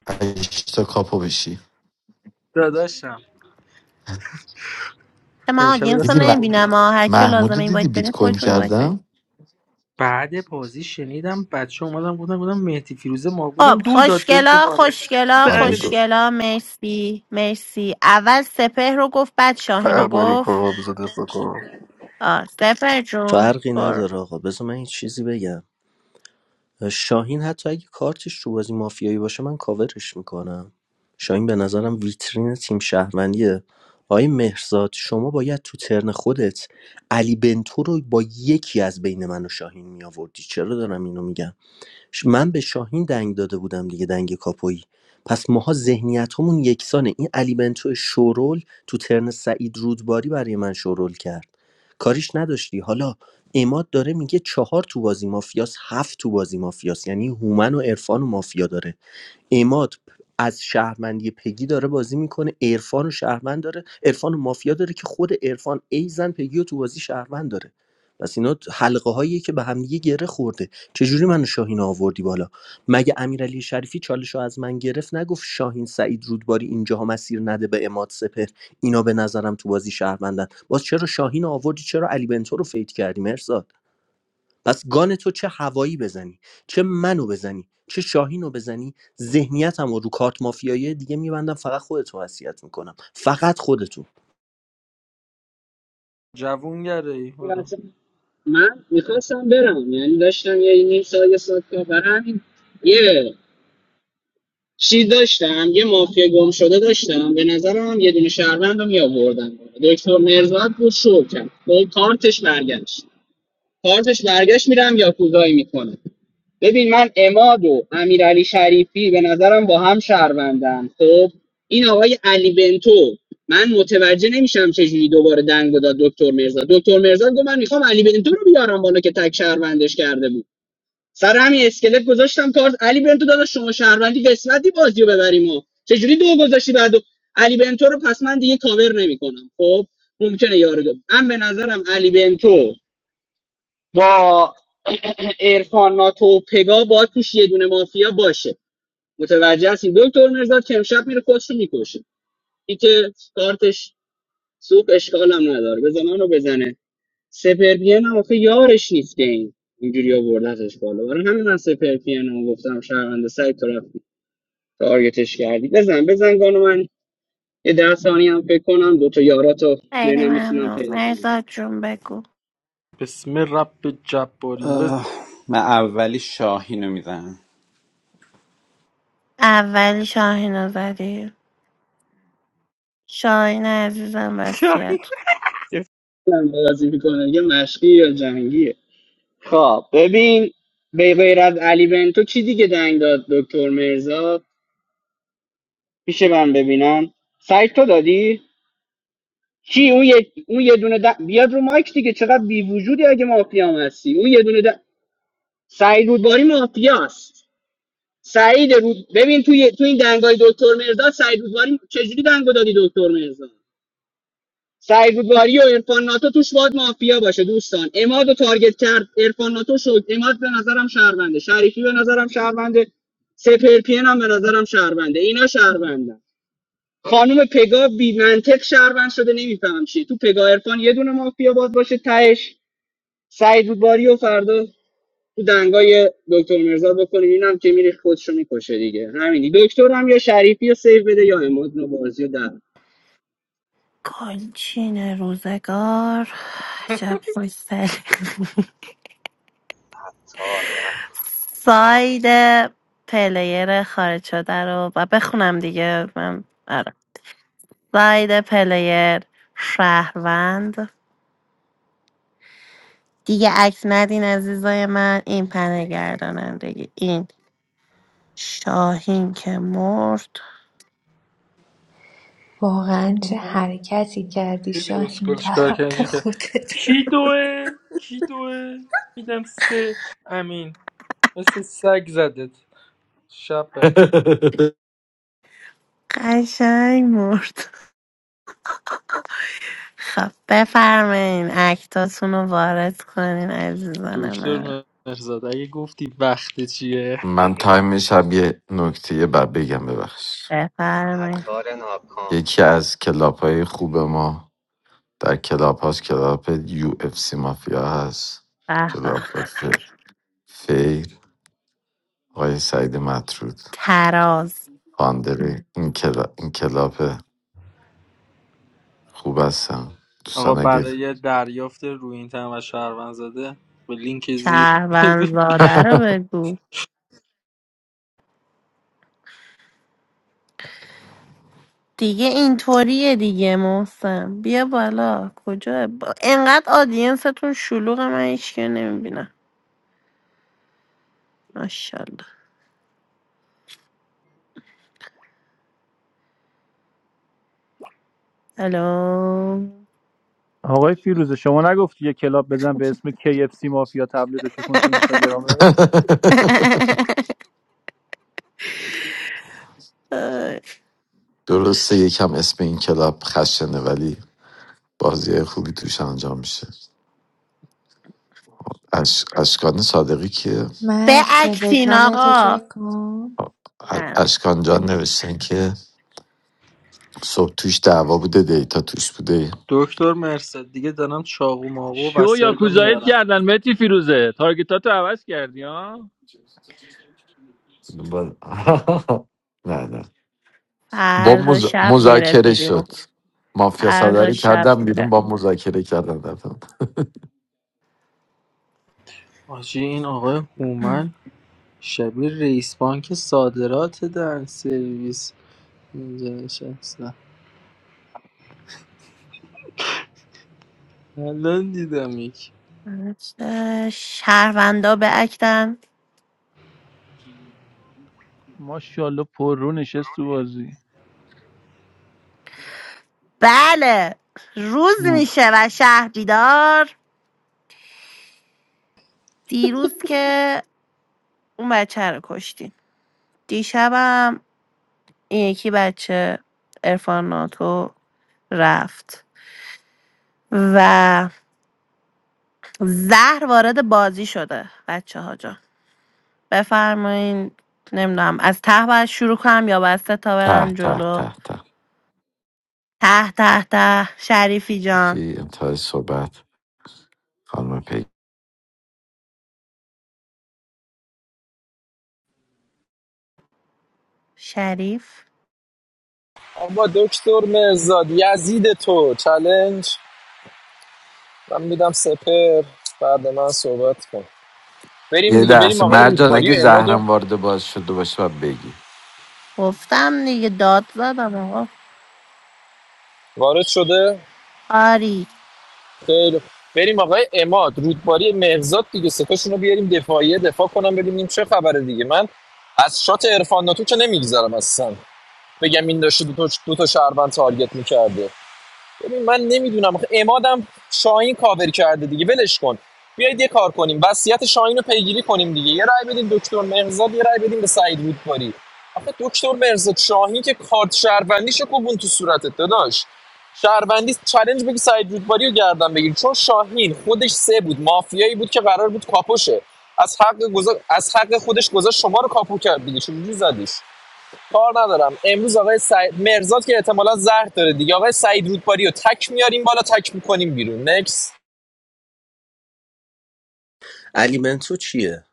[SPEAKER 26] هشت تا کاپو بشی
[SPEAKER 27] داداشم
[SPEAKER 23] من
[SPEAKER 27] امشب
[SPEAKER 23] آدینس رو
[SPEAKER 27] دست
[SPEAKER 26] دیدی م...
[SPEAKER 27] کاپون
[SPEAKER 23] نمیبینم
[SPEAKER 27] بزن.
[SPEAKER 23] هر کیو
[SPEAKER 26] محمودو
[SPEAKER 23] لازمه این
[SPEAKER 26] دیدی
[SPEAKER 23] باید
[SPEAKER 26] بیت
[SPEAKER 23] برین
[SPEAKER 26] کوین
[SPEAKER 23] خودتون این باید
[SPEAKER 26] کردم
[SPEAKER 27] بعد بازی شنیدم بچه اومدم گفتم گفتم مهدی فیروزه ما بودم
[SPEAKER 23] خب
[SPEAKER 27] دو داد بهش گفت
[SPEAKER 23] خوشگلا
[SPEAKER 27] آره
[SPEAKER 23] خوشگلا
[SPEAKER 26] حالا
[SPEAKER 27] دهنت
[SPEAKER 23] خوشگلا مرسی مرسی اول سپه رو گفت بعد شاهین رو
[SPEAKER 2] فرق نمیکنه
[SPEAKER 23] گفت
[SPEAKER 2] آبزو دفاع کنم
[SPEAKER 23] آه سپه جون
[SPEAKER 21] فرقی
[SPEAKER 23] برو
[SPEAKER 21] نداره آقا بذار من یه چیزی بگم شاهین حتی اگه کارتش تو بازی مافیایی باشه من کاورش میکنم شاهین به نظرم ویترین تیم شهروندیه آقای مهرزاد شما باید تو ترن خودت علی بنتو رو با یکی از بین من و شاهین میآوردی چرا دارم اینو میگم ش- من به شاهین دنگ داده بودم دیگه دنگ کاپویی پس ماها ذهنیتمون یکسانه این علی بنتو شورول تو ترن سعید رودباری برای من شورول کرد کاریش نداشتی حالا اماد داره میگه چهار تو بازی مافیاس هفت تو بازی مافیاس یعنی هومن و عرفان و مافیا داره اماد از شهروندی پگی داره بازی میکنه عرفان و شهروند داره عرفان و مافیا داره که خود عرفان ایزن پگی رو تو بازی شهروند داره پس اینا حلقه هایی که به هم دیگه گره خورده چجوری منو شاهین آوردی بالا مگه امیرعلی شریفی چالش رو از من گرفت نگفت شاهین سعید رودباری اینجاها مسیر نده به اماد سپر اینا به نظرم تو بازی شهروندن باز چرا شاهین آوردی چرا علی بنتو رو فیت کردی مرزاد پس گان تو چه هوایی بزنی چه منو بزنی چه شاهینو بزنی ذهنیتم رو رو کارت مافیایی دیگه میبندم فقط خودتو وصیت میکنم فقط خودتو
[SPEAKER 27] جوونگرایی برو.
[SPEAKER 10] من میخواستم برم یعنی داشتم یه نیم ساعت یه ساعت کار برای یه چیز داشتم یه مافیا گم شده داشتم به نظرم یه دونه شهروند رو میآوردن دکتر مرزاد بود شو کرد با کارتش برگشت کارتش برگشت میرم یا کوزایی میکنه ببین من اماد و امیرعلی شریفی به نظرم با هم شهروندن خب این آقای علی بنتو من متوجه نمیشم چجوری دوباره دنگو داد دکتر مرزاد دکتر مرزاد گفت من میخوام علی بنتو رو بیارم بالا که تک شهروندش کرده بود سر همین اسکلت گذاشتم کارت علی بنتو داداش شما شهروندی قسمتی بازیو ببریم و چجوری دو گذاشتی بعدو علی بنتو رو پس من دیگه کاور نمیکنم خب ممکنه یارو دو من به نظرم علی بنتو با ارفان ناتو و پگا با توش یه دونه مافیا باشه متوجه هستیم دکتر مرزاد که امشب میره خودش رو میکشه این که کارتش سوپ اشکال هم نداره بزن رو بزنه سپر پی ان هم آخه یارش نیست این اینجوری آوردتش بالا برای همین من سپر پی ان هم گفتم شهرونده سعی تو رفتی تارگتش کردی بزن بزن گانو من یه ده ثانیه هم فکر کنم دو تا یاراتو
[SPEAKER 23] خیلی
[SPEAKER 10] ببینم میتونم
[SPEAKER 23] ممنون
[SPEAKER 10] پیدا کنم
[SPEAKER 23] مرزاد جون بگو
[SPEAKER 27] بسم رب جبارین بس
[SPEAKER 16] من اولی شاهین رو میزنم
[SPEAKER 23] اولی شاهین رو زدی شاهین عزیزم وسیعت
[SPEAKER 10] یه من بازی میکنه یه مشقی یا جنگیه خب ببین به غیر از علی بنتو چی دیگه دنگ داد دکتر مرزا میشه من ببینم سعید تو دادی کی اون یه اون یه دونه دن... بیاد رو مایک دیگه چقدر بی وجودی اگه مافیام هستی اون یه دونه دنگ سعید رودباری مافیاست سعید رود ببین توی تو این دنگای دکتر مرزاد سعید رودباری چجوری دنگو دادی دکتر مرزاد سعید رودباری و عرفان ناتو توش باید مافیا باشه دوستان اماد رو تارگت کرد عرفان ناتو شد اماد به نظرم شهرونده شریفی به نظرم شهرونده سپرپین هم به نظرم شهرونده اینا شهروندن خانم پگا بی منطق شهروند شده نمیفهم چیه تو پگا عرفان یه دونه مافیا باز باشه تهش سعید رودباری و فردا تو دنگای دکتر مرزاد بکنیم اینم که میری خودشو میکشه دیگه همینی دکتر هم یا شریفی رو سیو بده یا اماد رو بازی رو در
[SPEAKER 23] کنچین روزگار عجب خوشتری
[SPEAKER 28] Thar va,
[SPEAKER 23] ساید پلیر خارج شده رو و بخونم دیگه من آره ساید پلیر شهروند دیگه عکس ندین عزیزای من این پنه گردانندگی این شاهین که مرد
[SPEAKER 29] واقعا چه حرکتی کردی
[SPEAKER 27] دیدی
[SPEAKER 29] شاهین
[SPEAKER 27] اسکل
[SPEAKER 29] در
[SPEAKER 27] چیکار کرد
[SPEAKER 29] حق
[SPEAKER 27] اینجوری کرد
[SPEAKER 29] خودت
[SPEAKER 27] کی دوه کی دوه میدم سه امین مثل سگ زدت شب بخیر
[SPEAKER 23] قشنگ مرد خب بفرمایین اکتاتون رو وارد کنین عزیزان من
[SPEAKER 27] دکتر مرزاد اگه گفتی وقت چیه
[SPEAKER 26] من تایمش هم یه نکته بعد بگم ببخش
[SPEAKER 28] ha
[SPEAKER 23] بفرمایین
[SPEAKER 28] thar na kam.
[SPEAKER 26] یکی از کلاب های خوب ما در کلاب هاست کلاب یو اف سی مافیا هست
[SPEAKER 23] به به
[SPEAKER 26] کلاب ف- فیر آقای سعید مطرود
[SPEAKER 23] تراز
[SPEAKER 26] فاندری این کلاب, این کلاب خوب هستم
[SPEAKER 27] آقا
[SPEAKER 26] دوستان اگه
[SPEAKER 27] برای دریافت روی این تن و شهروند زده به لینک زیر
[SPEAKER 23] شهروند زاده رو بگو دیگه اینطوریه دیگه محسن بیا بالا کجا با... انقدر آدینستون شلوغه من هیچکی نمیبینم ماشاءالله الو
[SPEAKER 30] آقای فیروزه شما نگفتی یه کلاب بزن به اسم KFC مافیا تبلیغش کن تو اینستاگرامت
[SPEAKER 26] درسته یکم اسم این کلاب خشنه ولی بازی خوبی توش انجام میشه اش... اشکان صادقی که
[SPEAKER 23] به
[SPEAKER 29] من مر
[SPEAKER 23] اکتین
[SPEAKER 29] تلگرام تو
[SPEAKER 23] آقا
[SPEAKER 29] چک کن
[SPEAKER 23] اه،
[SPEAKER 26] اشکان جان نوشتن که صبح توش دعوا بوده دیتا توش بوده
[SPEAKER 27] دکتر مرسد دیگه دارم چاقو ماقو و
[SPEAKER 30] شو یا
[SPEAKER 27] وسایل رو
[SPEAKER 30] کوزایت
[SPEAKER 27] میارم
[SPEAKER 30] کردن متی فیروزه تارگتاتو عوض کردی ها
[SPEAKER 26] با- نه نه با
[SPEAKER 23] فردا
[SPEAKER 26] مز...
[SPEAKER 23] شب میره تو
[SPEAKER 26] مذاکره
[SPEAKER 23] گروه
[SPEAKER 26] شد مافیا
[SPEAKER 23] فردا
[SPEAKER 26] صدره
[SPEAKER 23] شب
[SPEAKER 26] کردم بیرون
[SPEAKER 23] میره
[SPEAKER 26] با مذاکره کردم رفتم
[SPEAKER 27] آجی این آقای هومن شبیه رئیس بانک صادرات در سرویس اینجا نشسته الان دیدم یک
[SPEAKER 23] اه، شهروندا به اکتن
[SPEAKER 30] ماشاءالله پررو نشست تو بازی
[SPEAKER 23] بله روز میشه و شهر بیدار دیروز که اون بچه رو کشتیم دیشبم این یکی بچه ارفان ناتو رفت و زهر وارد بازی شده بچه ها بفرمایین نمیدونم از ته باید شروع کنم یا باید سه تا
[SPEAKER 26] ته
[SPEAKER 23] برم
[SPEAKER 26] ته
[SPEAKER 23] جلو
[SPEAKER 26] ته ته
[SPEAKER 23] ته ته ته شریفی جان
[SPEAKER 26] فی انتهای صحبت خانم پی
[SPEAKER 23] شریف
[SPEAKER 4] اما دکتر مرزاد یزید تو چلنج من میدم سپر بعد من صحبت کن بریم
[SPEAKER 26] یه
[SPEAKER 4] دیگه بریم
[SPEAKER 26] لحظه
[SPEAKER 4] آقای
[SPEAKER 26] مرجان
[SPEAKER 4] رودباری
[SPEAKER 26] اگه
[SPEAKER 4] و
[SPEAKER 26] زهرم وارد باز شده باشه و بگی
[SPEAKER 23] گفتم دیگه داد زدم آقا
[SPEAKER 4] وارد شده
[SPEAKER 23] آری
[SPEAKER 4] خیلی خوب. بریم آقای اماد رودباری مهرزاد دیگه ستاشون رو بیاریم دفاعیه دفاع کنم ببینیم چه خبره دیگه من از شات عرفان ناتو که نمیگذرم اصلا بگم این داشته دو تا, دو تا شهروند تارگت میکرده ببین من نمیدونم امادم شاهین کاور کرده دیگه ولش کن بیایید یه کار کنیم وصیت شاهین رو پیگیری کنیم دیگه یه رای بدیم دکتر مهرزاد یه رای بدیم به سعید رودباری آخه دکتر مهرزاد شاهین که کارت شهروندیشو کوبون تو صورتت داداش شهروندی چالش بگی سعید رودباری رو گردن بگیر چون شاهین خودش سه بود مافیایی بود که قرار بود کاپوشه از حق گذا... از حق خودش گذاشت شما رو کاپو کرد دیگه چجوری زدیش کار ندارم امروز آقای سعید مرزاد که احتمالاً زرد داره دیگه آقای سعید رودباری رو تک میاریم بالا تک میکنیم بیرون نکس
[SPEAKER 21] علی بنتو چیه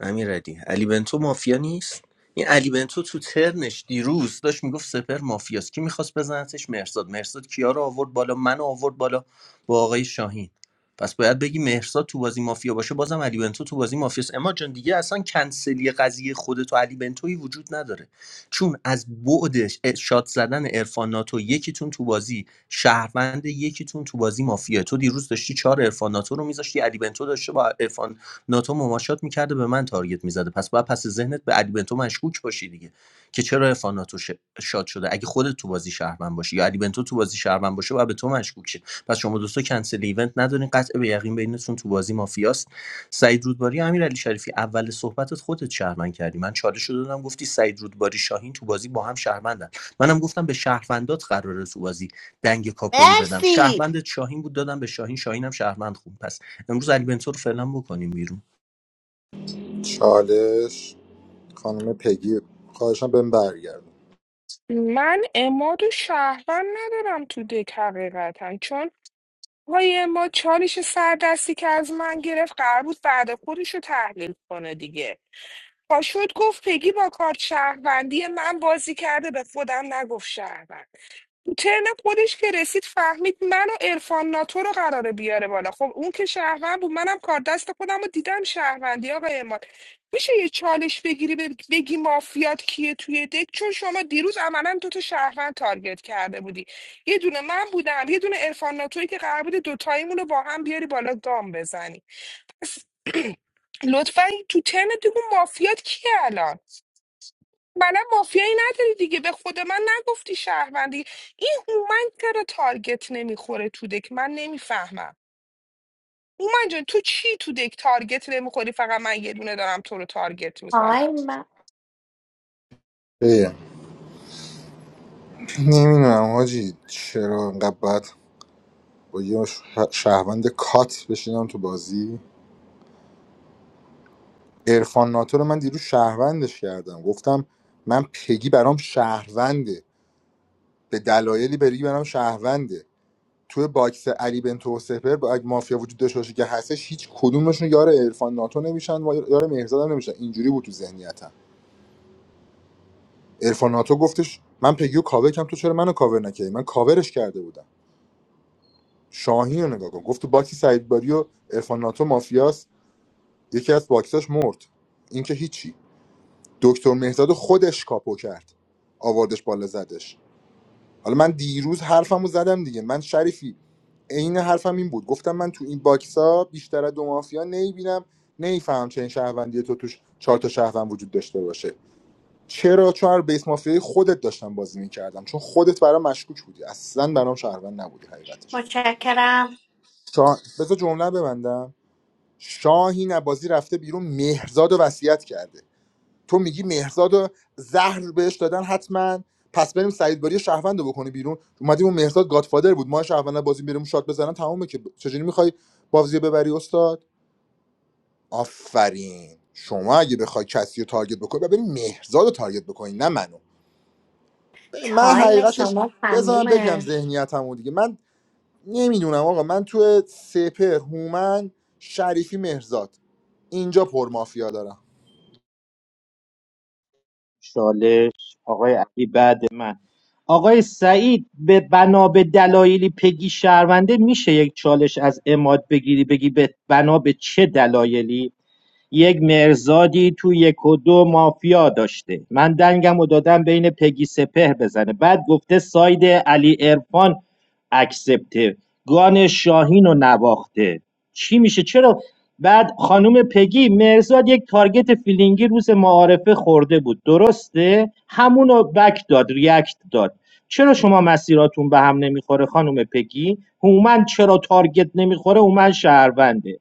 [SPEAKER 21] امیرعلی علی بنتو مافیا نیست این علی بنتو تو ترنش دیروز داشت میگفت سپر مافیاست کی میخواست بزنتش مرساد مرساد کیا رو آورد بالا منو آورد بالا با آقای شاهین پس باید بگی مهرزاد تو بازی مافیا باشه بازم علی بنتو تو بازی مافیاست اما جان دیگه اصلا کنسلی قضیه خودتو علی بنتوی وجود نداره چون از بعدش اه، شات زدن عرفان ناتو یکیتون تو بازی شهروند یکیتون تو بازی مافیا. تو دیروز داشتی چهار عرفان ناتو رو میذاشتی علی بنتو داشته با عرفان ناتو مماشات میکرده به من تارگت میزده پس باید پس ذهنت به علی بنتو مشکوک باشی دیگه که چرا عرفان ناتو شاد شده اگه خودت تو بازی شهروند باشی یا علی بنتو تو بازی شهروند باشه باید به تو مشکوک شه پس شما دوستا کنسل ایونت ندارین قطع به یقین بینتون تو بازی مافیاست سعید رودباری امیر علی شریفی اول صحبتت خودت شهروند کردی من چالش شده دادم گفتی سعید رودباری شاهین تو بازی با هم شهروندن منم گفتم به شهروندات قراره تو بازی دنگ کاپویی بدم
[SPEAKER 23] مرسی
[SPEAKER 21] شهروندت شاهین بود دادم به شاهین شاهینم شهروند خوب پس امروز علی بنتو رو فعلا بکنیم بیرون
[SPEAKER 22] چالش خانم پگی خواهشم بهم برگردم
[SPEAKER 15] من اماد و شهروند ندارم تو دک حقیقتا چون های ما چالش سردستی که از من گرفت قرار بود بعد خودش رو تحلیل کنه دیگه پاشوت گفت پگی با کارت شهروندی من بازی کرده به خودم نگفت شهروند تو ترن خودش که رسید فهمید من و عرفان ناتو رو قراره بیاره بالا خب اون که شهروند بود منم کار دست خودم رو دیدم شهروندی آقای اماد میشه یه چالش بگیری بگ- بگی مافیات کیه توی دک چون شما دیروز عملا دو تا شهروند تارگت کرده بودی یه دونه من بودم یه دونه عرفان ناتویی که قرار بود دوتاییمون رو با هم بیاری بالا دام بزنی لطفا تو ترنت دیگه مافیات کیه الان من مافیایی نداری دیگه به خود من نگفتی شهروندی این هومن چرا تارگت نمیخوره تو دک من نمیفهمم هومن جان تو چی تو دک تارگت نمیخوری فقط من یه دونه دارم تو رو تارگت میکنم
[SPEAKER 23] تایم
[SPEAKER 22] نمیدونم حاجی چرا انقدر بد با یه ش- شهروند کات بشینم تو بازی عرفان ناتو رو من دیروز شهروندش کردم گفتم من پگی برام شهرونده به دلایلی بری برام شهرونده توی باکس علی بنتو و سپر با اگه مافیا وجود داشته باشه که هستش هیچ کدومشون یار عرفان ناتو نمیشن و یار مهرزاد هم نمیشن اینجوری بود تو ذهنیتم عرفان ناتو گفتش من پگی و کاور کم تو چرا منو کاور نکردی من کاورش کرده بودم شاهین رو نگاه کن گفت تو باکس سعید باری و عرفان ناتو مافیاست یکی از باکساش مرد این که هیچی دکتر مهداد خودش کاپو کرد آوردش بالا زدش حالا من دیروز حرفمو زدم دیگه من شریفی عین حرفم این بود گفتم من تو این باکسا بیشتر از دو مافیا نمیبینم نمیفهم چه این شهروندی تو توش چهار تا شهروند وجود داشته باشه چرا چون هر بیس مافیای خودت داشتم بازی میکردم چون خودت برام مشکوک بودی اصلا برام شهروند نبودی حقیقتش
[SPEAKER 23] متشکرم
[SPEAKER 22] شا... بذار جمله ببندم شاهین از رفته بیرون مهرزاد و وصیت کرده تو میگی مهرزاد و زهر بهش دادن حتما پس بریم سعید باری شهروند رو بکنی بیرون اومدیم اون مهرزاد گادفادر بود ما شهروند بازی بریم شات بزنن تمومه که چجوری میخوای بازی رو ببری استاد آفرین شما اگه بخوای کسی رو تارگت بکنی و بریم مهرزاد رو تارگت بکنی نه منو ببین، من
[SPEAKER 23] تایم
[SPEAKER 22] حقیقتش
[SPEAKER 23] شما
[SPEAKER 22] بزنم بگم
[SPEAKER 23] تمومه
[SPEAKER 22] ذهنیتمو دیگه من نمیدونم آقا من تو سپر هومن شریفی مهرزاد اینجا پر مافیا دارم
[SPEAKER 25] چالش آقای علی بعد من آقای سعید به بنا به دلایلی پگی شهرونده میشه یک چالش از اماد بگیری بگی به بنا به چه دلایلی یک مرزادی تو یک و دو مافیا داشته من دنگم و دادم بین پگی سپهر بزنه بعد گفته ساید علی ارفان اکسپته گان شاهین رو نواخته چی میشه چرا بعد خانوم پگی مرزاد یک تارگت فیلینگی روز معارفه خورده بود درسته همونو بک داد ریاکت داد چرا شما مسیراتون به هم نمیخوره خانوم پگی هومن چرا تارگت نمیخوره هومن شهرونده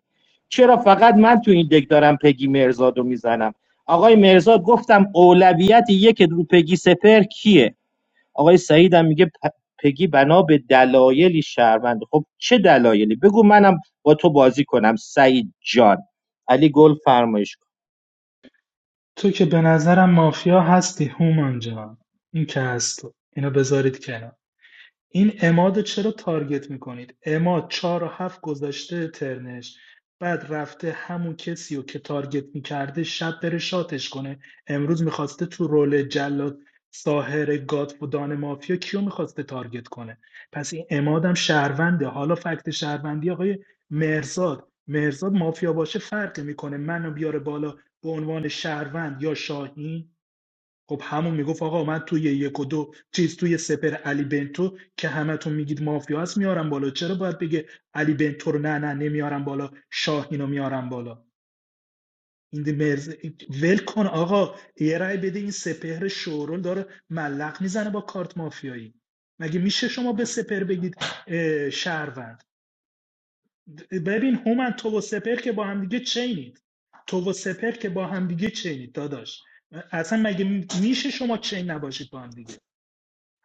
[SPEAKER 25] چرا فقط من تو این دک دارم پگی مرزاد رو میزنم آقای مرزاد گفتم اولویت یک رو پگی سپر کیه آقای سعید هم میگه پ- پگی بنا به دلایلی شهروند خب چه دلایلی بگو منم با تو بازی کنم سعید جان علی گل فرمایش کن
[SPEAKER 17] تو که به نظرم مافیا هستی هومان جان این که از تو اینو بذارید کنار این عماد چرا تارگت میکنید عماد چهار و هفت گذاشته ترنش بعد رفته همون کسی رو که تارگت میکرده شب بره شاتش کنه امروز میخواسته تو رول جلاد ساهر گات و دان مافیا کیو میخواسته تارگت کنه پس این امادم شهرونده حالا فکت شهروندی آقای مرزاد مرزاد مافیا باشه فرق میکنه منو بیاره بالا به عنوان شهروند یا شاهین خب همون میگفت آقا من توی یک و دو چیز توی سپر علی بنتو که همتون میگید مافیا هست میارم بالا چرا باید بگه علی بنتو رو نه نه نمیارم بالا شاهینو میارم بالا این دی مرز ول کن آقا یه رای بده این سپهر شورول داره ملق میزنه با کارت مافیایی مگه میشه شما به سپهر بگید اه، شهروند ببین هومن تو و سپهر که با هم دیگه چینید تو و سپهر که با هم دیگه چینید داداش اصلا مگه میشه شما چین نباشید با هم دیگه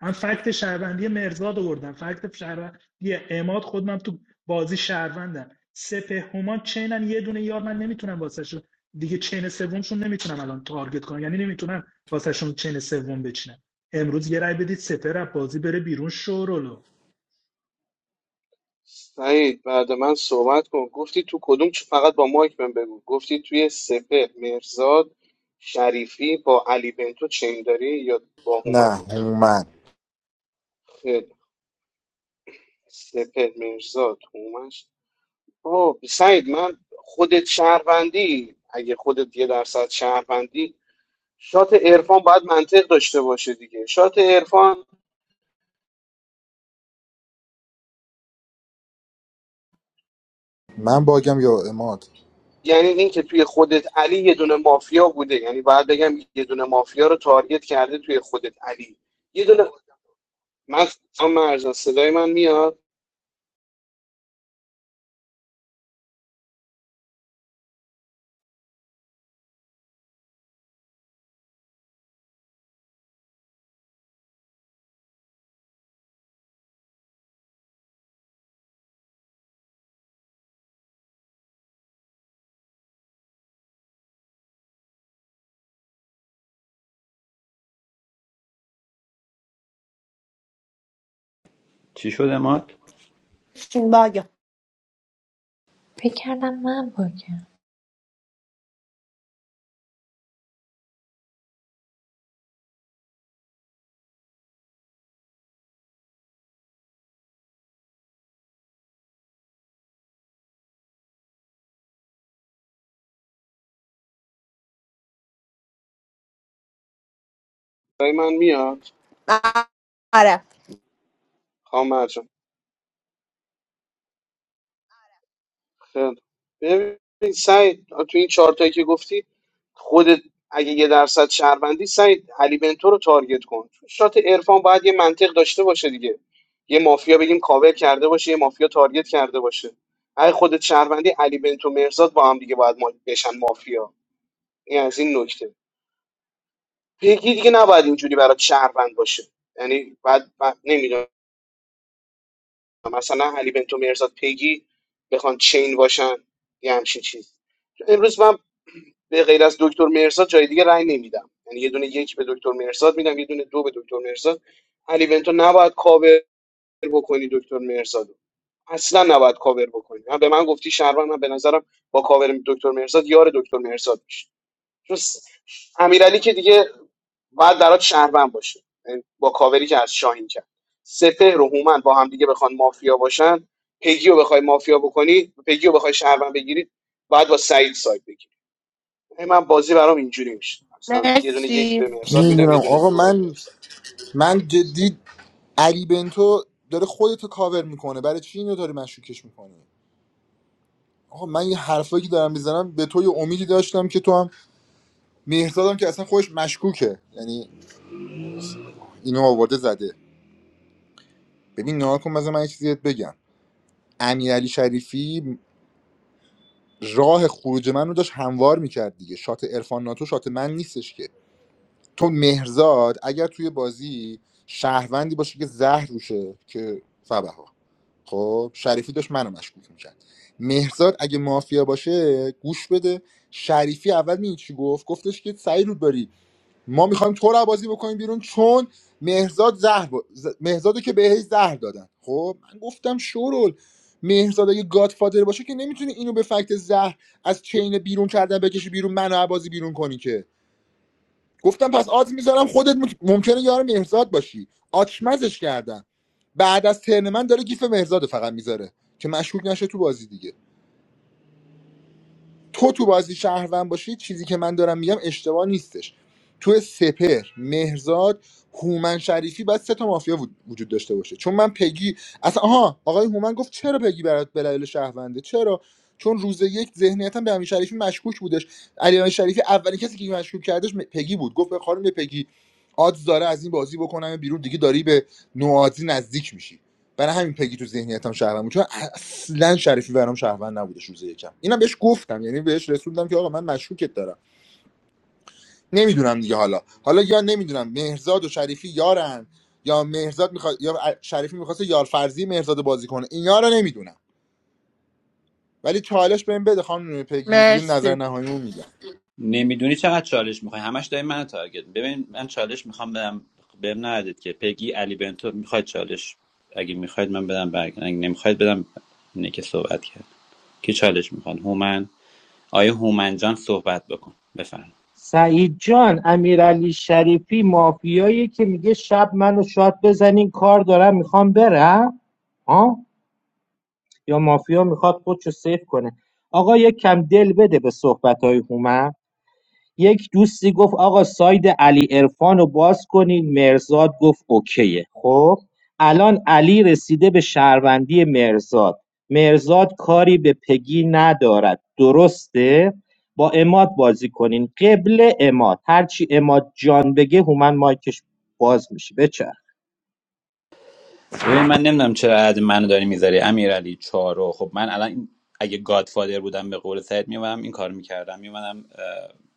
[SPEAKER 17] من فکت شهروندی مرزاد آوردم فکت شهروندی اماد خودم تو بازی شهروندم سپه همان چینن یه دونه یار من نمیتونم واسهشون دیگه چین سومشون نمیتونم الان تارگت کنم یعنی نمیتونم واسهشون چین سوم بچینم امروز یه رای بدید سپه رو بازی بره بیرون شورولو
[SPEAKER 19] سعید بعد من صحبت کن گفتی تو کدوم چ- فقط با مایک من بگو گفتی توی سپه مرزاد شریفی با علی بنتو چین داری یا با
[SPEAKER 22] نه
[SPEAKER 19] هومن
[SPEAKER 22] هومن
[SPEAKER 19] خیلی. سپه مرزاد هومنش آه سعید من خودت شهروندی اگه خودت یه درصد شهروندی شات عرفان باید منطق داشته باشه دیگه شات عرفان
[SPEAKER 22] من باگم یا اماد
[SPEAKER 19] یعنی اینکه توی خودت علی یه دونه مافیا بوده یعنی باید بگم یه دونه مافیا رو تارگت کرده توی خودت علی یه دونه من خام مرجان صدای من میاد
[SPEAKER 16] چی شده مات
[SPEAKER 23] شین باگه
[SPEAKER 29] فکر کردم من باگم
[SPEAKER 19] صدای من میاد
[SPEAKER 23] آره
[SPEAKER 19] خام مرجان خیلی ببین سعید تو این چهار تایی که گفتی خودت اگه یه درصد شهروندی سعید علی بنتو رو تارگت کن چون شات عرفان باید یه منطق داشته باشه دیگه یه مافیا بگیم کاور کرده باشه یه مافیا تارگت کرده باشه اگه خودت شهروندی علی بنتو مرزاد با هم دیگه باید ما- بشن مافیا این از این نکته پیگی دیگه نباید اینجوری برای شهروند باشه یعنی بعد نمیدونم مثلا علی بنتو مرزاد پیگی بخوان چین باشن یه همچین چیز امروز من به غیر از دکتر مرزاد جای دیگه رأی نمیدم یعنی یه دونه یک به دکتر مرزاد میدم یه دونه دو به دکتر مرزاد علی بنتو نباید کاور بکنی دکتر مرزاد اصلا نباید کاور بکنی من به من گفتی شهروند من به نظرم با کاور دکتر مرزاد یار دکتر مرزاد میشه چون س- امیرعلی که دیگه باید برات شهروند باشه یعنی با کاوری که از شاهین کرد سپهر و هومن با هم دیگه بخوان مافیا باشن پگی رو بخوای مافیا بکنی پگی رو بخوای شهروند بگیرید باید با سعید سایت بگیری یعنی من بازی برام اینجوری میشه مثلا یه دونه یک
[SPEAKER 23] مرسی
[SPEAKER 19] به مرسات
[SPEAKER 22] نمیدونم
[SPEAKER 19] میدم یه دونه
[SPEAKER 22] آقا
[SPEAKER 19] دو به
[SPEAKER 22] من
[SPEAKER 19] مرسات
[SPEAKER 22] من جدی علی بنتو داره خودتو کاور میکنه برای چی اینو داری مشکوکش میکنه آقا من یه حرفایی که دارم میزنم به تو یه امیدی داشتم که تو هم مهرزادم که اصلا خودش مشکوکه یعنی اینو آورده زده ببین نها کن مثلا من یه چیزی بهت بگم امیرعلی شریفی راه خروج من رو داشت هموار میکرد دیگه شات عرفان ناتو شات من نیستش که تو مهرزاد اگر توی بازی شهروندی باشه که زهر روشه که فبها خب شریفی داشت منو مشکوک میکرد مهرزاد اگه مافیا باشه گوش بده شریفی اول می چی گفت گفتش که سعی رو ما میخوایم تو رو بازی بکنیم بیرون چون مهرزاد زهر با... ز- مهرزادو که بهش زهر دادن خب من گفتم شورول مهرزاد اگه گادفادر باشه که نمیتونی اینو به فکت زهر از چین بیرون کردن بکشی بیرون منو از بازی بیرون کنی که گفتم پس آز میذارم خودت ممک- ممکنه یار مهرزاد باشی آچمزش کردم بعد از ترن من داره گیف مهرزاد فقط میذاره که مشکوک نشه تو بازی دیگه تو تو بازی شهروند باشی چیزی که من دارم میگم اشتباه نیستش تو سپر مهرزاد هومن شریفی باید سه تا مافیا وجود وجود داشته باشه چون من پگی اصلا آها آقای هومن گفت چرا پگی برات بلایل شهرونده چرا چون روز یک ذهنیتم به امیر شریفی مشکوک بودش علی شریفی اولین کسی که مشکوک کردش م- پگی بود گفت به خانم پگی آدز داره از این بازی بکنم بیرون دیگه داری به نوازی نزدیک میشی برای همین پگی تو ذهنیتم شهروند بود چون اصلا شریفی برام شهروند نبوده روز یکم اینم بهش گفتم یعنی بهش رسوندم که آقا من مشکوکت دارم نمیدونم دیگه حالا حالا یا نمیدونم مهرزاد و شریفی یارن یا مهرزاد میخواد یا شریفی میخواسته یار فرضی مهرزاد بازی کنه اینا رو نمیدونم ولی چالش بهم بده خانم پگی دیگه نظر
[SPEAKER 23] مرسی
[SPEAKER 22] نهاییمو میگم
[SPEAKER 16] نمیدونی چقدر چالش میخوای همش داری منو تارگت ببین من چالش میخوام بدم بهم ندید که پگی علی بنتو میخواید چالش اگه میخواید من بدم برگ اگه نمیخواید بدم اینه که صحبت کرد کی چالش میخواد هومن آیا هومن جان صحبت بکن بفرم.
[SPEAKER 25] سعید جان امیرعلی شریفی مافیایی که میگه شب منو شاد بزنین کار دارم میخوام برم ها یا مافیا میخواد خودشو سیف کنه آقا یک کم دل بده به صحبت های هومن یک دوستی گفت آقا ساید علی عرفان رو باز کنین مرزاد گفت اوکیه خب الان علی رسیده به شهروندی مرزاد مرزاد کاری به پگی ندارد درسته با اماد بازی کنین قبل اماد هرچی اماد جان بگه هومن مایکش باز میشه بچه
[SPEAKER 16] ببین من نمیدونم چرا عد منو داری میذاری امیرعلی چارو خب من الان این- اگه گادفادر بودم به قول سعید میومدم این کار میکردم میومدم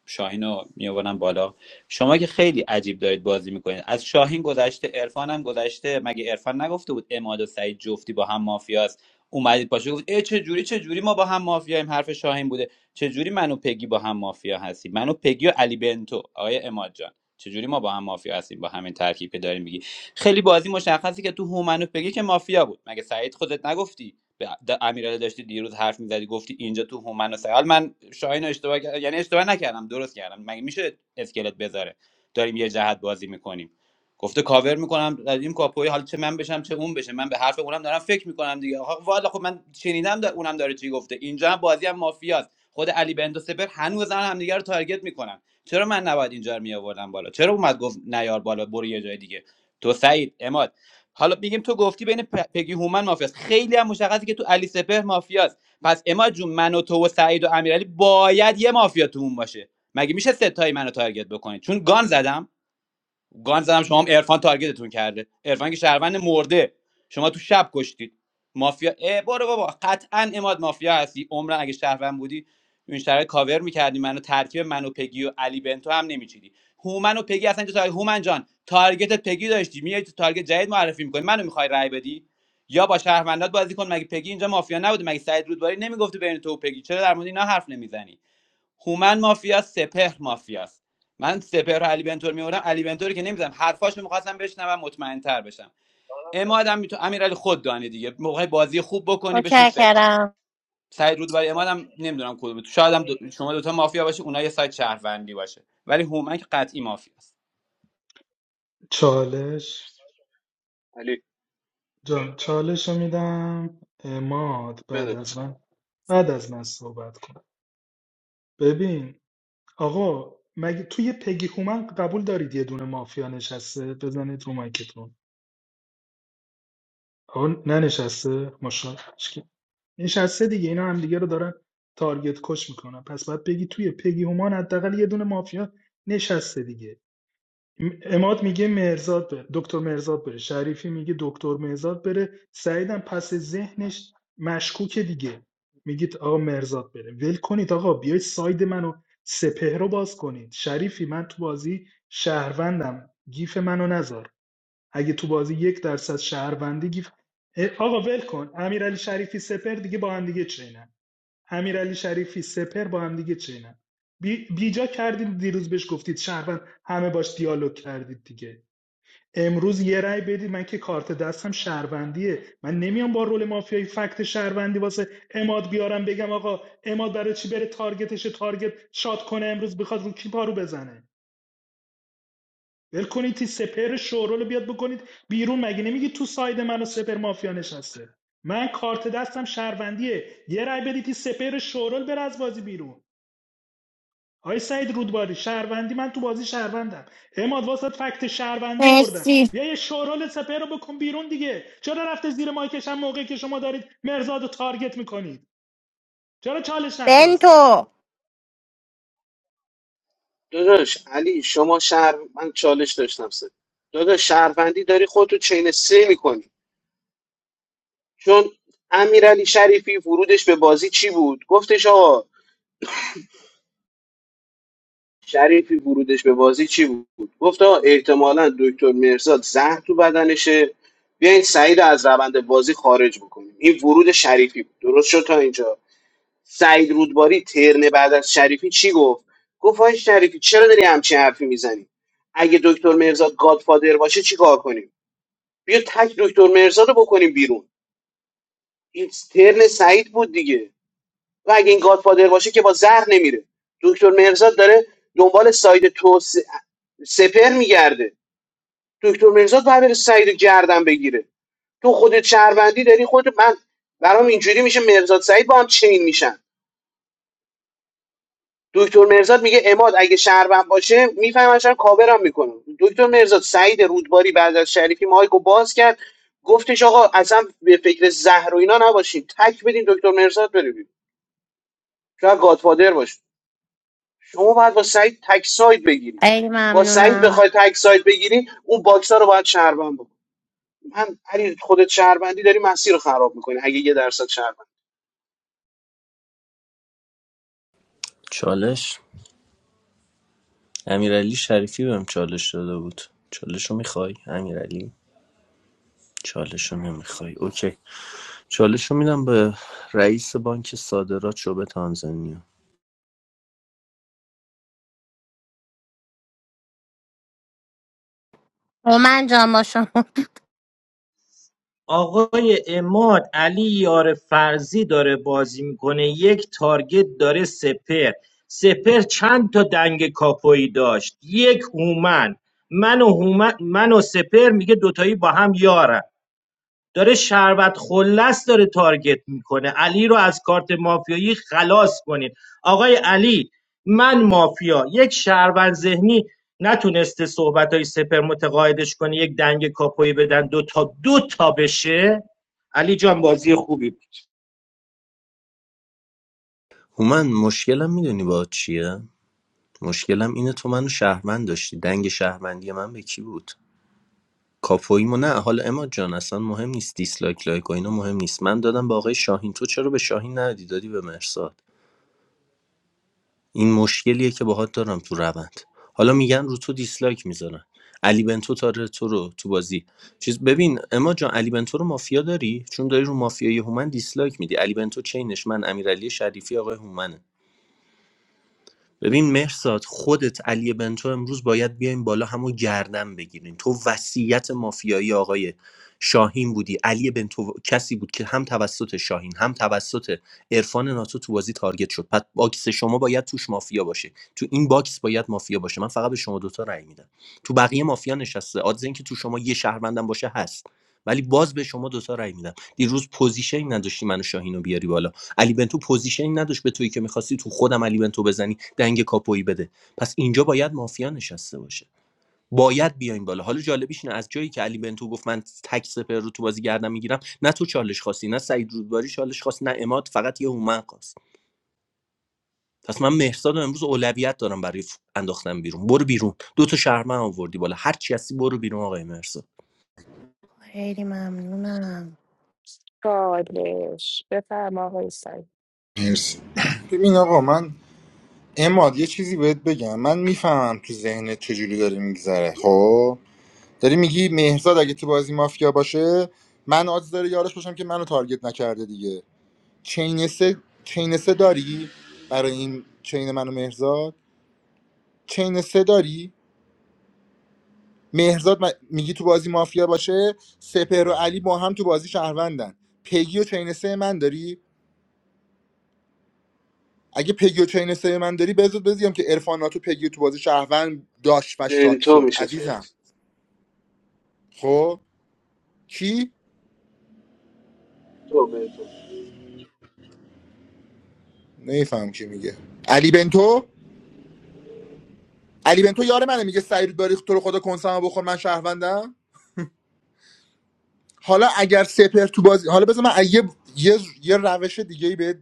[SPEAKER 16] شاهین رو میوردم بالا شما که خیلی عجیب دارید بازی میکنید از شاهین گذشته عرفان هم گذشته مگه عرفان نگفته بود اماد و سعید جفتی با هم مافیاست اومدید پاشو گفت ای چه جوری چه جوری ما با هم مافیاییم حرف شاهین بوده چه جوری من و پگی با هم مافیا هستیم من و پگی و علی بنتو آقای اماد جان چه جوری ما با هم مافیا هستیم با همین ترکیب که داریم میگی خیلی بازی مشخصی که تو هومنو بگی که مافیا بود مگه سعید خودت نگفتی به د- امیرعلی داشتی دیروز حرف میزدی گفتی اینجا تو هومن و سعید من شاهین رو اشتباه کردم یعنی اشتباه نکردم درست کردم مگه میشه اسکلت بذاره داریم یه جهت بازی میکنیم گفته کاور میکنم این کاپوی حالا چه من بشم چه اون بشه من به حرف اونم دارم فکر میکنم دیگه آخه والا خب من شنیدم دا اونم داره چی گفته اینجا هم بازی هم مافیاست خود علی بندو سپر هنوز هم همدیگه رو تارگت میکنن چرا من نباید اینجا رو میآوردم بالا چرا اومد گفت نیار بالا برو یه جای دیگه تو سعید اماد حالا میگیم تو گفتی بین پ- پگی هومن مافیاست خیلی هم مشخصه که تو علی سپهر مافیاست پس اماد جون من و تو و سعید و امیرعلی باید یه مافیا تو اون باشه مگه میشه ستایی منو تارگت بکنید چون گان زدم گان زدم شما هم عرفان تارگتتون کرده عرفان که شهروند مرده شما تو شب کشتید مافیا اه برو بابا قطعا اماد مافیا هستی عمرن اگه شهروند بودی این شرایط کاور میکردی منو ترکیب منو پگی و علی بنتو هم نمیچیدی هومن و پگی اصلا اینجا تارگت هومن جان تارگتت پگی داشتی میای تو تارگت جدید معرفی میکنی منو میخوای رای بدی یا با شهروندات بازی کن مگه پگی اینجا مافیا نبوده مگه سعید رودباری نمیگفته بین تو و پگی چرا در مورد اینا حرف نمیزنی هومن مافیاست سپهر مافیاست من سپهر و علی بنتور میورم علی بنتور که نمیزنم حرفاشو میخواستم بشنوم مطمئنتر بشم امادم میتون امیرعلی خود دانی دیگه موقع بازی خوب بکنی بشین فکر کن
[SPEAKER 23] متشکرم
[SPEAKER 16] سعید رودباری امادم نمیدونم کدوم تو شاید هم دو... شما دوتا مافیا باشه اونها یه سایت شهروندی باشه ولی هومن که قطعی مافیاست
[SPEAKER 17] چالش
[SPEAKER 19] علی
[SPEAKER 17] جان چالش رو میدم اماد بعد
[SPEAKER 19] بده
[SPEAKER 17] از من بعد از من صحبت کن ببین آقا مگه توی پگی هومن قبول دارید یه دونه مافیا نشسته بزنید رو مایکتون آقا ننشسته ماشاءالله نشسته دیگه اینا هم دیگه رو دارن تارگت کش میکنن پس باید بگی توی پگی هومن حداقل یه دونه مافیا نشسته دیگه اماد میگه مرزاد بره دکتر مرزاد بره شریفی میگه دکتر مرزاد بره سعیدم پس ذهنش مشکوکه دیگه میگید آقا مرزاد بره ول کنید آقا بیاید ساید منو سپهر رو باز کنید شریفی من تو بازی شهروندم گیف منو نذار اگه تو بازی یک درصد شهروندی گیف اه، آقا ول کن امیرعلی شریفی سپر دیگه با هم دیگه چینن امیرعلی شریفی سپر با همدیگه چینن بی- بیجا کردین دیروز بهش گفتید شهروند همه باش دیالوگ کردید دیگه امروز یه رأی بدید من که کارت دستم شهروندیه من نمیام با رول مافیایی فکت شهروندی واسه اماد بیارم بگم آقا اماد برای چی بره تارگتش تارگت شاد کنه امروز بخواد رو کی پارو بزنه ول کنید تی سپر شورول بیاد بکنید بیرون مگه نمیگی تو ساید من و سپر مافیا نشسته من کارت دستم شهروندیه یه رأی بدید تی سپر شورول بره از بازی بیرون آی سعید رودباری شهروندی من تو بازی شهروندم اماد واسط فکت شهروندی آوردم
[SPEAKER 23] مرسی
[SPEAKER 17] بیا یه شورال سپه رو بکن بیرون دیگه چرا رفته زیر مایکش هم موقعی که شما دارید مرزاد رو تارگت میکنید چرا چالش نخواست
[SPEAKER 23] بنتو
[SPEAKER 19] داداش علی شما شهر من چالش داشتم سه داداش شهروندی داری خودتو چین سه میکنی چون امیرعلی شریفی ورودش به بازی چی بود گفتش آقا شریفی ورودش به بازی چی بود گفت آقا احتمالا دکتر مرزاد زهر تو بدنشه بیاین سعید رو از روند بازی خارج بکنیم این ورود شریفی بود درست شد تا اینجا سعید رودباری ترن بعد از شریفی چی گفت گفت آقای شریفی چرا داری همچین حرفی میزنی اگه دکتر مرزاد گادفادر باشه چی کار کنیم بیا تک دکتر مرزاد رو بکنیم بیرون این ترن سعید بود دیگه و اگه این گادفادر باشه که با زهر نمیره دکتر مرزاد داره دنبال ساید تو سپر میگرده دکتر مرزاد باید بره سعید رو گردن بگیره تو خودت شهروندی داری خودت من برام اینجوری میشه مرزاد سعید با هم چین میشن دکتر مرزاد میگه اماد اگه شهروند باشه میفهمم چرا کاورم میکنه دکتر مرزاد سعید رودباری بعد از شریفی مایکو باز کرد گفتش آقا اصلا به فکر زهر و اینا نباشین تک بدین دکتر مرزاد بره بیرون. شاید گادفادر باشه شما باید با سعید تک ساید بگیری
[SPEAKER 23] خیلی
[SPEAKER 19] با سعید
[SPEAKER 23] ممنونم
[SPEAKER 19] بخوای تک ساید بگیری اون باکس ها رو باید شهروند بکن من علی خودت شهروندی داری مسیر رو خراب میکنی اگه یه درصد شهروند
[SPEAKER 21] چالش امیرعلی شریفی بهم چالش داده بود چالش رو میخوای امیرعلی چالش رو نمیخوای اوکی چالش رو میدم به رئیس بانک صادرات شعبه تانزانیا
[SPEAKER 23] هومن جان با شما
[SPEAKER 25] آقای اماد علی یار فرزی داره بازی میکنه یک تارگت داره سپر سپر چند تا دنگ کاپویی داشت یک هومن من و, هومن من و سپر میگه دوتایی با هم یارن داره شربت خلص داره تارگت میکنه علی رو از کارت مافیایی خلاص کنید آقای علی من مافیا یک شهروند ذهنی نتونسته صحبت سپر متقاعدش کنه یک دنگ کاپوی بدن دو تا دو تا بشه علی جان بازی خوبی بود.
[SPEAKER 21] هومن مشکلم میدونی با چیه مشکلم اینه تو منو شهروند داشتی دنگ شهروندی من به کی بود کاپویمو نه حالا اماد جان اصلا مهم نیست دیسلایک لایک و اینا مهم نیست من دادم به آقای شاهین تو چرا به شاهین ندی دادی به مرساد این مشکلیه که باهات دارم تو روند حالا میگن رو تو دیسلایک میذارن علی بنتو تاره تو رو تو بازی چیز ببین اما جان علی بنتو رو مافیا داری چون داری رو مافیای هومن دیسلایک میدی علی بنتو چینش من امیرعلی شریفی آقای هومنه ببین مهرزاد خودت علی بنتو امروز باید بیایم بالا همو گردن بگیرین تو وصیت مافیایی آقای شاهین بودی علی بنتو کسی بود که هم توسط شاهین هم توسط عرفان ناتو تو بازی تارگت شد پس باکس شما باید توش مافیا باشه تو این باکس باید مافیا باشه من فقط به شما دوتا رأی میدم تو بقیه مافیا نشسته آدز اینکه تو شما یه شهروندم باشه هست ولی باز به شما دوتا رأی میدم دیروز پوزیشن نداشتی منو شاهین رو بیاری بالا علی بنتو پوزیشنی نداشت به تویی که میخواستی تو خودم علی بنتو بزنی دنگ کاپویی بده پس اینجا باید مافیا نشسته باشه باید بیایم بالا حالا جالبیش اینه از جایی که علی بنتو گفت من تک سپر رو تو بازی گردم میگیرم نه تو چالش خواستی نه سعید رودباری چالش خواست نه اماد فقط یه هومن خواست پس من مهرزاد رو امروز اولویت دارم برای ف- انداختن بیرون برو بیرون دو تا شهرمن آوردی بالا هر چی هستی برو بیرون آقای مهرزاد
[SPEAKER 23] خیلی ممنونم
[SPEAKER 15] چالش بفرما آقای سعید.
[SPEAKER 22] مرسی ببین آقا من اماد یه چیزی بهت بگم من میفهمم تو ذهنت چجوری داره میگذره خب داری میگی مهرزاد اگه تو بازی مافیا باشه من آدز داره یارش باشم که منو تارگت نکرده دیگه چین سه چین سه داری برای این چین منو مهرزاد چین سه داری مهرزاد م- میگی تو بازی مافیا باشه سپر و علی با هم تو بازی شهروندن پگی و چین سه من داری اگه پگی و چین سه من داری بذار بزیم که عرفاناتو پگی تو بازی شهروند داشت و شاد
[SPEAKER 19] بنتو
[SPEAKER 22] شد
[SPEAKER 19] میشه
[SPEAKER 22] عزیزم
[SPEAKER 19] چیز
[SPEAKER 22] خب کی
[SPEAKER 19] تو بنتو
[SPEAKER 22] نمیفهم کی میگه علی بنتو علی بنتو یار منه میگه سعید باریخ تو رو خدا کنسامو بخور من شهروندم حالا اگر سپر تو بازی حالا بذار من یه یه, یه روش دیگه ای به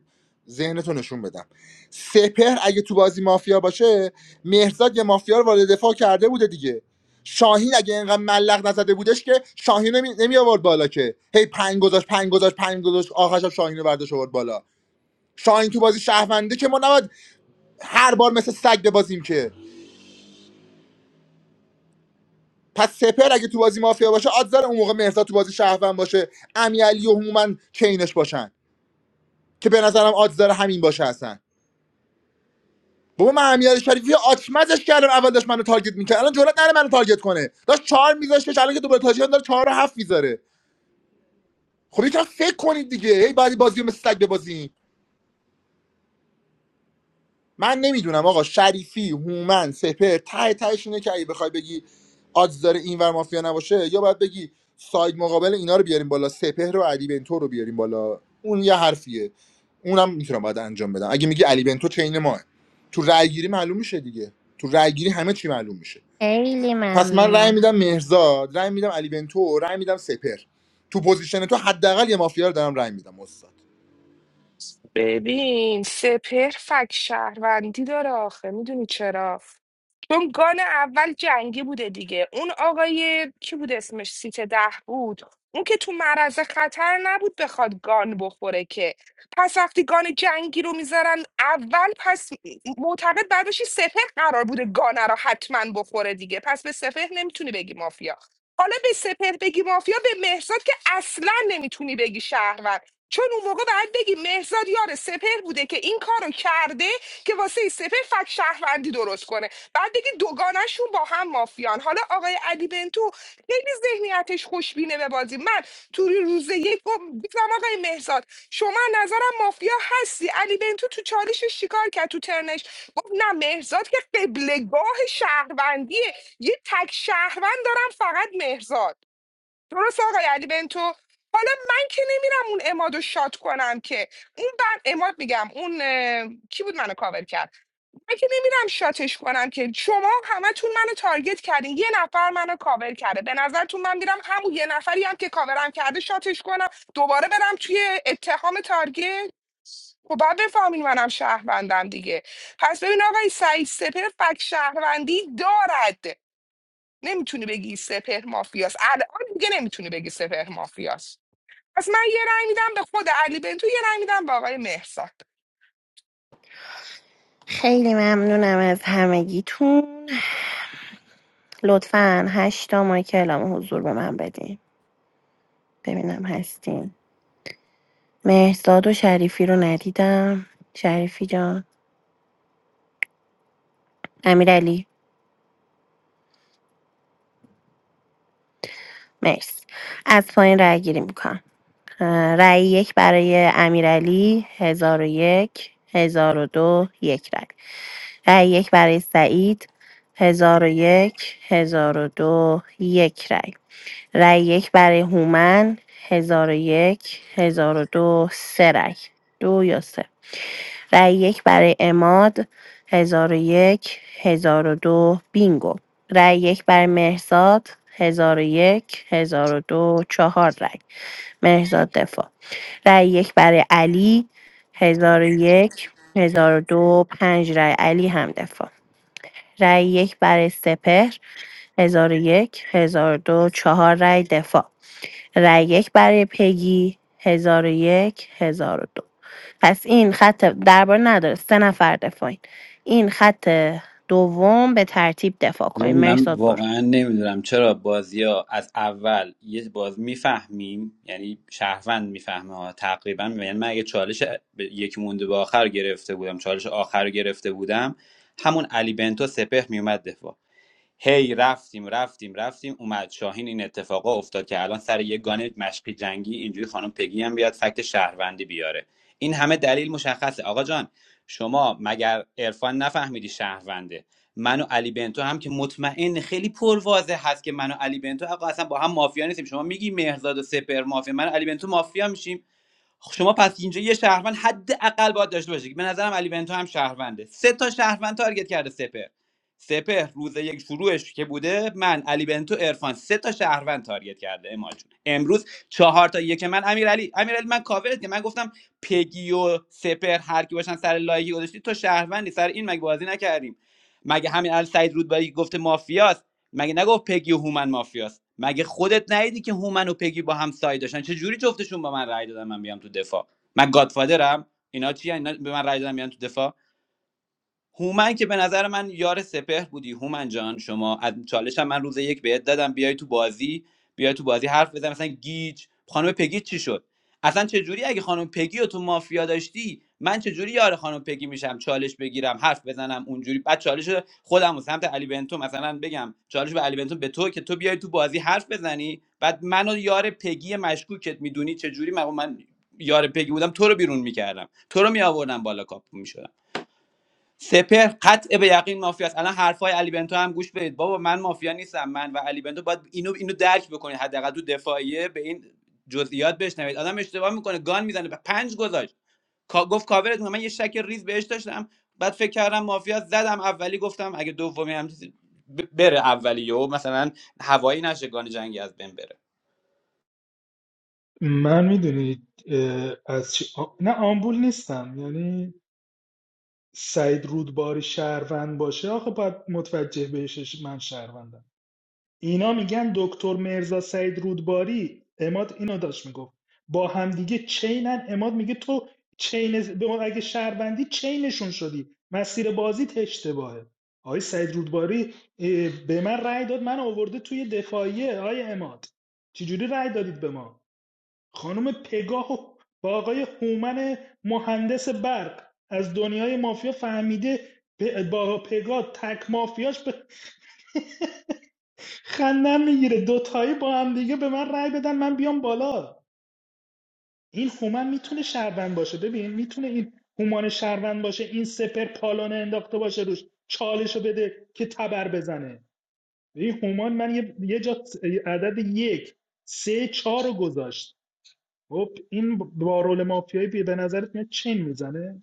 [SPEAKER 22] ذهنتو نشون بدم سپر اگه تو بازی مافیا باشه مهرزاد یه مافیا رو وارد دفاع کرده بوده دیگه شاهین اگه اینقدر ملق نزده بودش که شاهین نمی, نمی آورد بالا که هی پنگ گذاشت پنگ گذاشت پنگ گذاشت آخرش هم شاهین رو برداشت آورد بالا شاهین تو بازی شهرونده که ما نباید هر بار مثل سگ ببازیم که پس سپر اگه تو بازی مافیا باشه آدزار اون موقع مهرزاد تو بازی شهروند باشه امیرعلی و هومن چینش باشن که به نظرم آدزار همین باشه هستن بابا من امیرعلی شریفی آچمزش کردم اول داشت منو تارگت میکرد الان جرئت نره منو تارگت کنه داشت چهار میذاشتش الان که دوباره تاجیان داره چهار و هفت میذاره خب یکم فکر کنید دیگه هی بعدی بازی رو مثل سگ ببازین من نمیدونم آقا شریفی هومن سپر ته تهش اینه که اگه بخوای بگی آدز داره اینور مافیا نباشه یا باید بگی ساید مقابل اینا رو بیاریم بالا سپهر و علی بنتو رو بیاریم بالا اون یه حرفیه اونم میتونم باید انجام بدم اگه میگی علی بنتو چین ماه تو رأی گیری معلوم میشه دیگه تو رأی گیری همه چی معلوم میشه
[SPEAKER 23] خیلی
[SPEAKER 22] پس من رای
[SPEAKER 23] ممنونم
[SPEAKER 22] میدم مهرزاد رای میدم علی بنتو رای میدم سپر تو پوزیشن تو حداقل یه مافیا رو دارم رأی میدم استاد
[SPEAKER 15] ببین سپهر فک شهروندی داره آخه میدونی چرا چون گان اول جنگی بوده دیگه اون آقای کی بود اسمش سیت ده بود اون که تو معرض خطر نبود بخواد گان بخوره که پس وقتی گان جنگی رو میذارن اول پس معتقد بعد باشی سپهر قرار بوده گانه رو حتما بخوره دیگه پس به سپهر نمیتونی بگی مافیا حالا به سپهر بگی مافیا به مهرزاد که اصلا نمیتونی بگی شهروند چون اون موقع باید بگیم مهرزاد یار سپر بوده که این کارو کرده که واسه این سپر فک شهروندی درست کنه بعد دیگه دوگانشون با هم مافیان حالا آقای علی بنتو خیلی ذهنیتش خوشبینه به بازی من تو روز یک گم- گفتم آقای مهرزاد شما نظرم مافیا هستی علی بنتو تو چالشش چیکار کرد تو ترنش گفت نه مهرزاد که قبلگاه شهروندیه یه تک شهروند دارم فقط مهرزاد درست آقای علی بنتو حالا من که نمیرم اون اماد رو شات کنم که اون بر اماد میگم اون اه، کی بود منو کاور کرد من که نمیرم شاتش کنم که شما همتون منو تارگت کردین یه نفر منو کاور کرده به نظرتون من میرم همون یه نفری هم که کاورم کرده شاتش کنم دوباره برم توی اتهام تارگت خب باید بفهمین منم شهروندم دیگه پس ببین آقای سعید سپر فک شهروندی دارد نمیتونی بگی سپهر مافیاست الان دیگه نمیتونی بگی سپهر مافیاست پس من یه رأی میدم به خود علی بنتو یه رأی میدم به آقای مهرزاد
[SPEAKER 23] خیلی ممنونم از همگیتون لطفا هشتا ماه که اعلام حضور به من بدین ببینم هستین مهرزاد و شریفی رو ندیدم شریفی جان امیرعلی مرسی از پایین رأی گیری میکنم رأی یک برای امیرعلی هزار و یک هزار و دو یک رأی رأی یک برای سعید هزار و یک هزار و دو یک رأی رای یک برای هومن هزار و یک هزار و دو سه رای دو یا سه رای یک برای اماد هزار و یک هزار و دو بینگو رای یک برای مهرزاد هزار و یک هزار و دو چهار رای مهرزاد دفاع رای یک برای علی هزار و یک هزار و دو پنج رای علی هم دفاع رای یک برای سپهر هزار و یک هزار و دو چهار رای دفاع رای یک برای پگی هزار و یک هزار و دو پس این خط درباره نداره سه نفر دفاعین این خط دوم به ترتیب دفاع کنین
[SPEAKER 16] ببین، من
[SPEAKER 23] مرساد برو
[SPEAKER 16] واقعا نمیدونم چرا بازی از اول یه باز میفهمیم یعنی شهروند میفهمه ها تقریبا یعنی من اگه چالش ب- یک مونده به آخر گرفته بودم چالش آخر رو گرفته بودم همون علی بنتو سپهر میومد دفاع. هی رفتیم رفتیم رفتیم اومد شاهین این اتفاقا افتاد که الان سر یه گانه مشقی جنگی اینجوری خانم پگی هم بیاد فکت شهروندی بیاره این همه دلیل مشخصه آقا جان شما مگر عرفان نفهمیدی شهرونده من و علی بنتو هم که مطمئن خیلی پرواضح هست که من و علی بنتو آقا اصلا با هم مافیا نیستیم شما میگی مهرزاد و سپر مافیا من و علی بنتو مافیا میشیم خب شما پس اینجا یه شهروند حداقل باید داشته باشی به نظرم علی بنتو هم شهرونده سه تا شهروند تارگت کرده سپر سپر روز یک شروعش که بوده من علی بنتو ارفان سه تا شهروند تارگت کرده اما جون امروز چهار تا یک من امیرعلی امیرعلی من کاورت که من گفتم پگی و سپر هر کی باشن سر لایگی گذاشتی تو شهروندی سر این مگه بازی نکردیم مگه همین ال سعید رودباری گفته مافیاست مگه نگفت پگی و هومن مافیاست مگه خودت ندیدی که هومن و پگی با هم سایه داشتن چه جوری جفتشون با من رأی دادن من بیام تو دفاع من گادفادرم اینا چی اینا به من رأی دادن بیان تو دفاع هومن که به نظر من یار سپهر بودی هومن جان شما از چالش هم من روز یک بهت دادم بیای تو بازی بیای تو بازی حرف بزن مثلا گیج خانم پگی چی شد اصلا چه جوری اگه خانم پگی رو تو مافیا داشتی من چه جوری یار خانم پگی میشم چالش بگیرم حرف بزنم اونجوری بعد چالش رو خودم و سمت علی بنتو مثلا بگم چالش به علی بنتو به تو که تو بیای تو بازی حرف بزنی بعد منو یار پگی مشکوکت میدونی چه جوری من, من یار پگی بودم تو رو بیرون میکردم تو رو میآوردم بالا کاپ میشدم سپر قطع به یقین مافیا است الان حرفای علی بنتو هم گوش بدید بابا من مافیا نیستم من و علی بنتو باید اینو اینو درک بکنید حداقل تو دفاعیه به این جزئیات بشنوید آدم اشتباه میکنه گان میزنه پنج گذاشت کا- گفت کاورت می‌کنم. من یه شک ریز بهش داشتم بعد فکر کردم مافیا زدم اولی گفتم اگه دومی هم چیزی ب- بره اولی و مثلا هوایی نشه گان جنگی از بین بره
[SPEAKER 17] من میدونید از چی... آ- نه آمبول نیستم یعنی سعید رودباری شهروند باشه آخه باید متوجه بهش من شهروندم اینا میگن دکتر مرزا سعید رودباری اماد اینو داشت میگفت با همدیگه چینن اماد میگه تو چین به ما اگه شهروندی چینشون شدی مسیر بازیت اشتباهه آقای سعید رودباری اه، به من رأی داد من آورده توی دفاعیه آقای اماد چجوری رأی دادید به ما خانم پگاه و با آقای هومن مهندس برق از دنیای مافیا فهمیده پ- با پگاه تک مافیاش خندم میگیره دوتایی با هم دیگه به من رأی بدن من بیام بالا این هومن میتونه شهروند باشه ببین میتونه این هومان شهروند باشه این سپر پالانه انداخته باشه روش چالشو بده که تبر بزنه این هومان من یه, یه جا س- عدد یک سه چهار رو گذاشت خب این با رول مافیایی به نظرت میاد چین میزنه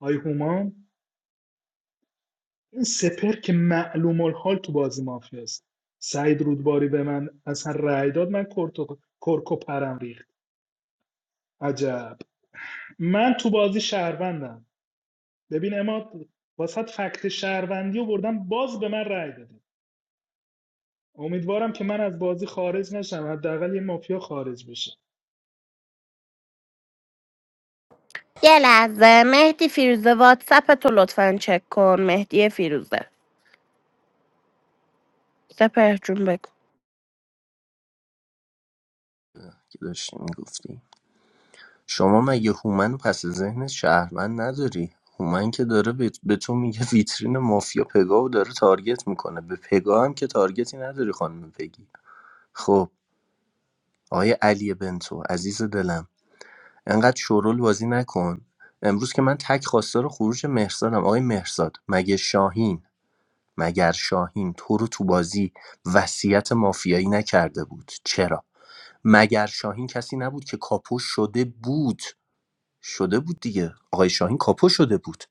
[SPEAKER 17] آی هومان این سپر که معلوم الحال تو بازی مافیاست سعید رودباری به من اصلا رأی داد من کرکو پرم ریخت عجب من تو بازی شهروندم ببین اما واسط فکت شهروندی آوردم باز به من رأی دادی امیدوارم که من از بازی خارج نشم حداقل یه مافیا خارج بشه
[SPEAKER 23] یه لحظه مهدی فیروزه واتساپ تو لطفا چک کن مهدی فیروزه سپر جون بگو
[SPEAKER 21] که داشتی میگفتی شما مگه هومن پس ذهنت شهروند نداری هومن که داره به به تو میگه ویترین مافیا پگاو داره تارگت میکنه به پگا هم که تارگتی نداری خانم پگی خب آقای علی بنتو عزیز دلم انقدر شورول بازی نکن امروز که من تک خواستار خروج مهرزادم آقای مهرزاد مگه شاهین مگر شاهین تو رو تو بازی وصیت مافیایی نکرده بود چرا مگر شاهین کسی نبود که کاپوش شده بود شده بود دیگه آقای شاهین کاپو شده بود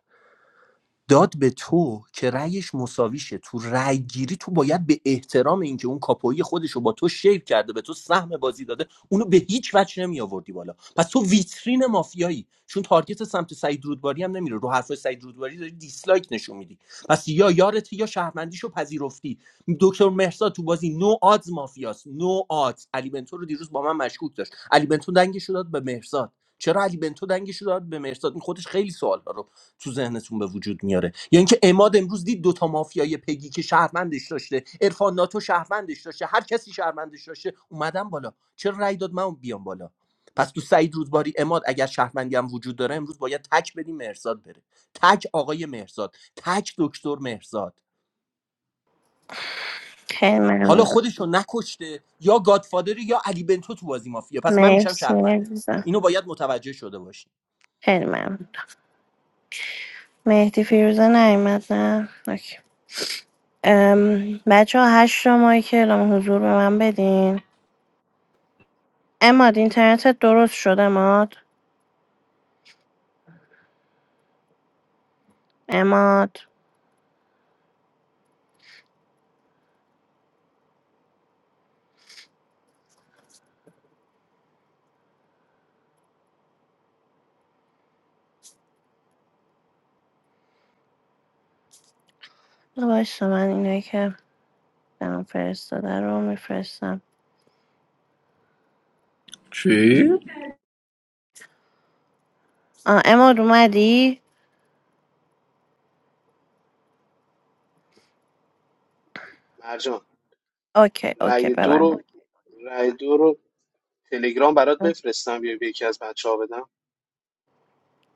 [SPEAKER 21] داد به تو که رأیش مساویشه تو رأی گیری تو باید به احترام اینکه اون کاپویی خودش رو با تو شیر کرده به تو سهم بازی داده اونو به هیچ وجه نمی آوردی بالا پس تو ویترین مافیایی چون تارگت سمت سعید رودباری هم نمیره رو حرفای سعید رودباری داری دیسلایک نشون میدی پس یا یارتی یا شهروندیشو پذیرفتی دکتر مهرزاد تو بازی نو آدز مافیاست نو آدز علی بنتو رو دیروز با من مشکوک داشت علی بنتو دنگش رو داد به مهرزاد چرا علی بنتو دنگش رو داد به مهرزاد این خودش خیلی سوال تو ذهنتون به وجود میاره یا اینکه اماد امروز دید دوتا مافیای پگی که شهروندش داشته عرفان ناتو شهروندش داشته هر کسی شهروندش داشته اومدم بالا چرا رأی داد من بیام بالا پس تو سعید رودباری اماد اگر شهروندی هم وجود داره امروز باید تک بدیم مهرزاد بره تک آقای مهرزاد تک دکتر مهرزاد
[SPEAKER 23] خیلی
[SPEAKER 21] حالا
[SPEAKER 23] ممنون
[SPEAKER 21] خودشو نکشته یا گادفادر یا علی بنتو تو بازی مافیا پس من میشم
[SPEAKER 23] مرسی
[SPEAKER 21] شهرمنده
[SPEAKER 23] عزیزم
[SPEAKER 21] اینو باید متوجه شده باشی
[SPEAKER 23] خیلی ممنون مهدی فیروزه نیومد نه اوکی. بچه ها هشت شمایی که اعلام حضور به من بدین اماد اینترنتت درست شد عماد عماد بذار وایسا من اینایی که برام فرستاده رو میفرستم
[SPEAKER 2] چی؟
[SPEAKER 23] آه عماد اومدی
[SPEAKER 19] مرجان
[SPEAKER 23] اوکی اوکی
[SPEAKER 19] رأی دو
[SPEAKER 23] ببند
[SPEAKER 19] رو رأی دو رو تلگرام برات بفرستم بیا به یکی از بچه ها بدم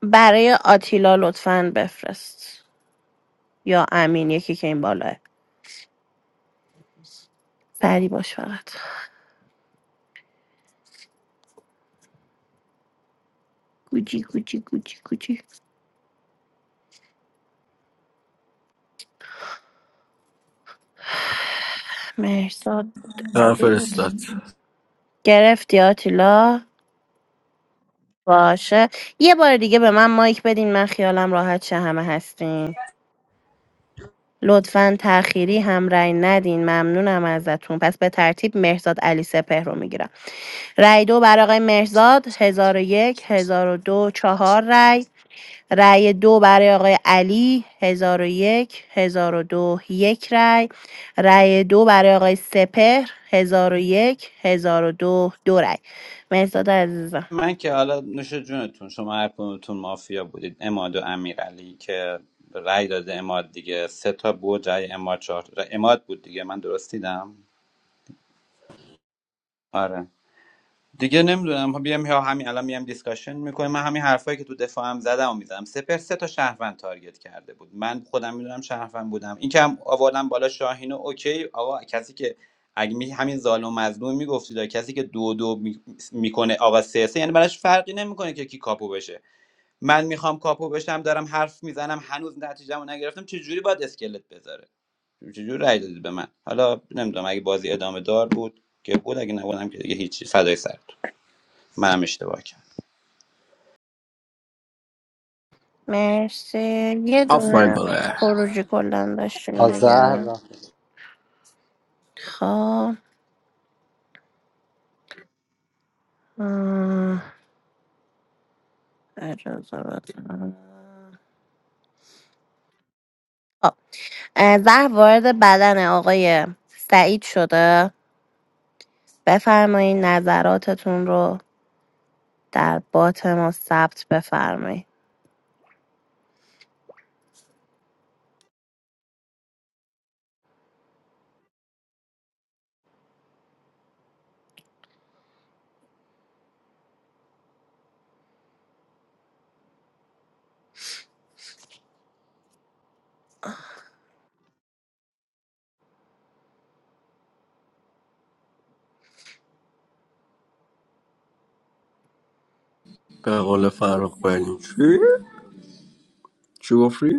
[SPEAKER 23] برای آتیلا لطفا بفرست یا امین یکی که این بالاه سری باش فقط گوجی گوجی گوجی گوجی مرساد بود
[SPEAKER 2] نه
[SPEAKER 23] علی بود
[SPEAKER 2] فرستاد
[SPEAKER 23] گرفتی آتیلا باشه یه بار دیگه به من مایک بدین من خیالم راحت شه همه هستین لطفا تأخیری هم رأی ندین ممنونم ازتون پس به ترتیب مهرزاد علی سپهر رو میگیرم رأی دو برای آقای مهرزاد 1001 1002 چهار رأی رأی دو برای آقای علی 1001 1002 یک هزار و دو، یک رأی رأی دو برای آقای سپهر 1001 1002 دو دو رأی مهرزاد عزیزم
[SPEAKER 16] من که حالا نوش جونتون شما هر کدومتون مافیا بودید اماد و امیرعلی که رأی داده اماد دیگه سه تا بود رأی اماد چهار تا. اماد بود دیگه من درست دیدم آره دیگه نمیدونم بیام یا همین الان میام دیسکاشن میکنیم من همین حرفایی که تو دفاعم زدم و میزدم سپر سه تا شهروند تارگت کرده بود من خودم میدونم شهروند بودم این که هم آوردم بالا شاهین و اوکی آقا کسی که اگه می همین ظالم و مظلوم میگفتید کسی که دو دو می- میکنه آقا سه سه یعنی براش فرقی نمیکنه که کی کاپو بشه من میخوام کاپو بشم دارم حرف میزنم هنوز نتیجهمو نگرفتم چه جوری باید اسکلت بذاره چه جوری رای دادید به من حالا نمیدونم اگه بازی ادامه دار بود که بود اگه نبودم که دیگه هیچی فدای سرتون منم اشتباه کردم
[SPEAKER 23] مرسی یه
[SPEAKER 2] آفرین
[SPEAKER 23] دونه
[SPEAKER 2] بله
[SPEAKER 23] خروجی کلا داشتیم
[SPEAKER 28] Haar
[SPEAKER 23] دیگه
[SPEAKER 28] va,
[SPEAKER 23] خب آه. اجازه بده. خب. اه، زهر وارد بدن آقای سعید شده بفرمایید نظراتتون رو در بات ما ثبت بفرمایید
[SPEAKER 2] به قول فرق بریم چی؟ چی گفتی؟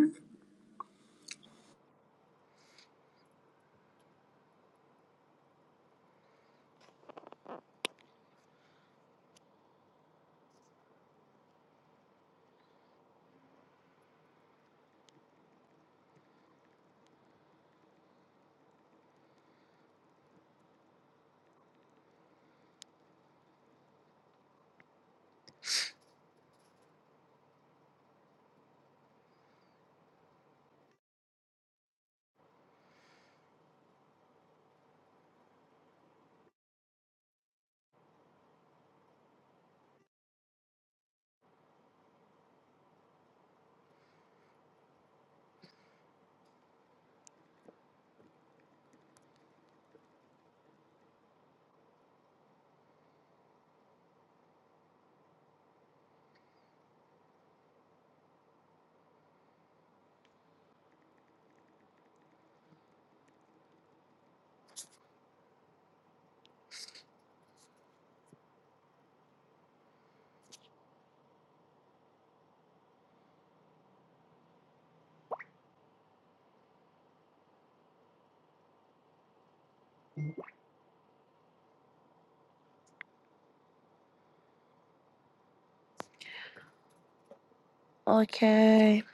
[SPEAKER 23] اوکی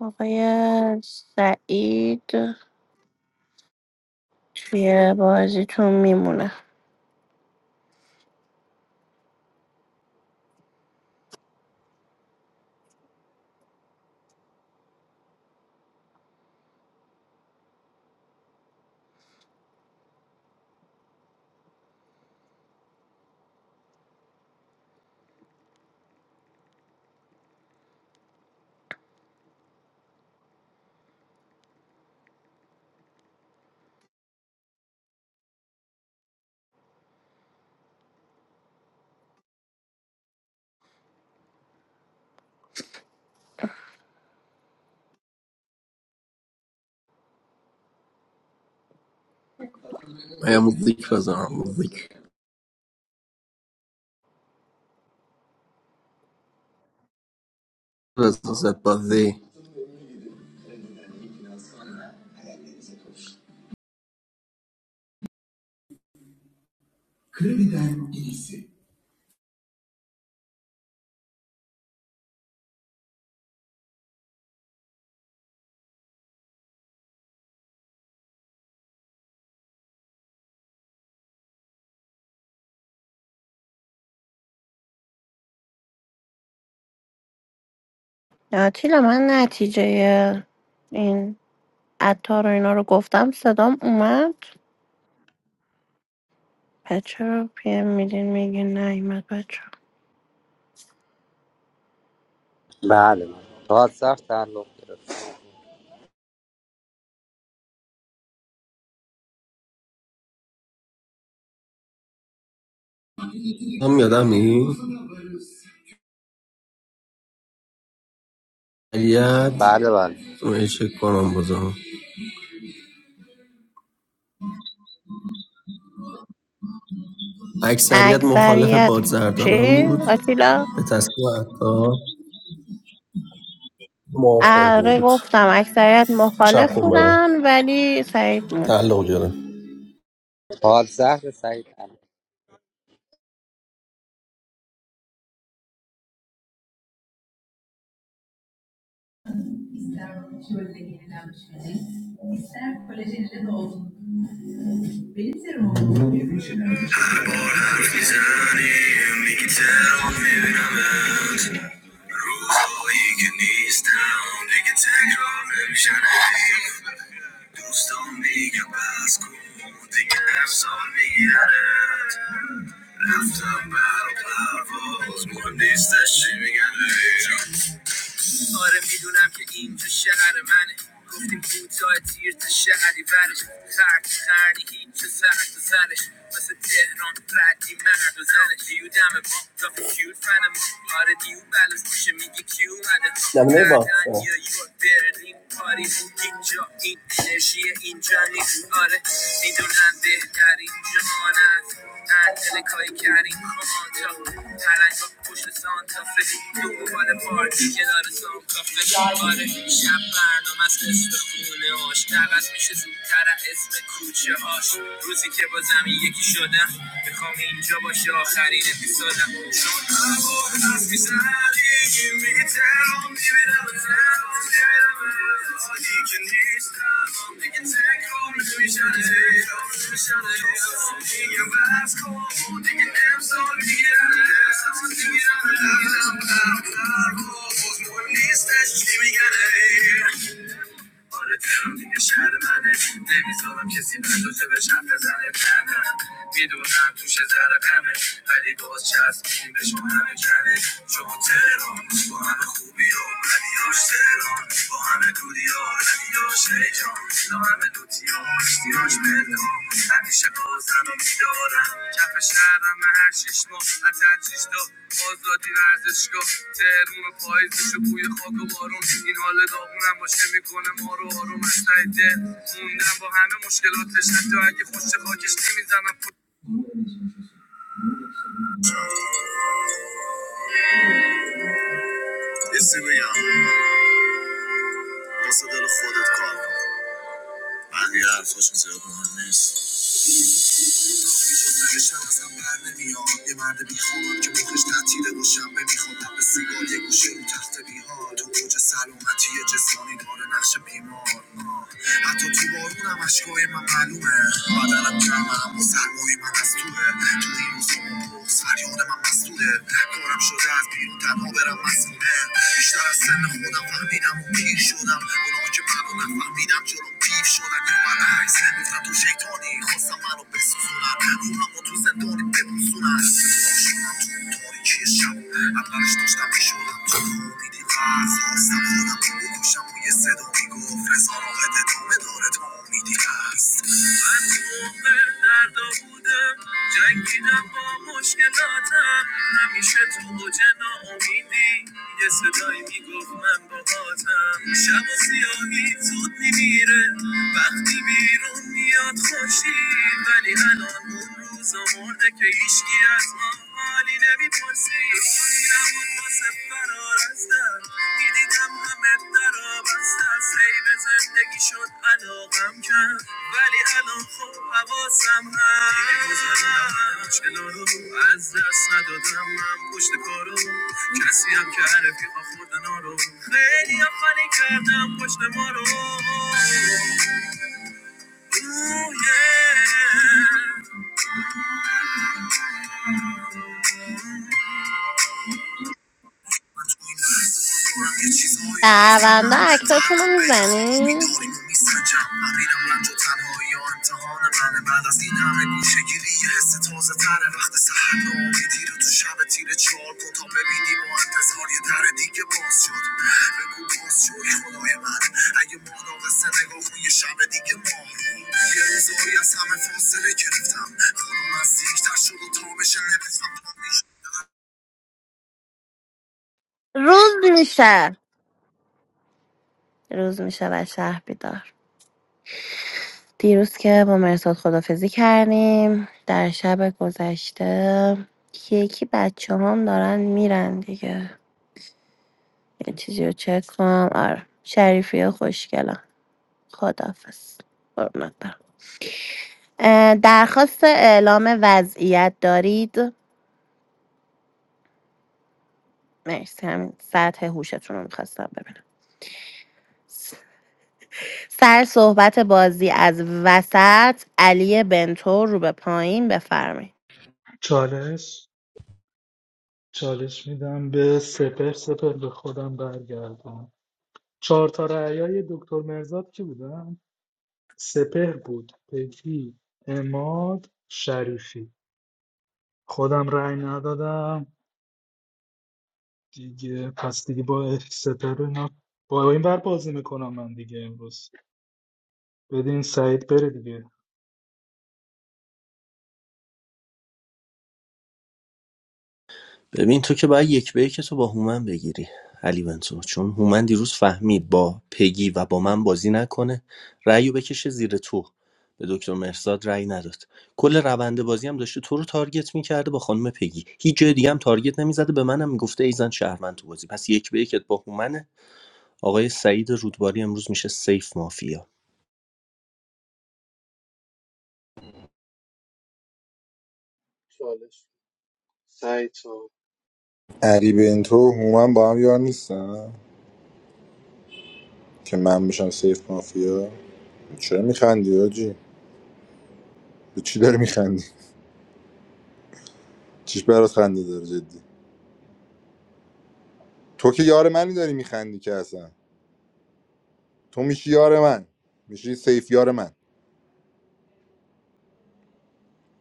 [SPEAKER 23] آقای سعید توی بازیتون میمونه
[SPEAKER 2] یه موزیک بزنم موزیک بزن زد بازی
[SPEAKER 23] آتیلا من نتیجه این عطار و اینا رو گفتم صدام اومد پس چرا پیم میدین میگین نیومد بچه
[SPEAKER 28] baale baal. Haar thar lo
[SPEAKER 2] هم یادم نی اکثریت
[SPEAKER 28] baale baal.
[SPEAKER 2] جمعه چک کنم بازم اکثریت مخالف
[SPEAKER 23] اکثریت
[SPEAKER 2] پادزر
[SPEAKER 23] چی؟
[SPEAKER 2] بود
[SPEAKER 23] آتیلا؟
[SPEAKER 2] به تصمیم حتی موافق
[SPEAKER 23] آره
[SPEAKER 2] بود
[SPEAKER 23] گفتم اکثریت
[SPEAKER 2] چپ
[SPEAKER 23] مخالف
[SPEAKER 2] کن برام
[SPEAKER 23] بودن ولی سعید بود
[SPEAKER 2] تعلق گرم
[SPEAKER 28] Haar va,
[SPEAKER 2] ister şöyle yenilen şeyi, ister kolajenle de olsun. Benim serumum After battle, love was one day that she began to آره میدونم که اینجا شهر منه گفتیم کوتاه تیر تا شهری برش خرد خرنی هیچ و سر تو سرش مثل تهران ردی مرد و زنش دیو دم ما تا کیو فن ما آره دیو بلوز میشه میگی کیو اومده نمونه یا یورک برلین پاریس هیچ این انرژی اینجا نیست آره میدونم بهترین جهان است معطل کاری کردیم آنجا پلنگ ها پشت سانتافه دنبال پارکی کنار سانتافه آره شب برنامه است اسم خونه هاش عوض میشه زودتر از اسم کوچه هاش روزی که با زمین یکی شدم میخوام اینجا باشه آخرین اپیزودم چون هوا هست میزنی میگه ترام میبینم ترام میبینم Thank you. آره تهران دیگه شهر منه نمیذارم کسی برداشته به شم بزنه نه میدونم توش ذره غمه ولی باز چسبیدیم به شما همه کمه چون تهران با همه خوبی ها بدیاش تهران با همه دودی ها ردیاش هیجان لا همه دوتی ها زیراش پنهان همیشه بازم میدارم کف شهرم هر شیش ماه حتی هر شیش تا آزادی ورزشگاه تهرون و پاییزش و بوی خاک و بارون این حال داغونم باشه میکنه ما رو آروم از ته دل موندم با همه مشکلاتش حتی اگه خوش خاکش نمیزنم یه سی بگم واسه دل خودت کار کن بقیه حرفاشون زیاد مهم نیست خواهی شد رشم ازم بر نمیاد یه مرد بیخوان که مخش تعطیله و شنبه میخواد در به سیگار یه گوشه رو تخت بیهان تو اوج سلامتی جسمانی داره نقش بیمار حتی تو بارونم اشکای من معلومه بدنم گرمه اما سرمای من از توه تو این روزا مبروز فریاد من مسئوله کارم شده از بیرون تنها برم مسئوله بیشتر از سن خودم فهمیدم و پیر شدم اونا که منو نفهمیدم جلوم کیف شدن یا من عکس گفتم تو شیطانی خواستم منو بسوزونن روحم و تو زندانی ببوسونن شدم تو اون تاریکی شب اولش داشتم میشدم تو امیدی قرض خواستم خودم رو بکشم و یه صدا میگفت رضا راقد ادامه داره تا امیدی هست من موقع دردا بودم جنگیدم با مشکلاتم همیشه تو اوج ناامیدی یه صدایی میگفت من باهاتم شب و سیاهی زود میمیره وقتی بیرون میاد خوشی ولی الان اون روزا مرده که هیچکی از ما حالی نمیپرسی حالی نبود واسه فرار از در میدیدم همه در بسته از هی به زندگی شد علاقم کرد ولی الان خوب حواسم هست دیگه گذروندم همه مشکلا رو از دست ندادم من پشت کارو کسی هم که رفیقا خوردن ها رو خیلی هم خالی کردم پشت ما رو اوه، yeah. رو
[SPEAKER 23] شهروندا
[SPEAKER 2] میفهمم
[SPEAKER 23] اکتاتون
[SPEAKER 2] فرق
[SPEAKER 23] رو میزنین روز میشه روز میشه و شهر بیدار دیروز که با مرساد خدافزی کردیم در شب گذشته یکی بچه هم دارن میرن دیگه یه چیزی رو چک کنم آره شریفی خوشگلم خدافز قربونت درخواست اعلام وضعیت دارید مرسی همین سطح هوشتون رو میخواستم ببینم سر صحبت بازی از وسط علی بنتو رو به پایین بفرمایید
[SPEAKER 17] چالش چالش میدم به سپر سپر به خودم برگردم چهار تا رعیای دکتر مرزاد کی بودم سپر بود پگی اماد شریفی خودم رأی ندادم دیگه پس دیگه با اف ستاره اینا با این بر بازی میکنم من دیگه امروز بدین سعید بره دیگه
[SPEAKER 21] ببین تو که باید یک به یک تو با هومن بگیری علی بنتو چون هومن دیروز فهمید با پگی و با من بازی نکنه رأیو بکشه زیر تو به دکتر مرزاد رأی نداد کل روند بازی هم داشته تو رو تارگت میکرده با خانم پگی هیچ جای دیگه هم تارگت نمیزده به منم میگفته ایزن شهروند تو بازی پس یک به یکت با هومنه آقای سعید رودباری امروز میشه سیف مافیا
[SPEAKER 19] چالش سعید و
[SPEAKER 22] علی بنتو و هومن با هم یار نیستن که من بشم سیف مافیا چرا میخندی آجی به چی داری میخندی چیش برات خنده داره جدی تو که یار منی داری میخندی که اصلا تو میشی یار من میشی سیف یار من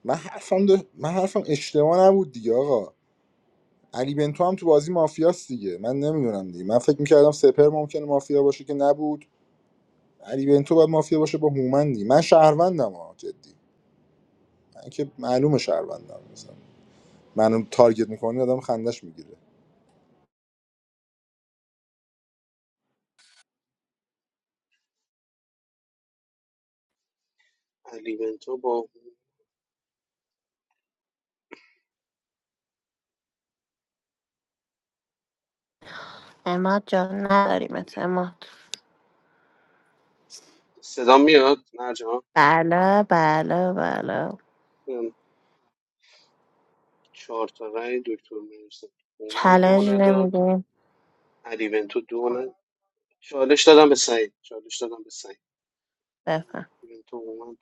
[SPEAKER 22] من حرفم ده... من حرفم اشتباه نبود دیگه آقا علی بنتو هم تو بازی مافیاست دیگه من نمیدونم دیگه من فکر میکردم سپر ممکنه مافیا باشه که نبود علی بنتو باید مافیا باشه با هومندی من شهروندم ها جدی من که معلومه شهروندم مثلا منو تارگت میکنه آدم خندش میگیره
[SPEAKER 19] علی بنتو با
[SPEAKER 23] اماد جان نداریمت اماد
[SPEAKER 19] صدا میاد مرجان
[SPEAKER 23] بله بله بله
[SPEAKER 19] چهار تا رأی دکتر میرسه من
[SPEAKER 23] چالش
[SPEAKER 19] دو نداد
[SPEAKER 23] نمیدیم
[SPEAKER 19] علی بنتو دو نداد. چالش دادم به سعید چالش دادم به سعید
[SPEAKER 23] بفهم
[SPEAKER 19] ببین تو با من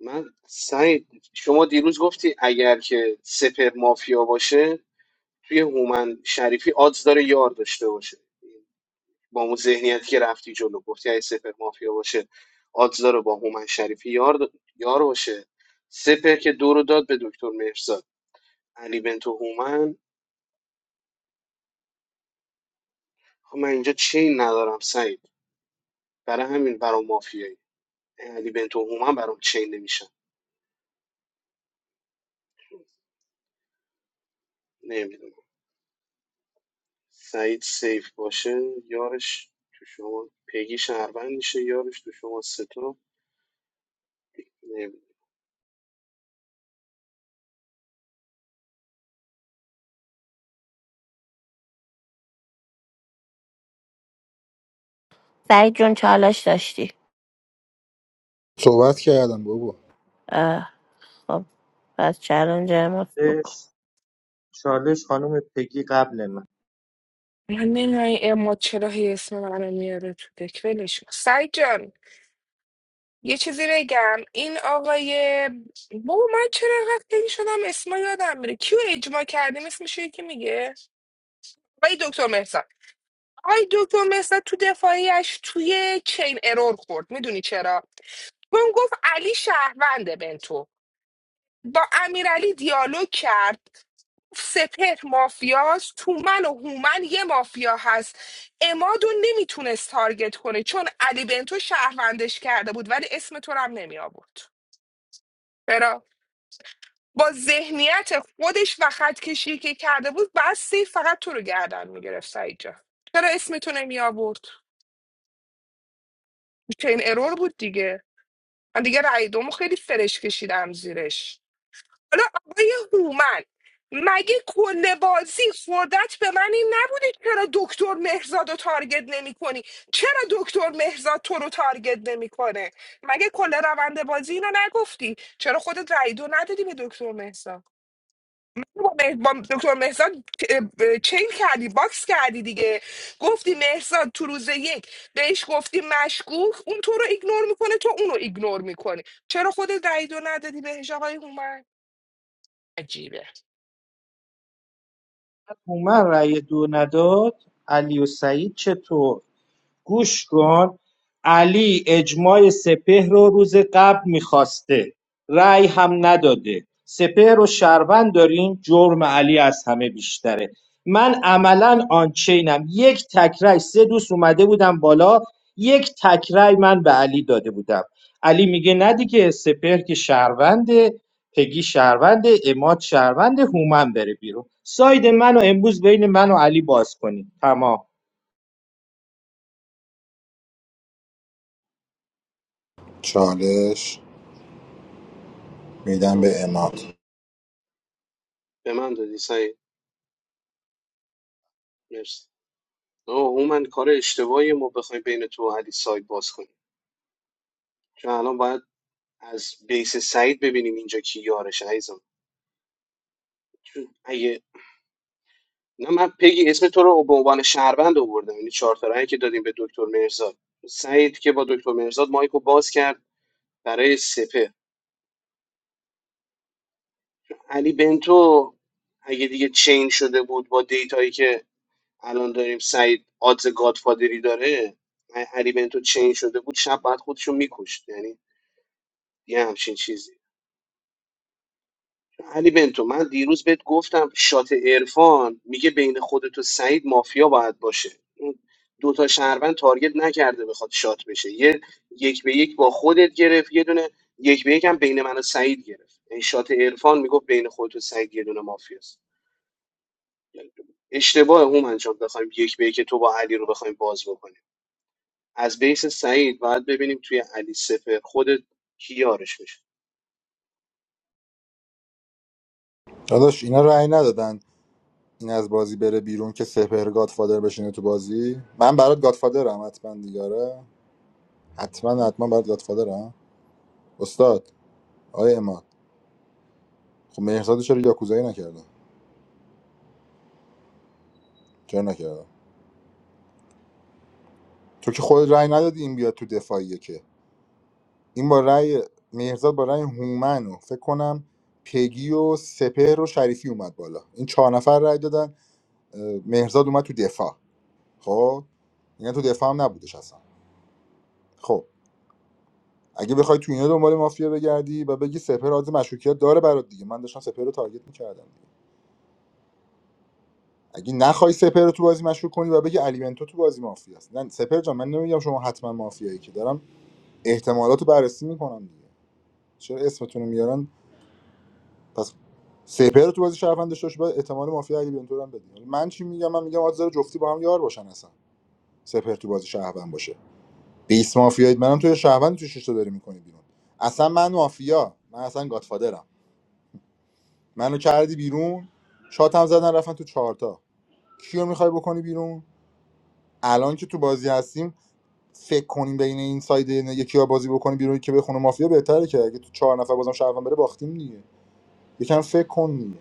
[SPEAKER 19] من سعید شما دیروز گفتی اگر که سپر مافیا باشه توی هومن شریفی آدز داره یار داشته باشه با اون ذهنیتی که رفتی جلو گفتی اگه سپر مافیا باشه آدز داره با هومن شریفی یار د- یار باشه سپر که دو رو داد به دکتر مهرزاد علی بنتو هومن خب من اینجا چین ندارم سعید برای همین برام مافیایی علی بنتو هومن برام چین نمیشن سعید سیف باشه یارش تو شما پیگی شهروند میشه یارش تو شما ستا
[SPEAKER 23] سعید جون چالش داشتی
[SPEAKER 22] صحبت کردم بابا
[SPEAKER 23] اه، خب پس چالش اماد بکن
[SPEAKER 25] چالش خانم پگی قبل من
[SPEAKER 15] من نمیدونم اما چرا هی اسم منو میاره تو دک ولش کن. سعید جان یه چیزی بگم این آقای بابا من چرا اینقدر خیلی شدم اسما یادم میره کیو اجماع کردیم اسمش یکی میگه آقای دکتر مهرزاد آقای دکتر مهرزاد تو دفاعیش توی چین ارور خورد میدونی چرا چون گفت علی شهرونده بنتو با امیرعلی دیالوگ کرد سپهر مافیاست تو من و هومن یه مافیا هست امادو نمیتونست تارگت کنه چون علی بنتو شهروندش کرده بود ولی اسم تو رو هم نمی آورد چرا با ذهنیت خودش و خط کشی که کرده بود بعد سیف فقط تو رو گردن میگرفت سعید جان چرا اسم تو نمی آورد چه این ارور بود دیگه من دیگه رأی دومو خیلی فرش کشیدم زیرش حالا آقای هومن مگه کل بازی خوردت به من این نبوده چرا دکتر مهرزاد رو تارگت نمی کنی چرا دکتر مهرزاد تو رو تارگت نمیکنه مگه کل روند بازی اینو نگفتی چرا خودت رأی دو ندادی به دکتر مهرزاد با, مه- با دکتر مهرزاد اه، چین کردی باکس کردی دیگه گفتی مهرزاد تو روز یک بهش گفتی مشکوک اون تو رو ایگنور میکنه تو اونو ایگنور میکنی چرا خودت رأی دو ندادی بهش آقای هومن عجیبه
[SPEAKER 25] هومن رأی دو نداد علی و سعید چطور گوش کن علی اجماع سپهر رو روز قبل میخواسته رأی هم نداده سپهر رو شهروند داریم جرم علی از همه بیشتره من عملا آنچینم یک تکرای سه دوست اومده بودم بالا یک تکرای من به علی داده بودم علی میگه نه دیگه سپهر که شهرونده پگی شهرونده اماد شهرونده هومن بره بیرون ساید منو امروز بین من و علی باز کنید تمام
[SPEAKER 22] چالش میدم
[SPEAKER 19] چون
[SPEAKER 22] به اماد
[SPEAKER 19] به من دادی سعید مرسی آه من کار اشتباهی ما بخوایم بین تو و علی ساید باز کنیم چون الان باید از بیس سعید ببینیم اینجا کی یارش عزیزم چون اگه نه من پیگی اسم تو رو به عنوان شهروند آوردم یعنی چهار تا رأیی که دادیم به دکتر مرزاد سعید که با دکتر مرزاد مایکو باز کرد برای سپه علی بنتو اگه دیگه چین شده بود با دیتایی که الان داریم سعید آدز گادفادری داره اگه علی بنتو چین شده بود شب بعد خودشو میکشت یعنی یه همچین چیزی علی بنتو من دیروز بهت گفتم شات عرفان میگه بین خودت و سعید مافیا باید باشه اون دوتا شهروند تارگت نکرده بخواد شات بشه یه یک به یک با خودت گرفت یه دونه یک به یک هم بین من و سعید گرفت این شات عرفان میگفت بین خودت و سعید یه دونه مافیاست اشتباه هومن جان بخوایم یک به یک تو با علی رو بخوایم باز بکنیم از بیس سعید باید ببینیم توی علی سپر خود کی یارش میشه
[SPEAKER 22] داداش اینا رأی ندادن این از بازی بره بیرون که سپهر گادفادر بشینه تو بازی من برات گادفادرم حتما دیگاره حتما حتما برات گادفادرم استاد آقای اماد خب مهرزاد چرا یاکوزایی نکرده؟ چرا نکرده؟ تو که خود رأی ندادی این بیاد تو دفاعیه که این با رأی مهرزاد با رأی هومن و فکر کنم پگی و سپهر و شریفی اومد بالا این چهار نفر رأی دادن اه، مهرزاد اومد تو دفاع خب اینا تو دفاع هم نبودش اصلا خب اگه بخوای تو اینا دنبال مافیا بگردی و بگی سپر آز مشروکیت داره برات دیگه من داشتم سپر رو تارگت میکردم اگه نخوای سپر رو تو بازی مشروک کنی و بگی الیمنتو تو بازی مافیاست نه سپر جان من نمیگم شما حتما مافیایی که دارم احتمالات رو بررسی میکنم دیگه چرا اسمتون رو میارن پس سپر رو تو بازی شهروند داشته باشی، باید احتمال مافیا الیمنتو رو هم بدی من چی میگم من میگم آز جفتی با هم یار باشن اصلا سپر تو بازی شهروند باشه بیس مافیایی منم تو شهروند تو شش تا داری میکنی بیرون اصلا من مافیا من اصلا گادفادرم منو کردی بیرون شاتم زدن رفتن تو چهارتا کیو میخوای بکنی بیرون الان که تو بازی هستیم فکر کنیم بین این ساید یکی ها بازی بکنیم بیرون که بخونه مافیا بهتره که اگه تو چهار نفر بازم شهروند بره باختیم دیگه یکم فکر کن دیگه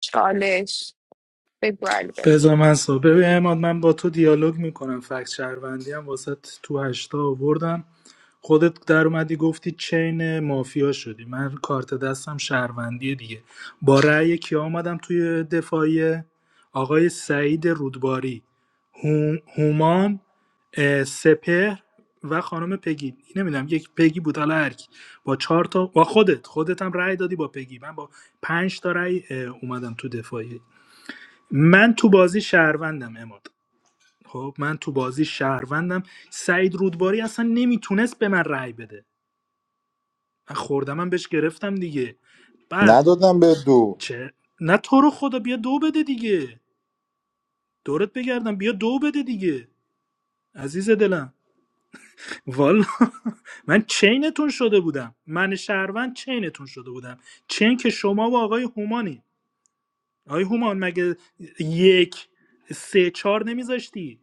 [SPEAKER 15] چالش بگو البه
[SPEAKER 17] بذار من صبح ببین عماد، من با تو دیالوگ میکنم فکت شهروندی هم واسه تو هشتا آوردم خودت در اومدی گفتی چین مافیا شدی من کارت دستم شهروندی دیگه با رأی کیا آمدم توی دفاعیه آقای سعید رودباری هوم- هومان اه، سپهر و خانم پگی نمیدونم یک پگی بود حالا هر کی. با چهار تا با خودت خودت هم رأی دادی با پگی من با پنج تا رأی اه، اومدم تو دفاعی من تو بازی شهروندم اماد خب من تو بازی شهروندم سعید رودباری اصلا نمیتونست به من رأی بده من خوردم من بهش گرفتم دیگه بعد
[SPEAKER 22] ندادم به دو
[SPEAKER 17] چه نه تو رو خدا بیا دو بده دیگه دورت بگردم بیا دو بده دیگه عزیز دلم والا من چینتون شده بودم من شهروند چینتون شده بودم چین که شما و آقای هومانی آقای هومان مگه یک سه چهار نمیذاشتی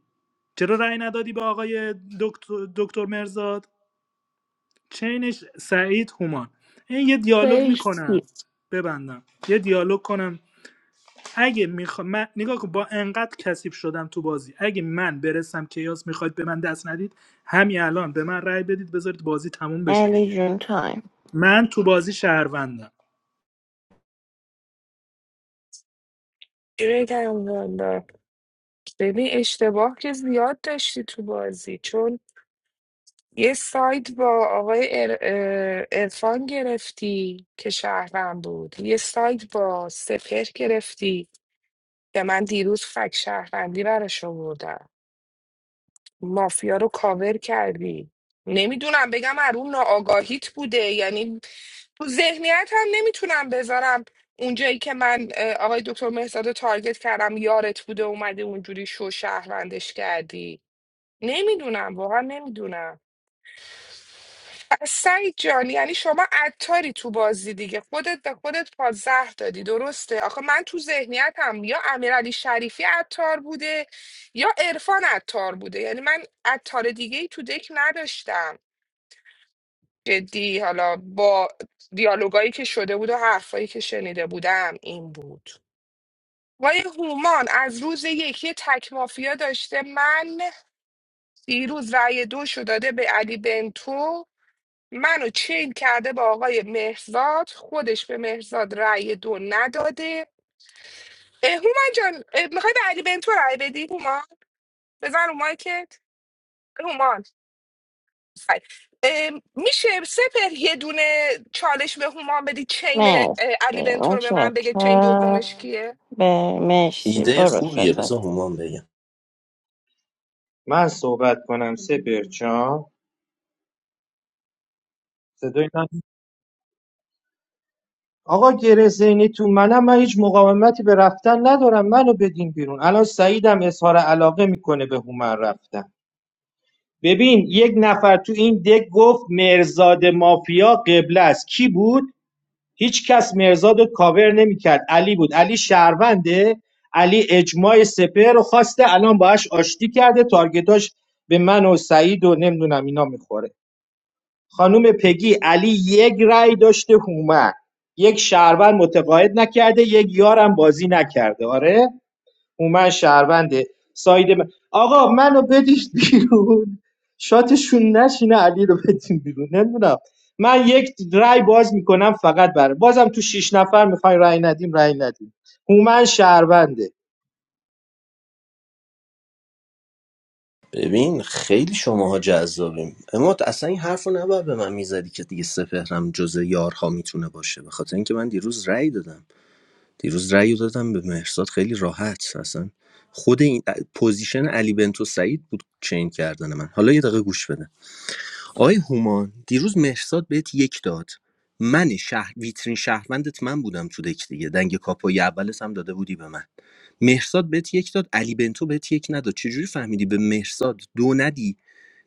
[SPEAKER 17] چرا رأی ندادی به آقای دکتر, دکتر مرزاد چینش سعید هومان این یه دیالوگ میکنم
[SPEAKER 23] مرسی
[SPEAKER 17] ببندم یه دیالوگ کنم اگه میخوا... من... نگاه کن با انقدر کثیف شدم تو بازی اگه من برسم کیاس میخواید به من دست ندید همین الان به من رأی بدید بذارید بازی تموم بشه
[SPEAKER 23] علی
[SPEAKER 17] دیگه
[SPEAKER 23] جون تایم
[SPEAKER 17] من تو بازی شهروندم
[SPEAKER 15] چی بگم والا ببین اشتباه که زیاد داشتی تو بازی چون یه ساید با آقای ار- اه، عرفان گرفتی که شهروند بود یه ساید با سپر گرفتی که من دیروز فک شهروندی براش آوردم مافیا رو کاور کردی نمیدونم بگم ارون ناآگاهیت بوده یعنی تو ذهنیت هم نمیتونم بذارم اونجایی که من اه، آقای دکتر مهزاد رو تارگت کردم یارت بوده اومده اونجوری شو شهروندش کردی نمیدونم واقعا نمیدونم پس سعید جان یعنی شما عطاری تو بازی دیگه خودت به خودت پا زهر دادی درسته آخه من تو ذهنیتم یا امیرعلی شریفی عطار بوده یا عرفان عطار بوده یعنی من عطار دیگه ای تو دک نداشتم جدی حالا با دیالوگایی که شده بود و حرفایی که شنیده بودم این بود وای هومان از روز یکی تک مافیا داشته من دیروز رأی دو شو داده به علی بنتو منو چین کرده با آقای مهرزاد خودش به مهرزاد رأی دو نداده اه، هومان جان میخوای به علی بنتو رأی بدی هومان بزن رو مایکت هومان فر- ام، میشه سپر یه دونه چالش به هما بدی چین
[SPEAKER 23] مرسی
[SPEAKER 15] اه، علی بنتو رو به من بگه چین دومش
[SPEAKER 23] متشکرم
[SPEAKER 15] کیه
[SPEAKER 23] به مرسی
[SPEAKER 21] ایده
[SPEAKER 23] برو
[SPEAKER 21] خوبیه بذار
[SPEAKER 23] سپس
[SPEAKER 21] هومن بگم
[SPEAKER 25] من صحبت کنم سپر جان صدای من آقا گرزینی تو منم من هیچ مقاومتی به رفتن ندارم منو بدین بیرون الان سعیدم اظهار علاقه میکنه به هومن رفتن ببین یک نفر تو این دک گفت مرزاد مافیا قبله است کی بود هیچ کس مرزاد رو کاور نمیکرد علی بود علی شهرونده علی اجماع سپر رو خواسته الان باهاش آشتی کرده تارگتاش به من و سعید و نمیدونم اینا میخوره خانم پگی علی یک رأی داشته هومن یک شهروند متقاعد نکرده یک یارم بازی نکرده آره هومن شهرونده ساید من... آقا منو بدید بیرون شاتشون نشینه علی رو بدین بیرون نمیدونم من یک رأی باز میکنم فقط برای بازم تو شیش نفر میخوای رأی ندیم رأی ندیم هومن شهرونده
[SPEAKER 21] ببین خیلی شماها جذابیم اما اصلا این حرف رو نباید به من میزدی که دیگه سپهرم جز یارها میتونه باشه به خاطر اینکه من دیروز رأی دادم دیروز رأی رو دادم به مهرزاد خیلی راحت اصلا خود این پوزیشن علی بنتو سعید بود چین کردن من حالا یه دقیقه گوش بده آقای هومان دیروز مهرزاد بهت یک داد من شهر ویترین شهروندت من بودم تو دک دیگه دنگ کاپوی اولت هم داده بودی به من مهرزاد بهت یک داد علی بنتو بهت یک نداد چجوری فهمیدی به مهرزاد دو ندی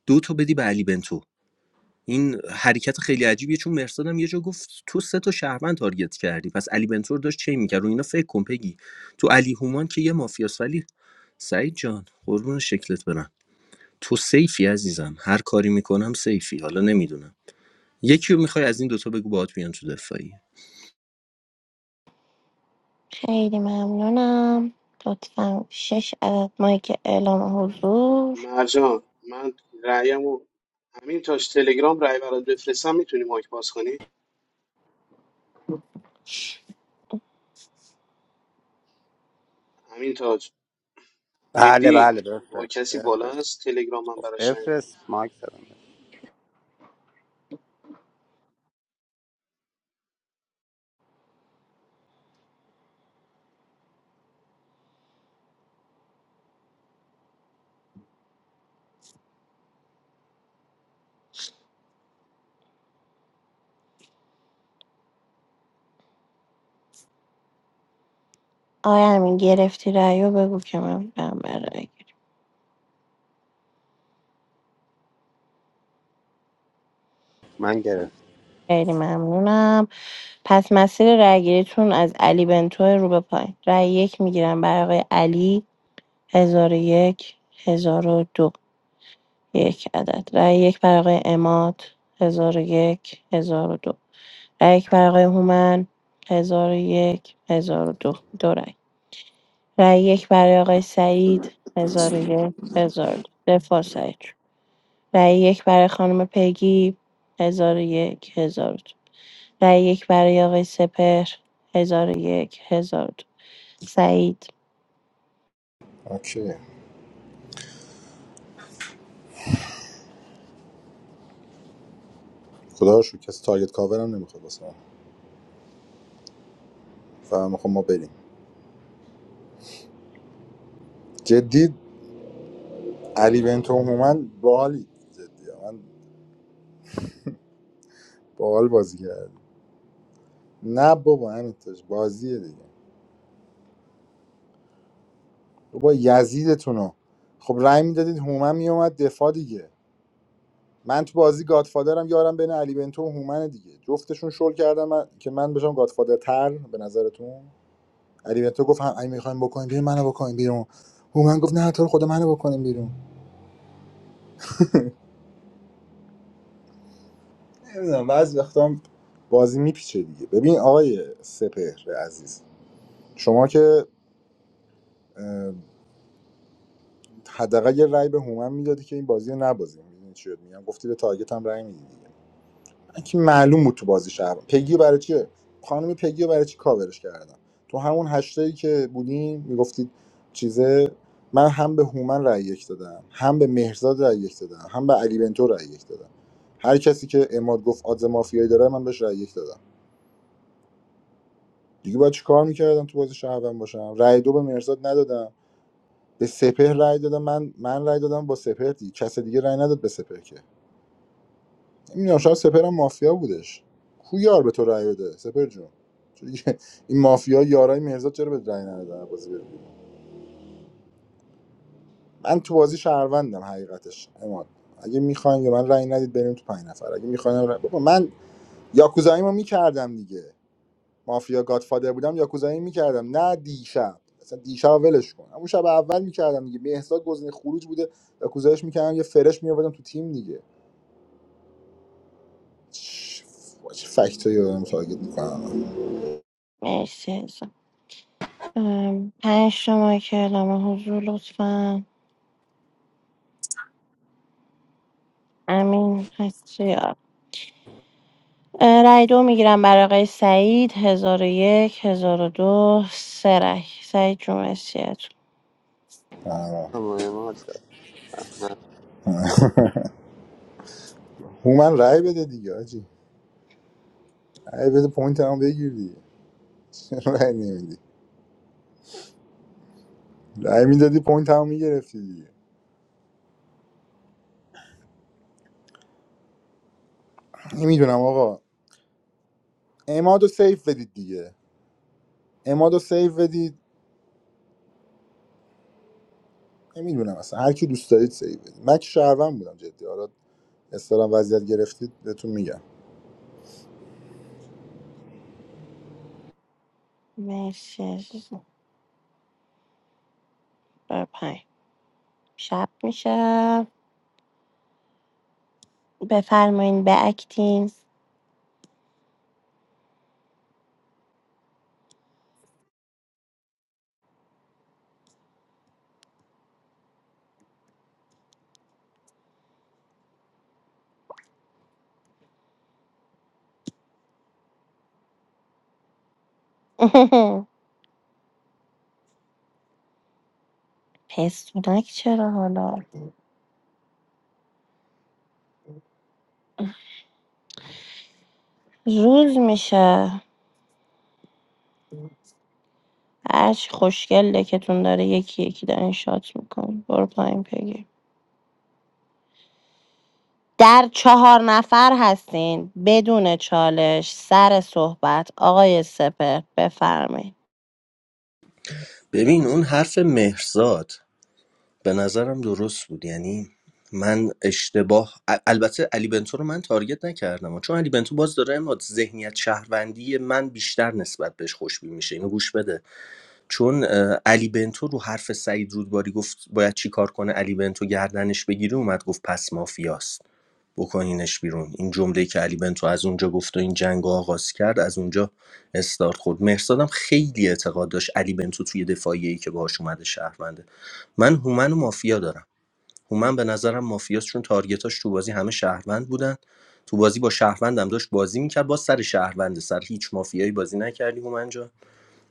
[SPEAKER 21] دو تا بدی به علی بنتو این حرکت خیلی عجیبیه چون مرساد هم یه جا گفت تو سه تا شهروند تارگت کردی پس علی بنتو رو داشت چی میکرد رو اینا فکر کن پگی تو علی هومان که یه مافیاس ولی سعید جان قربون شکلت برم تو سیفی عزیزم هر کاری میکنم سیفی حالا نمیدونم یکی رو میخوای از این دوتا بگو باهات بیان تو دفاعی
[SPEAKER 23] خیلی ممنونم لطفا شش عدد مایک اعلام حضور
[SPEAKER 19] مرجان من رأیم و همین تاج تلگرام رأی برات بفرستم میتونی مایک باز کنی همین تاج
[SPEAKER 28] baale
[SPEAKER 19] مهدی
[SPEAKER 28] baale
[SPEAKER 19] با
[SPEAKER 28] perfect
[SPEAKER 19] کسی بالا
[SPEAKER 28] perfect
[SPEAKER 19] هست تلگرام من براش رأی
[SPEAKER 28] perfect.
[SPEAKER 19] بفرست
[SPEAKER 28] Mark thar.
[SPEAKER 23] آیا همین گرفتی رأیو بگو که من برم به رأی گیری.
[SPEAKER 28] Mangera.
[SPEAKER 23] خیلی ممنونم پس مسیر رأیگیریتون از علی بنتو رو به پایین رأی یک میگیرم برای آقای علی هزار و یک هزار و دو یک عدد رأی یک برای آقای اماد هزار و یک هزار و دو رأی یک برای آقای هومن هزار و یک هزار و دو دو رأی. رای یک برای آقای سعید 1001 1002 دفاع سعید جون. رای یک برای خانم پیگی 1001 1002 رای یک برای آقای سپهر 1001 1002 سعید
[SPEAKER 22] اوکی خدا رو شکر کسی تارگت کاور هم نمیخواد واسه من فهم خب ما بریم جدی علی بنتو هومن باحالی جدی من باحال بازی کرد نه بابا همین تاش بازیه دیگه بابا یزیدتونو خب رای میدادید هومن میومد دفاع دیگه من تو بازی گادفادرم یارم بین علی بنتو و هومن دیگه جفتشون شل کردم من... که من بشم گادفادر تر به نظرتون علی بنتو گفت هم اگه میخوایم بکنیم بیرون منو بکنیم بیرون هومن گفت نه تو رو خدا منو بکنیم بیرون نمیدونم بعضی وقتا بازی میپیچه دیگه ببین آقای سپهر عزیز شما که اه، حداقل یه رأی به هومن میدادی که این بازی رو نبازیم میدونی چی بهت میگم گفتی به تارگت هم رأی میدی دیگه. که معلوم بود تو بازی شهر پگی برای چیه خانم پگی رو برای چی کاورش کردم تو همون هشتایی که بودیم میگفتید چیزه من هم به هومن رأی یک دادم هم به مهرزاد رأی یک دادم هم به علی بنتو رأی یک دادم هر کسی که اماد گفت آدز مافیایی داره من بهش رأی یک دادم دیگه باید چیکار میکردم تو بازی شهروند باشم رأی دو به مهرزاد ندادم به سپهر رأی دادم من من رأی دادم با سپهر دیگه کس دیگه رأی نداد به سپهر که نمیدونم شاید سپر هم مافیا بودش کو یار به تو رأی بده سپر جون چون دیگه این مافیا یارای مرزاد چرا به رأی ندادن بازی بده من تو بازی شهروندم حقیقتش اما اگه میخواین که من رأی ندید بریم تو پنج نفر اگه میخواین رأی... بابا من یاکوزاییمو میکردم دیگه مافیا گادفادر بودم یاکوزایی میکردم نه دیشب اصلا دیشب ولش کن اون شب اول میکردم دیگه مهرزاد گزینه خروج بوده یاکوزایش میکردم یه فرش میآوردم تو تیم دیگه چه چه فکتایی دارم تارگت می‌کنم
[SPEAKER 23] مرسی عزیزم. ام، پنج شما که اعلام حضور لطفا امین هستی آ. اه، رای دو میگیرم برای آقای سعید 1001 1002 سه رای سعید جون مرسی عزیزم.
[SPEAKER 28] Amma mat.
[SPEAKER 22] هومن رأی بده دیگه آجی رأی بده پوینت هم بگیر دیگه چرا رأی نمیدی رأی میدادی پوینت هم میگرفتی دیگه نمیدونم آقا امادو سیف بدید دیگه امادو سیف بدید نمیدونم اصلا هر کی دوست دارید سیف بدید من که شهروند بودم جدی حالا استلام وضعیت گرفتید بهتون میگم
[SPEAKER 23] مرسی عزیزم. بر پنج شب میشه بفرمایین به اکتین پستونک چرا حالا روز میشه هرچی خوشگل دکتون داره یکی یکی دارین شات میکن برو پایین پگی در چهار نفر هستین بدون چالش سر صحبت آقای سپر بفرمایید
[SPEAKER 21] ببین اون حرف مهرزاد به نظرم درست بود یعنی من اشتباه البته علی بنتو رو من تارگت نکردم چون علی بنتو باز داره اما ذهنیت شهروندی من بیشتر نسبت بهش خوشبین میشه اینو گوش بده چون علی بنتو رو حرف سعید رودباری گفت باید چی کار کنه علی بنتو گردنش بگیره اومد گفت پس مافیاست بکنینش بیرون این جمله که علی بنتو از اونجا گفت و این جنگ آغاز کرد از اونجا استارت خورد مرسادم خیلی اعتقاد داشت علی بنتو توی دفاعیه که باهاش اومده شهرونده من هومن و مافیا دارم هومن به نظرم مافیاست چون تارگتاش تو بازی همه شهروند بودن تو بازی با شهروندم داشت بازی میکرد با سر شهرونده سر هیچ مافیایی بازی نکردی هومن جان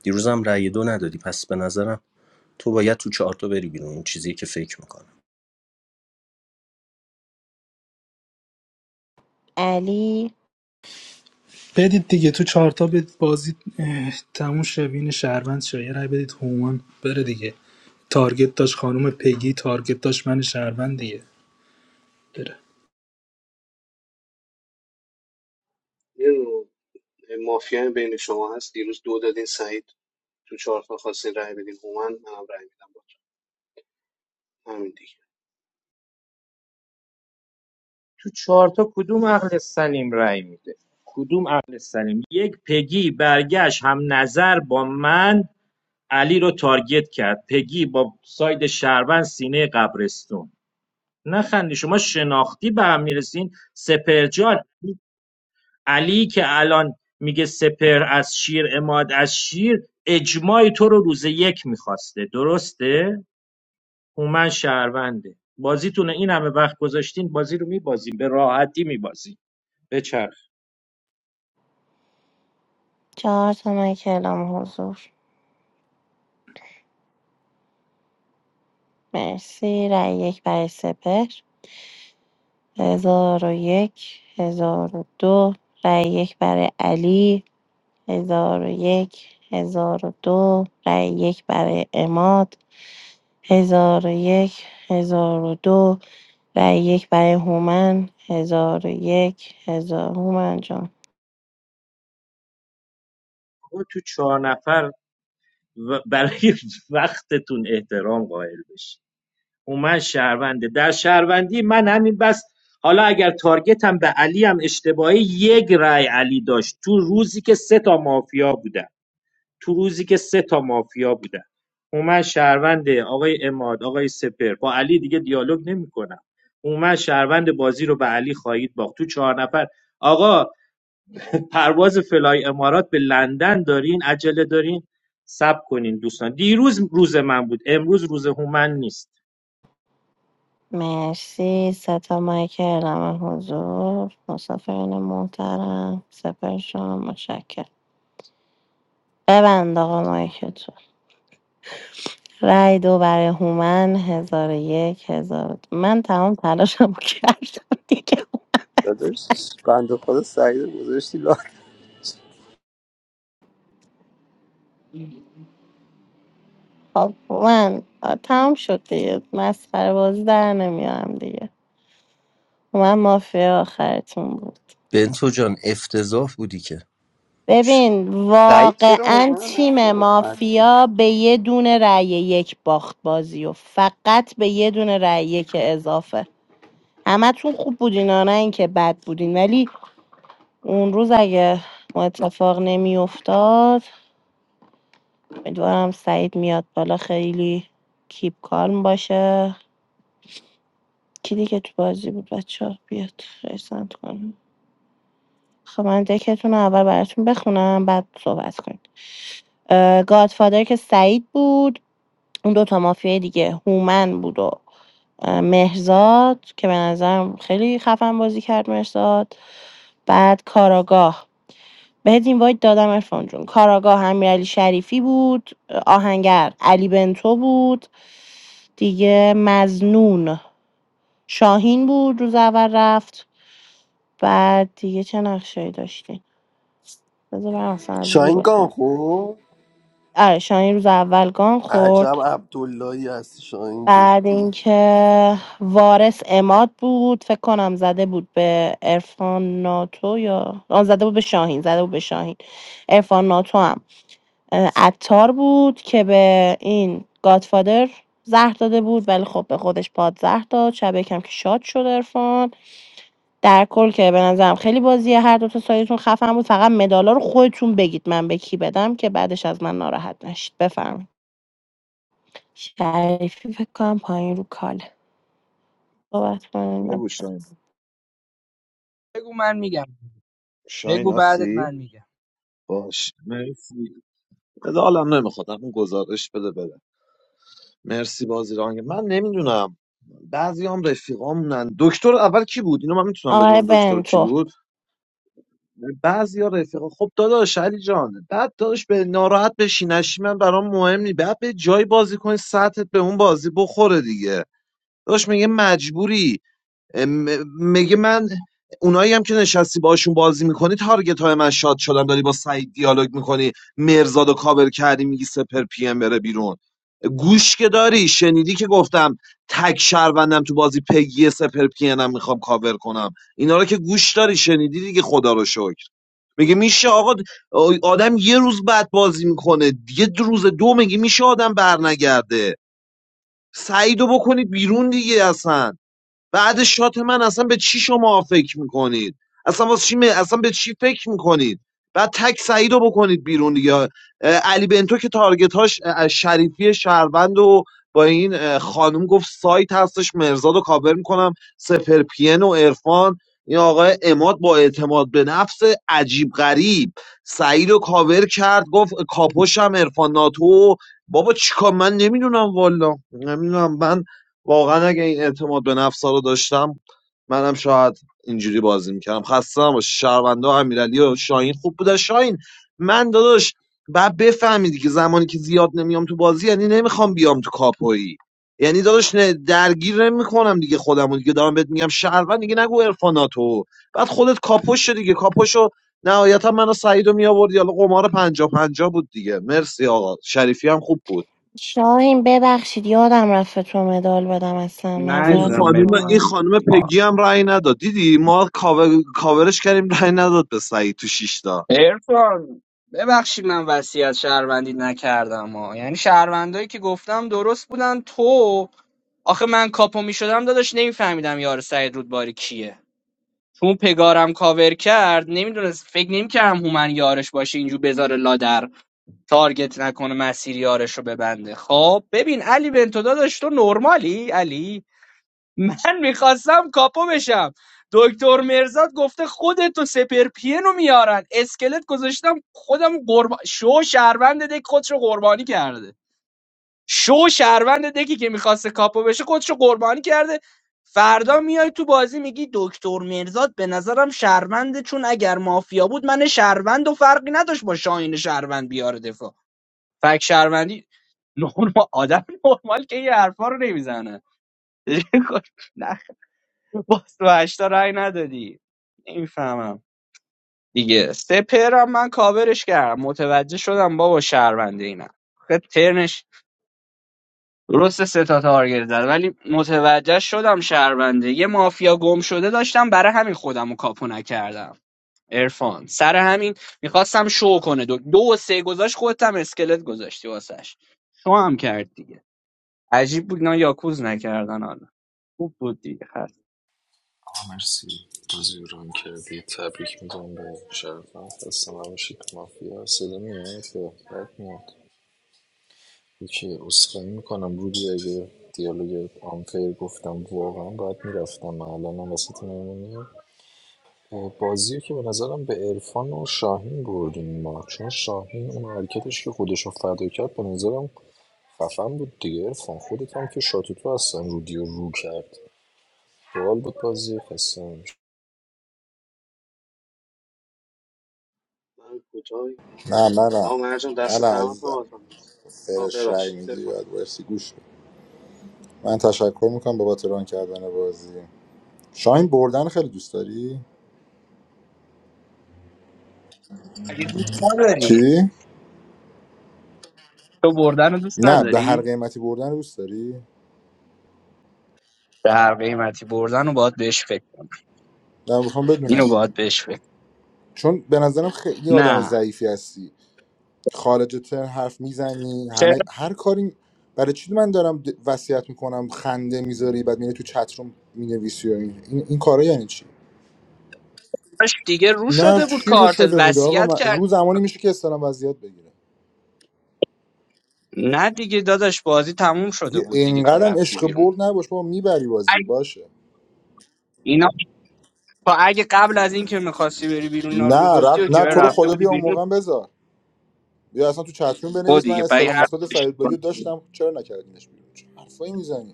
[SPEAKER 21] دیروزم رأی دو ندادی پس به نظرم تو باید تو چهارتا بری بیرون این چیزی که فکر میکنم
[SPEAKER 23] علی
[SPEAKER 17] بدید دیگه تو چهارتا بدید بازی اه، تموم شوین شهروند شه یه رای بدید هومان بره دیگه تارگت داشت خانم پگی تارگت داشت من شهروند دیگه بره
[SPEAKER 19] یه نوع مافیا بین شما هست دیروز دو دادین سعید تو چهار تا خواستین رأی بدین هومن منم رأی میدم با همین دیگه
[SPEAKER 25] تو چهارتا کدوم عقل سلیم رأی میده کدوم عقل سلیم یک پگی برگشت هم نظر با من علی رو تارگت کرد پگی با ساید شهروند سینه قبرستون نخندی شما شناختی به هم میرسین سپر جان این علی که الان میگه سپر از شیر اماد از شیر اجماع تو رو روز یک میخواسته درسته؟ هومن شهرونده بازیتونه این همه وقت گذاشتین بازی رو میبازیم به راحتی میبازیم بچرخ
[SPEAKER 23] چهار تا کلام حضور مرسی رأی یک برای سپر هزار و یک هزار و دو رأی یک برای علی هزار و یک هزار و دو رأی یک برای اماد هزار و یک هزار و دو رأی یک برای هومن هزار و یک هزار هومن جان
[SPEAKER 25] آقا تو چهار نفر و- برای وقتتون احترام قائل بشین اومد شهرونده در شهروندی من همین بس حالا اگر تارگتم به علی هم اشتباهی یک رای علی داشت تو روزی که سه تا مافیا بودن تو روزی که سه تا مافیا بودن اومد شهرونده آقای اماد آقای سپر با علی دیگه دیالوگ نمیکنم اومد شهروند بازی رو به علی خواهید باخت تو چهار نفر آقا پرواز فلای امارات به لندن دارین عجله دارین سب کنین دوستان دیروز روز من بود امروز روز هومن نیست
[SPEAKER 23] مرسی ستا مایک اعلام حضور مسافرین محترم سپر شما مشکل ببند آقا مایکتون رای دو برای هومن هزار و یک هزار و دو. من تمام تلاشمو کردم دیگه
[SPEAKER 28] What is? Bandu ko sahi. What is he like?
[SPEAKER 23] خب هومن آه، تمام شد دیگه مسخره بازی در نمیارم دیگه هومن مافیا آخرتون بود
[SPEAKER 21] بنتو جان افتضاح بودی که ش-
[SPEAKER 23] ببین
[SPEAKER 28] Saheer
[SPEAKER 23] واقعا
[SPEAKER 28] Oman, na
[SPEAKER 23] تیم
[SPEAKER 28] ko masti.
[SPEAKER 23] مافیا به یه دونه رای یک باخت بازی و فقط به یه دونه رای یک اضافه همتون خوب بودین آه، نه اینکه بد بودین ولی اون روز اگه ما اتفاق نمیافتاد امیدوارم سعید میاد بالا خیلی کیپ کالم باشه کی دیگه تو بازی بود بچه ها بیاد ریسند کنم خب من دکتون رو اول براتون بخونم بعد صحبت کنیم اه، گادفادر که سعید بود اون دوتا مافیای دیگه هومن بود و مهرزاد که به نظرم خیلی خفن بازی کرد مهرزاد بعد کاراگاه بهت این باید دادم ارفان جون کاراگاه امیرعلی شریفی بود آهنگر علی بنتو بود دیگه مزنون شاهین بود روز اول رفت بعد دیگه چه نقشه‌ای داشتیم بذار برم اصلا از رو
[SPEAKER 2] شاین گام
[SPEAKER 23] بخونم آره شاهین روز اول گان
[SPEAKER 2] عجب
[SPEAKER 23] خورد
[SPEAKER 2] عبداللهی هستی شاهین جدی
[SPEAKER 23] بعد اینکه وارث اماد بود فکر کنم زده بود به عرفان ناتو یا آن زده بود به شاهین زده بود به شاهین عرفان ناتو هم اه، عطار بود که به این گادفادر زهر داده بود ولی خب به خودش پاد زهر داد شب یکم که شاد شد عرفان در کل که به نظرم خیلی بازیه هر دو تا سایتون خفن بود فقط مدالا رو خودتون بگید من به کی بدم که بعدش از من ناراحت نشید بفرمایید شریفی فکر کنم پایین رو کاله صحبت کنیم
[SPEAKER 14] بگو
[SPEAKER 23] بچه‌ها.
[SPEAKER 14] شاهین شاین هستی؟ باش مرسی بده حالم نمیخواد همون گزارش بده برم مرسی بازی رانگ من نمیدونم بعضی هم رفیقامونن دکتر اول کی بود اینو من میتونم
[SPEAKER 23] آقای
[SPEAKER 14] بدونم دکتر کی
[SPEAKER 23] بنتو
[SPEAKER 14] بود بعضی ها رفیقا خب داداش علی جان بعد داداش به ناراحت بشی نشی من برام مهم نی بعد به جای بازی کنی سطحت به اون بازی بخوره دیگه داداش میگه مجبوری م- میگه من اونایی هم که نشستی باشون بازی میکنی تارگت های من شاد شدم داری با سعید دیالوگ میکنی مرزاد و کابل کردی میگی سپر پی ام بره بیرون گوش که داری شنیدی که گفتم تک شهروندم تو بازی پگی سپر پی هم میخوام کاور کنم اینا رو که گوش داری شنیدی دیگه خدا رو شکر میگه میشه آقا آدم یه روز بعد بازی میکنه یه روز دو میگه میشه آدم برنگرده سعیدو بکنید بیرون دیگه اصلا بعد شات من اصلا به چی شما فکر میکنید اصلا واسه چی می- اصلا به چی فکر میکنید بعد تک سعید رو بکنید بیرون دیگه اه، علی بنتو که تارگت هاش اه، شریفی شهروند و با این اه، خانم گفت سایت هستش مرزاد رو کابر میکنم سپر پین و ارفان این آقای اماد با اعتماد به نفس عجیب غریب سعید رو کاور کرد گفت کاپوشم ارفان ناتو بابا چیکار من نمیدونم والا نمیدونم من واقعا اگه این اعتماد به نفس رو داشتم منم شاید اینجوری بازی میکردم خسته نباشی شهرونده امیرعلی و شاهین خوب بوده شاهین من داداش بعد بفهمیدی که زمانی که زیاد نمیام تو بازی یعنی نمیخوام بیام تو کاپویی یعنی داداش نه- درگیر نمیکنم دیگه خودمو دیگه دارم بهت میگم شهروند دیگه نگو عرفاناتو بعد خودت کاپوش شدی دیگه کاپوشو نهایتا منو سعیدو میآوردی حالا قمار 50 50 بود دیگه مرسی آقا شریفی هم خوب بود
[SPEAKER 23] شاهین ببخشید یادم رفت به تو مدال بدم اصلا
[SPEAKER 14] این
[SPEAKER 23] معذرت
[SPEAKER 10] ندیدم مرسی
[SPEAKER 14] خانم این
[SPEAKER 23] میخوام
[SPEAKER 14] خانم
[SPEAKER 10] آه،
[SPEAKER 14] پگی هم رأی نداد دیدی ما کاور... کاورش کردیم رأی نداد به سعید تو شیشتا
[SPEAKER 10] ارفان ببخشید من وصیت شهروندی نکردم ها یعنی شهروندایی که گفتم درست بودن تو آخه من کاپو میشدم داداش نمیفهمیدم یار سعید رودباری کیه چون پگارم کاور کرد نمیدونست فکر نمیکردم هومن یارش باشه اینجور بذاره لادر تارگت نکنه مسیر یارش رو ببنده خب ببین علی بنتو داداش تو نرمالی علی من میخواستم کاپو بشم دکتر مرزاد گفته خودت تو سپر پینو میارن اسکلت گذاشتم خودم قربان شو شهروند دک خودش رو قربانی کرده شو شهروند دکی که میخواسته کاپو بشه خودش رو قربانی کرده فردا میای تو بازی میگی دکتر مرزاد به نظرم شهرونده چون اگر مافیا بود من شهروند و فرقی نداشت با شاهین شهروند بیاره دفاع فک شهروندی نورما آدم نرمال که این حرفا رو نمیزنه نه باز تو هشتا رای ندادی نمیفهمم دیگه سپرم من کاورش کردم متوجه شدم بابا شهرونده اینم خب ترنش درست سه تا تارگت زد ولی متوجه شدم شهرونده یه مافیا گم شده داشتم برای همین خودم رو کاپو نکردم ارفان سر همین میخواستم شو کنه دو, دو و سه گذاشت خودت هم اسکلت گذاشتی واسش شو هم کرد دیگه. عجیب بود اینا یاکوز نکردن حالا خوب بود دیگه هست
[SPEAKER 4] میکنم رودی اگه دیالوگ آنفیر گفتم واقعا باید میرفتم الانم وسط مهمونی بازی رو که به نظرم به عرفان و شاهین بردیم ما چون شاهین اون حرکتش که خودش رو فدا کرد به نظرم خفن بود دیگه عرفان خودت هم که شاتوتو هستن رودی رو رو کرد باحال بود بازی خسته
[SPEAKER 19] من کوتاه
[SPEAKER 22] نه نه نه
[SPEAKER 19] آقا مرجان
[SPEAKER 22] نه نه
[SPEAKER 19] دست دمت
[SPEAKER 22] عزیزم
[SPEAKER 19] بابت آن آه
[SPEAKER 22] سرش رأی
[SPEAKER 19] ببخشید
[SPEAKER 22] میدی
[SPEAKER 19] بفهم
[SPEAKER 22] یاد بایستی گوش بدی. من تشکر میکنم بابت ران کردن بازی شاین بردن خیلی دوست داری
[SPEAKER 10] اگه دوست نداری
[SPEAKER 22] چی
[SPEAKER 10] تو بردن رو دوست
[SPEAKER 22] نه به هر
[SPEAKER 10] نداری
[SPEAKER 22] قیمتی بردن رو دوست داری
[SPEAKER 10] به هر قیمتی بردن رو باید بهش فکر کنم
[SPEAKER 22] نه میخوام بدونم
[SPEAKER 10] اینو باید بهش فکر
[SPEAKER 22] چون به نظرم خیلی
[SPEAKER 10] کنم.
[SPEAKER 22] آدم
[SPEAKER 10] نه
[SPEAKER 22] ضعیفی هستی خارج ترن حرف میزنی همه هر کاری برای چی من دارم د- وصیت میکنم خنده میذاری بعد میری تو چت روم مینویسی و این این, این کارا یعنی چی
[SPEAKER 10] چراش دیگه رو
[SPEAKER 22] نه
[SPEAKER 10] شده بود
[SPEAKER 22] چی رو
[SPEAKER 10] کارتت
[SPEAKER 22] شده بوده آقا
[SPEAKER 10] وصیت
[SPEAKER 22] من
[SPEAKER 10] کرد
[SPEAKER 22] رو زمانی میشه که استرام وضعیت بگیره
[SPEAKER 10] نه دیگه داداش بازی تموم شده
[SPEAKER 22] دیگه
[SPEAKER 10] بود دیگه تو
[SPEAKER 22] اینقدرم
[SPEAKER 10] رفتی
[SPEAKER 22] عشق
[SPEAKER 10] بیرون
[SPEAKER 22] برد نباش بابا میبری بازی
[SPEAKER 10] اگه
[SPEAKER 22] باشه
[SPEAKER 10] اینا تا اگه قبل از این که میخواستی بری بیرون اینا رو
[SPEAKER 22] نه رب
[SPEAKER 10] میگفتی و که
[SPEAKER 22] نه تو رو
[SPEAKER 10] رفته
[SPEAKER 22] خدا
[SPEAKER 10] بودی
[SPEAKER 22] بیا اون
[SPEAKER 10] بیرون
[SPEAKER 22] موقع هم بذار بیا اصلا تو چت روم
[SPEAKER 10] خود
[SPEAKER 22] بنویس من
[SPEAKER 10] دیگه پای
[SPEAKER 22] استلام
[SPEAKER 10] هر
[SPEAKER 22] مثبت سعید بادی رو داشتم چرا نکردینش بیرون چه حرفایی میزنی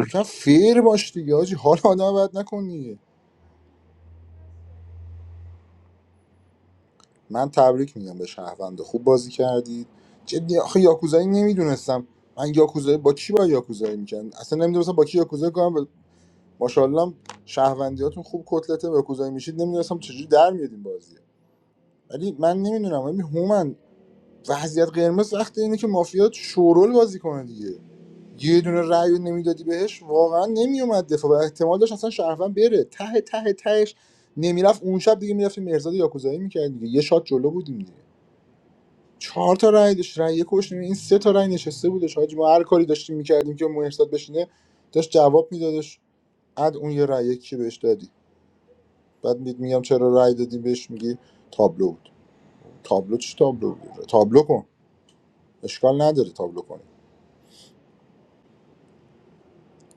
[SPEAKER 22] یکم فیر باش دیگه حاجی حال آدم بد نکنی من تبریک میگم به شهرونده خوب بازی کردید جدی آخه یاکوزایی نمیدونستم من یاکوزایی با کی با یاکوزایی میکنم اصلا نمیدونستم با کی یاکوزایی کنم ب- ماشاءالله شهروندیاتون خوب کتلته یاکوزایی میشید نمیدونستم چجوری در میادین بازی ولی من نمیدونم ولی هومن وضعیت قرمز وقتی اینه که مافیا شورول بازی کنه دیگه یه دونه رأی رو نمیدادی بهش واقعا نمیومد دفاع و احتمال داشت اصلا شهروند بره ته ته تهش نمیرفت اون شب دیگه میرفتیم مرزاد یاکوزایی میکرد دیگه یه شات جلو بودیم دیگه چهار تا رأی داشت رأی یک کش این سه تا رأی نشسته بودش حاجی ما هر کاری داشتیم میکردیم که مرزاد بشینه داشت جواب میدادش اد اون یه رأی یکی بهش دادی بعد می- میگم چرا رأی دادیم بهش میگی تابلو بود تابلو چی تابلو بود تابلو کن اشکال نداره تابلو کنی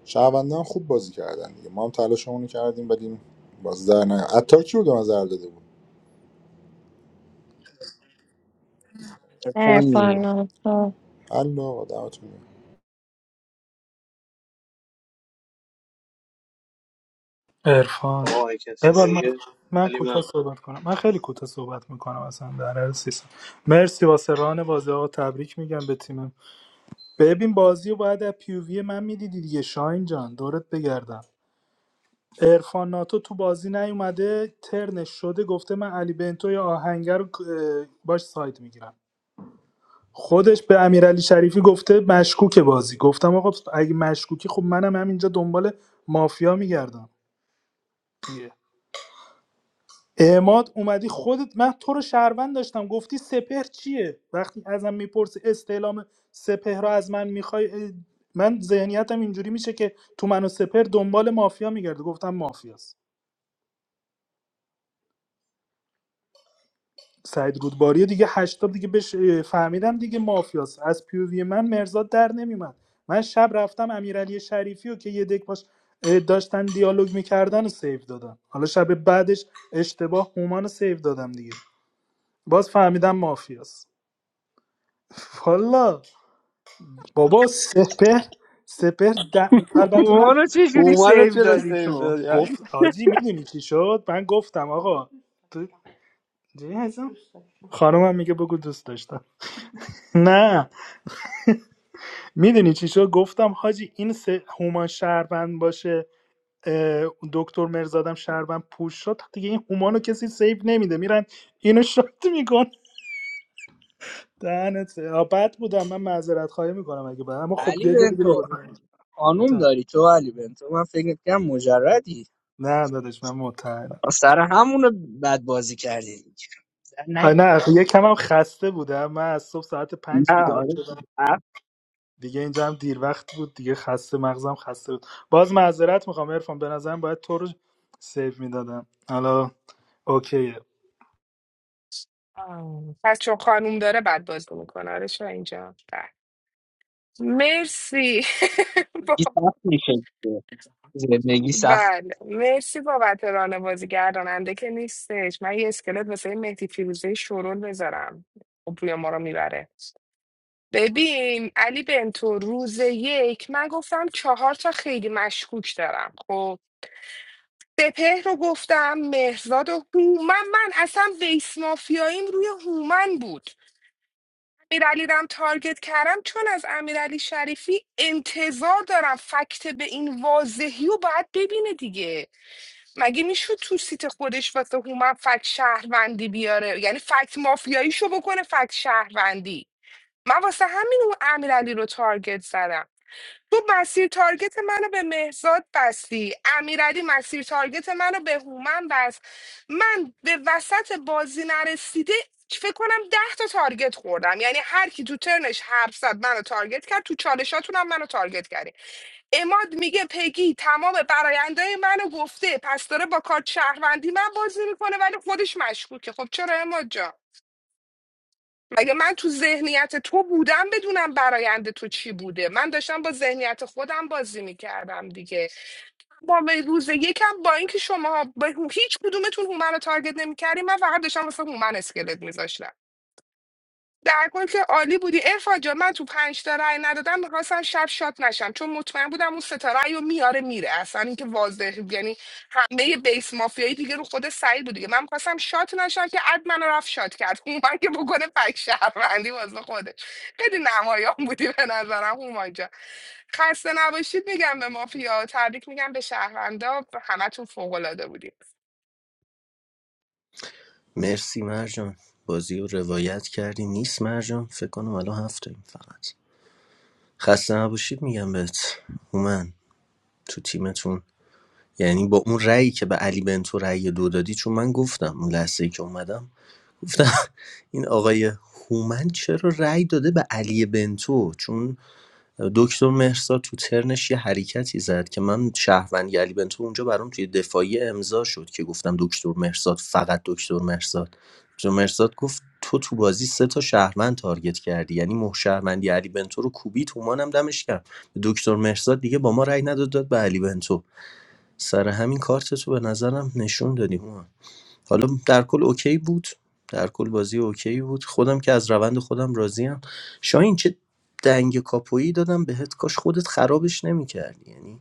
[SPEAKER 22] شهروندان هم خوب بازی کردن دیگه ما هم تلاشمون رو کردیم ولی باز در نیومد عطار کی بود به نظر داده بود
[SPEAKER 10] چه خوندی.
[SPEAKER 23] عرفان
[SPEAKER 22] الله دمتون گرم.
[SPEAKER 17] عرفان
[SPEAKER 19] آقا اگه کسی
[SPEAKER 17] بباد من
[SPEAKER 19] نمیگه
[SPEAKER 17] من
[SPEAKER 19] علی
[SPEAKER 17] کوتاه صحبت کنم من خیلی کوتاه صحبت میکنم اصلا در هر سیستم مرسی واسه ران بازی آقا تبریک میگم به تیمم ببین بازی رو باید از پیووی من میدیدی دیگه شاین جان دورت بگردم عرفان ناتو تو بازی نیومده ترنش شده گفته من علی بنتو یا آهنگر رو اه، باش ساید میگیرم خودش به امیرعلی شریفی گفته مشکوک بازی گفتم آقا اگه مشکوکی خب منم همینجا دنبال مافیا میگردم دیگه اعماد اومدی خودت من تو رو شهروند داشتم گفتی سپهر چیه وقتی ازم میپرسی استعلام سپهر رو از من میخوای من ذهنیتم اینجوری میشه که تو منو سپهر دنبال مافیا میگرده گفتم مافیاست سعید رودباری دیگه 80 دیگه بش فهمیدم دیگه مافیاست از پیووی من مرزاد در نمیومد من شب رفتم امیرعلی شریفی و که یه دک باش داشتن دیالوگ میکردن و سیو دادم حالا شب بعدش اشتباه هومان رو سیو دادم دیگه باز فهمیدم مافیاست والا بابا سپر سپر د-
[SPEAKER 10] خب،
[SPEAKER 17] البته
[SPEAKER 10] ما
[SPEAKER 17] من
[SPEAKER 10] رو چه جوری
[SPEAKER 28] Oman
[SPEAKER 10] سیو
[SPEAKER 28] chala
[SPEAKER 10] دادی
[SPEAKER 28] same to
[SPEAKER 10] تو
[SPEAKER 28] diyaani.
[SPEAKER 17] گفت آجی میدونی چی شد من گفتم آقا تو- خانمم میگه بگو دوست داشتم نه میدونی چی شد گفتم حاجی این سه هومان شهروند باشه اه، دکتر مرزادم شهروند پوش شد دیگه این هومانو کسی سیف نمیده میرن اینو شات میکن دهنت آه، بد بودم من معذرت خواهی میکنم اگه بعد اما خب
[SPEAKER 10] علی
[SPEAKER 17] یه جا دیگه
[SPEAKER 10] بنتو
[SPEAKER 17] بگذارم
[SPEAKER 10] خانوم داری تو علی بنتو من فکر میکنم مجردی
[SPEAKER 17] نه دادش من متعلم
[SPEAKER 10] سر همونو بد بازی کردی سر نگید
[SPEAKER 17] نه
[SPEAKER 10] آقا
[SPEAKER 17] یه کم هم خسته بودم من از صبح ساعت
[SPEAKER 10] نه
[SPEAKER 17] پنج بیدار
[SPEAKER 10] آره
[SPEAKER 17] شدم دیگه اینجا هم دیر وقت بود دیگه خسته مغزم خسته بود باز معذرت میخوام عرفان به نظرم باید تو رو سیف میدادم حالا اوکیه
[SPEAKER 15] آه. پس چون خانوم داره بعد بازی میکنه آره شو اینجا بله. مرسی با-
[SPEAKER 10] میشه دیگه. زندگی سخت
[SPEAKER 15] بله مرسی بابت رانه بازی گرداننده که نیستش من یه اسکلت واسه مهدی فیروزه شورول بذارم خب روی ما رو میبره ببین علی بنتو روز یک من گفتم چهار تا خیلی مشکوک دارم خب سپهر رو گفتم مهرزاد و هومن من اصلا بیس مافیاییم روی هومن بود امیرعلی رم تارگت کردم چون از امیرعلی شریفی انتظار دارم فکت به این واضحی و باید ببینه دیگه مگه میشد تو سیت خودش واسه هومن فکت شهروندی بیاره یعنی فکت مافیاییشو بکنه فکت شهروندی من واسه همین اون امیرعلی رو تارگت زدم تو مسیر تارگت منو به مهزاد بستی امیرعلی مسیر تارگت منو به هومن بست من به وسط بازی نرسیده فکر کنم ده تا تارگت خوردم یعنی هر کی تو ترنش حرف زد منو تارگت کرد تو چالشاتون هم منو تارگت کردی اماد میگه پگی تمام براینده منو گفته پس داره با کارت شهروندی من بازی میکنه ولی خودش مشکوکه خب چرا اماد جان اگه من تو ذهنیت تو بودم بدونم برایند تو چی بوده من داشتم با ذهنیت خودم بازی میکردم دیگه با به روز یکم با اینکه شما با هیچ کدومتون هومن رو تارگت نمیکردیم من فقط داشتم واسه هومن اسکلت میذاشتم در کل که عالی بودی ارفان جان من تو پنج تا رأی ندادم میخواستم شب شات نشم چون مطمئن بودم اون ستا رأی رو میاره میره اصلا اینکه واضح یعنی همه بیس مافیایی دیگه رو خود سعید بود دیگه من میخواستم شات نشم که اد منو رفت شات کرد هومان که بکنه پک شهروندی واسه خودش خیلی نمایان بودی به نظرم هومان جان خسته نباشید میگم به مافیا تبریک میگم به شهروندا همتون فوق العاده بودید
[SPEAKER 21] مرسی مرجان بازی رو روایت کردی نیست مرجان فکر کنم الان هفته این فقط خسته نباشید میگم بهت هومن تو تیمتون یعنی با اون رأیی که به علی بنتو رأی دو دادی چون من گفتم اون لحظه ای که اومدم گفتم این آقای هومن چرا رأی داده به علی بنتو چون دکتر مهرسا تو ترنش یه حرکتی زد که من شهروند علی بنتو اونجا برام توی دفاعی امضا شد که گفتم دکتر مهرزاد فقط دکتر مهرزاد دکتر مهرزاد گفت تو تو بازی سه تا شهروند تارگت کردی یعنی مه شهروندی علی بنتو رو کوبی تومانم دمش کرد دکتر مهرزاد دیگه با ما رأی نداد داد به علی بنتو سر همین کارت تو به نظرم نشون دادی هومان حالا در کل اوکی بود در کل بازی اوکی بود خودم که از روند خودم راضیم شاهین چه دنگ کاپویی دادم بهت کاش خودت خرابش نمیکردی یعنی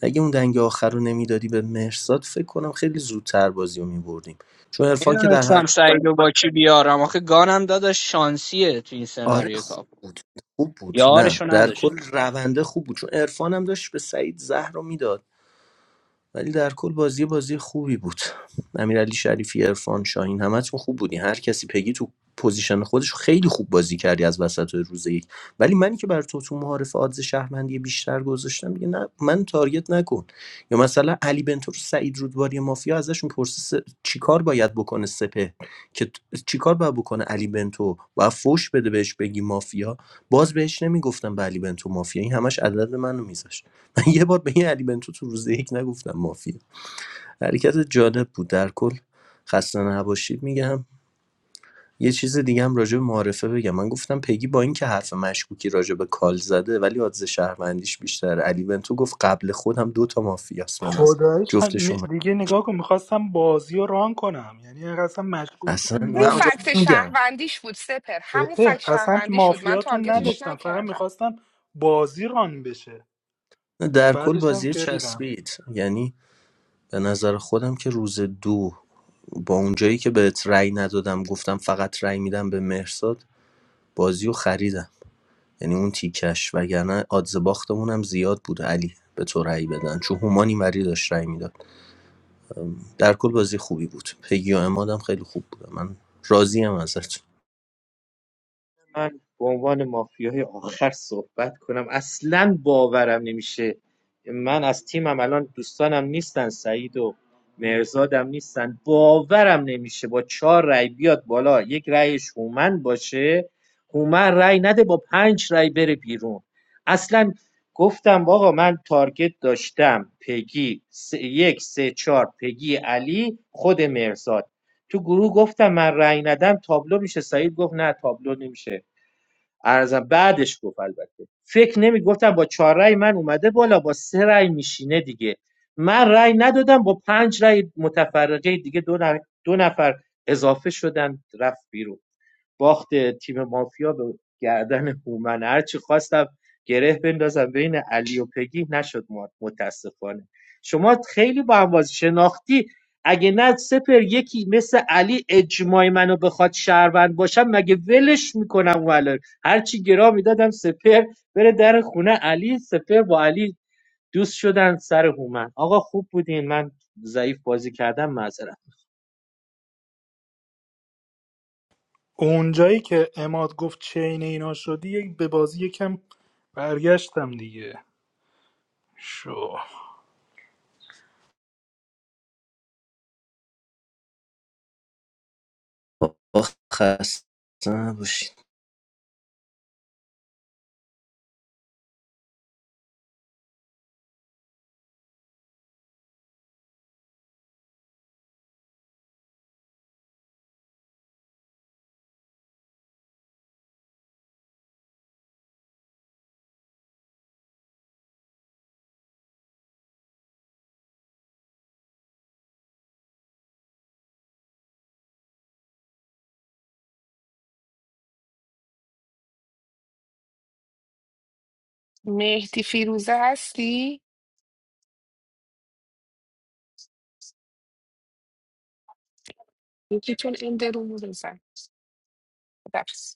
[SPEAKER 21] اگه اون دنگ آخر رو نمیدادی به مهرزاد فکر کنم خیلی زودتر بازی رو میبردیم چون عرفان که در هر
[SPEAKER 10] میدونستم سعید و با کی بیارم آخه گانم داداش شانسیه تو این
[SPEAKER 21] آره
[SPEAKER 10] سناریو
[SPEAKER 21] خوب
[SPEAKER 10] کاپ
[SPEAKER 21] بود خوب بود نه
[SPEAKER 10] یارشو
[SPEAKER 21] در
[SPEAKER 10] نداشت
[SPEAKER 21] کل رونده خوب بود چون عرفان هم داشت به سعید زهر رو میداد ولی در کل بازی بازی خوبی بود امیرعلی شریفی عرفان شاهین همتون خوب بودی. هر کسی پگی تو پوزیشن خودش خیلی خوب بازی کردی از وسط روز یک ولی منی که بر تو تو معارف آدز شهروندی بیشتر گذاشتم میگه نه من تارگت نکن یا مثلا علی بنتور سعید رودباری مافیا ازشون پرسه س- چیکار باید بکنه سپه که ت- چیکار باید بکنه علی بنتو و فوش بده بهش بگی مافیا باز بهش نمیگفتم به علی بنتو مافیا این همش عدد منو میذاشت من یه بار به یه علی بنتو تو روز یک نگفتم مافیا حرکت جالب بود در کل خسته نباشید میگم یه چیز دیگه هم راجع به معارفه بگم من گفتم پگی با اینکه حرف مشکوکی راجع به کال زده ولی آدز شهروندیش بیشتر علی بنتو گفت قبل خودم دو تا مافیاس من از
[SPEAKER 17] خدایش ها-
[SPEAKER 21] جفت
[SPEAKER 17] ن-
[SPEAKER 21] شما
[SPEAKER 17] دیگه نگاه کن میخواستم بازی رو ران کنم یعنی اصلا
[SPEAKER 21] اصلا
[SPEAKER 17] مشکوکتون
[SPEAKER 21] من
[SPEAKER 15] اون
[SPEAKER 21] راست
[SPEAKER 15] فکت
[SPEAKER 17] نداشتم
[SPEAKER 21] میگم
[SPEAKER 15] شهروندیش بود سپر همون فکت
[SPEAKER 17] سپه اصلا
[SPEAKER 15] شهروندیش بود من
[SPEAKER 17] مافیاتون
[SPEAKER 15] تارگتش
[SPEAKER 17] نداشتم فقط
[SPEAKER 15] نکردم
[SPEAKER 17] میخواستم بازی ران بشه
[SPEAKER 21] در کل
[SPEAKER 17] بعدش هم
[SPEAKER 21] بازی
[SPEAKER 17] که ریدم
[SPEAKER 21] چسبید یعنی به نظر خودم که روز دو با اونجایی که بهت رأی ندادم گفتم فقط رأی میدم به مهرزاد بازی رو خریدم یعنی اون تیکش وگرنه آدز باختمون هم زیاد بود علی به تو رأی بدن چون هومان اینوری داشت رأی میداد در کل بازی خوبی بود پگی و امادم خیلی خوب بود من راضیم ازت
[SPEAKER 25] من به عنوان مافیای آخر صحبت کنم اصلا باورم نمیشه من از تیمم الان دوستانم نیستن سعید و مرزادم نیستن باورم نمیشه با چهار رای بیاد بالا یک رأیش هومن باشه هومن رای نده با پنج رای بره بیرون اصلا گفتم آقا من تارگت داشتم پگی سه- یک سه چهار پگی علی خود مرزاد تو گروه گفتم من رای ندم تابلو میشه سعید گفت نه تابلو نمیشه ارزم بعدش گفت البته فکر نمی با چهار رأی من اومده بالا با سه رأی میشینه دیگه من رای ندادم با پنج رای متفرقه دیگه دو نفر, دو نفر اضافه شدن رفت بیرون باخت تیم مافیا به گردن هومن هرچی خواستم گره بندازم بین علی و پگی نشد ما- متاسفانه شما خیلی با هم بازی شناختی اگه نه سپر یکی مثل علی اجماع منو بخواد شهروند باشم مگه ولش میکنم ولر هرچی گرا میدادم سپر بره در خونه علی سپر با علی دوست شدن سر هومن آقا خوب بودین من ضعیف بازی کردم معذرت
[SPEAKER 17] اونجایی که اماد گفت چین اینا شدی یک- به بازی یکم برگشتم دیگه شو
[SPEAKER 21] خسته نباشید
[SPEAKER 15] مهدی فیروزه هستی؟ یکیتون این درون رو بزن بس.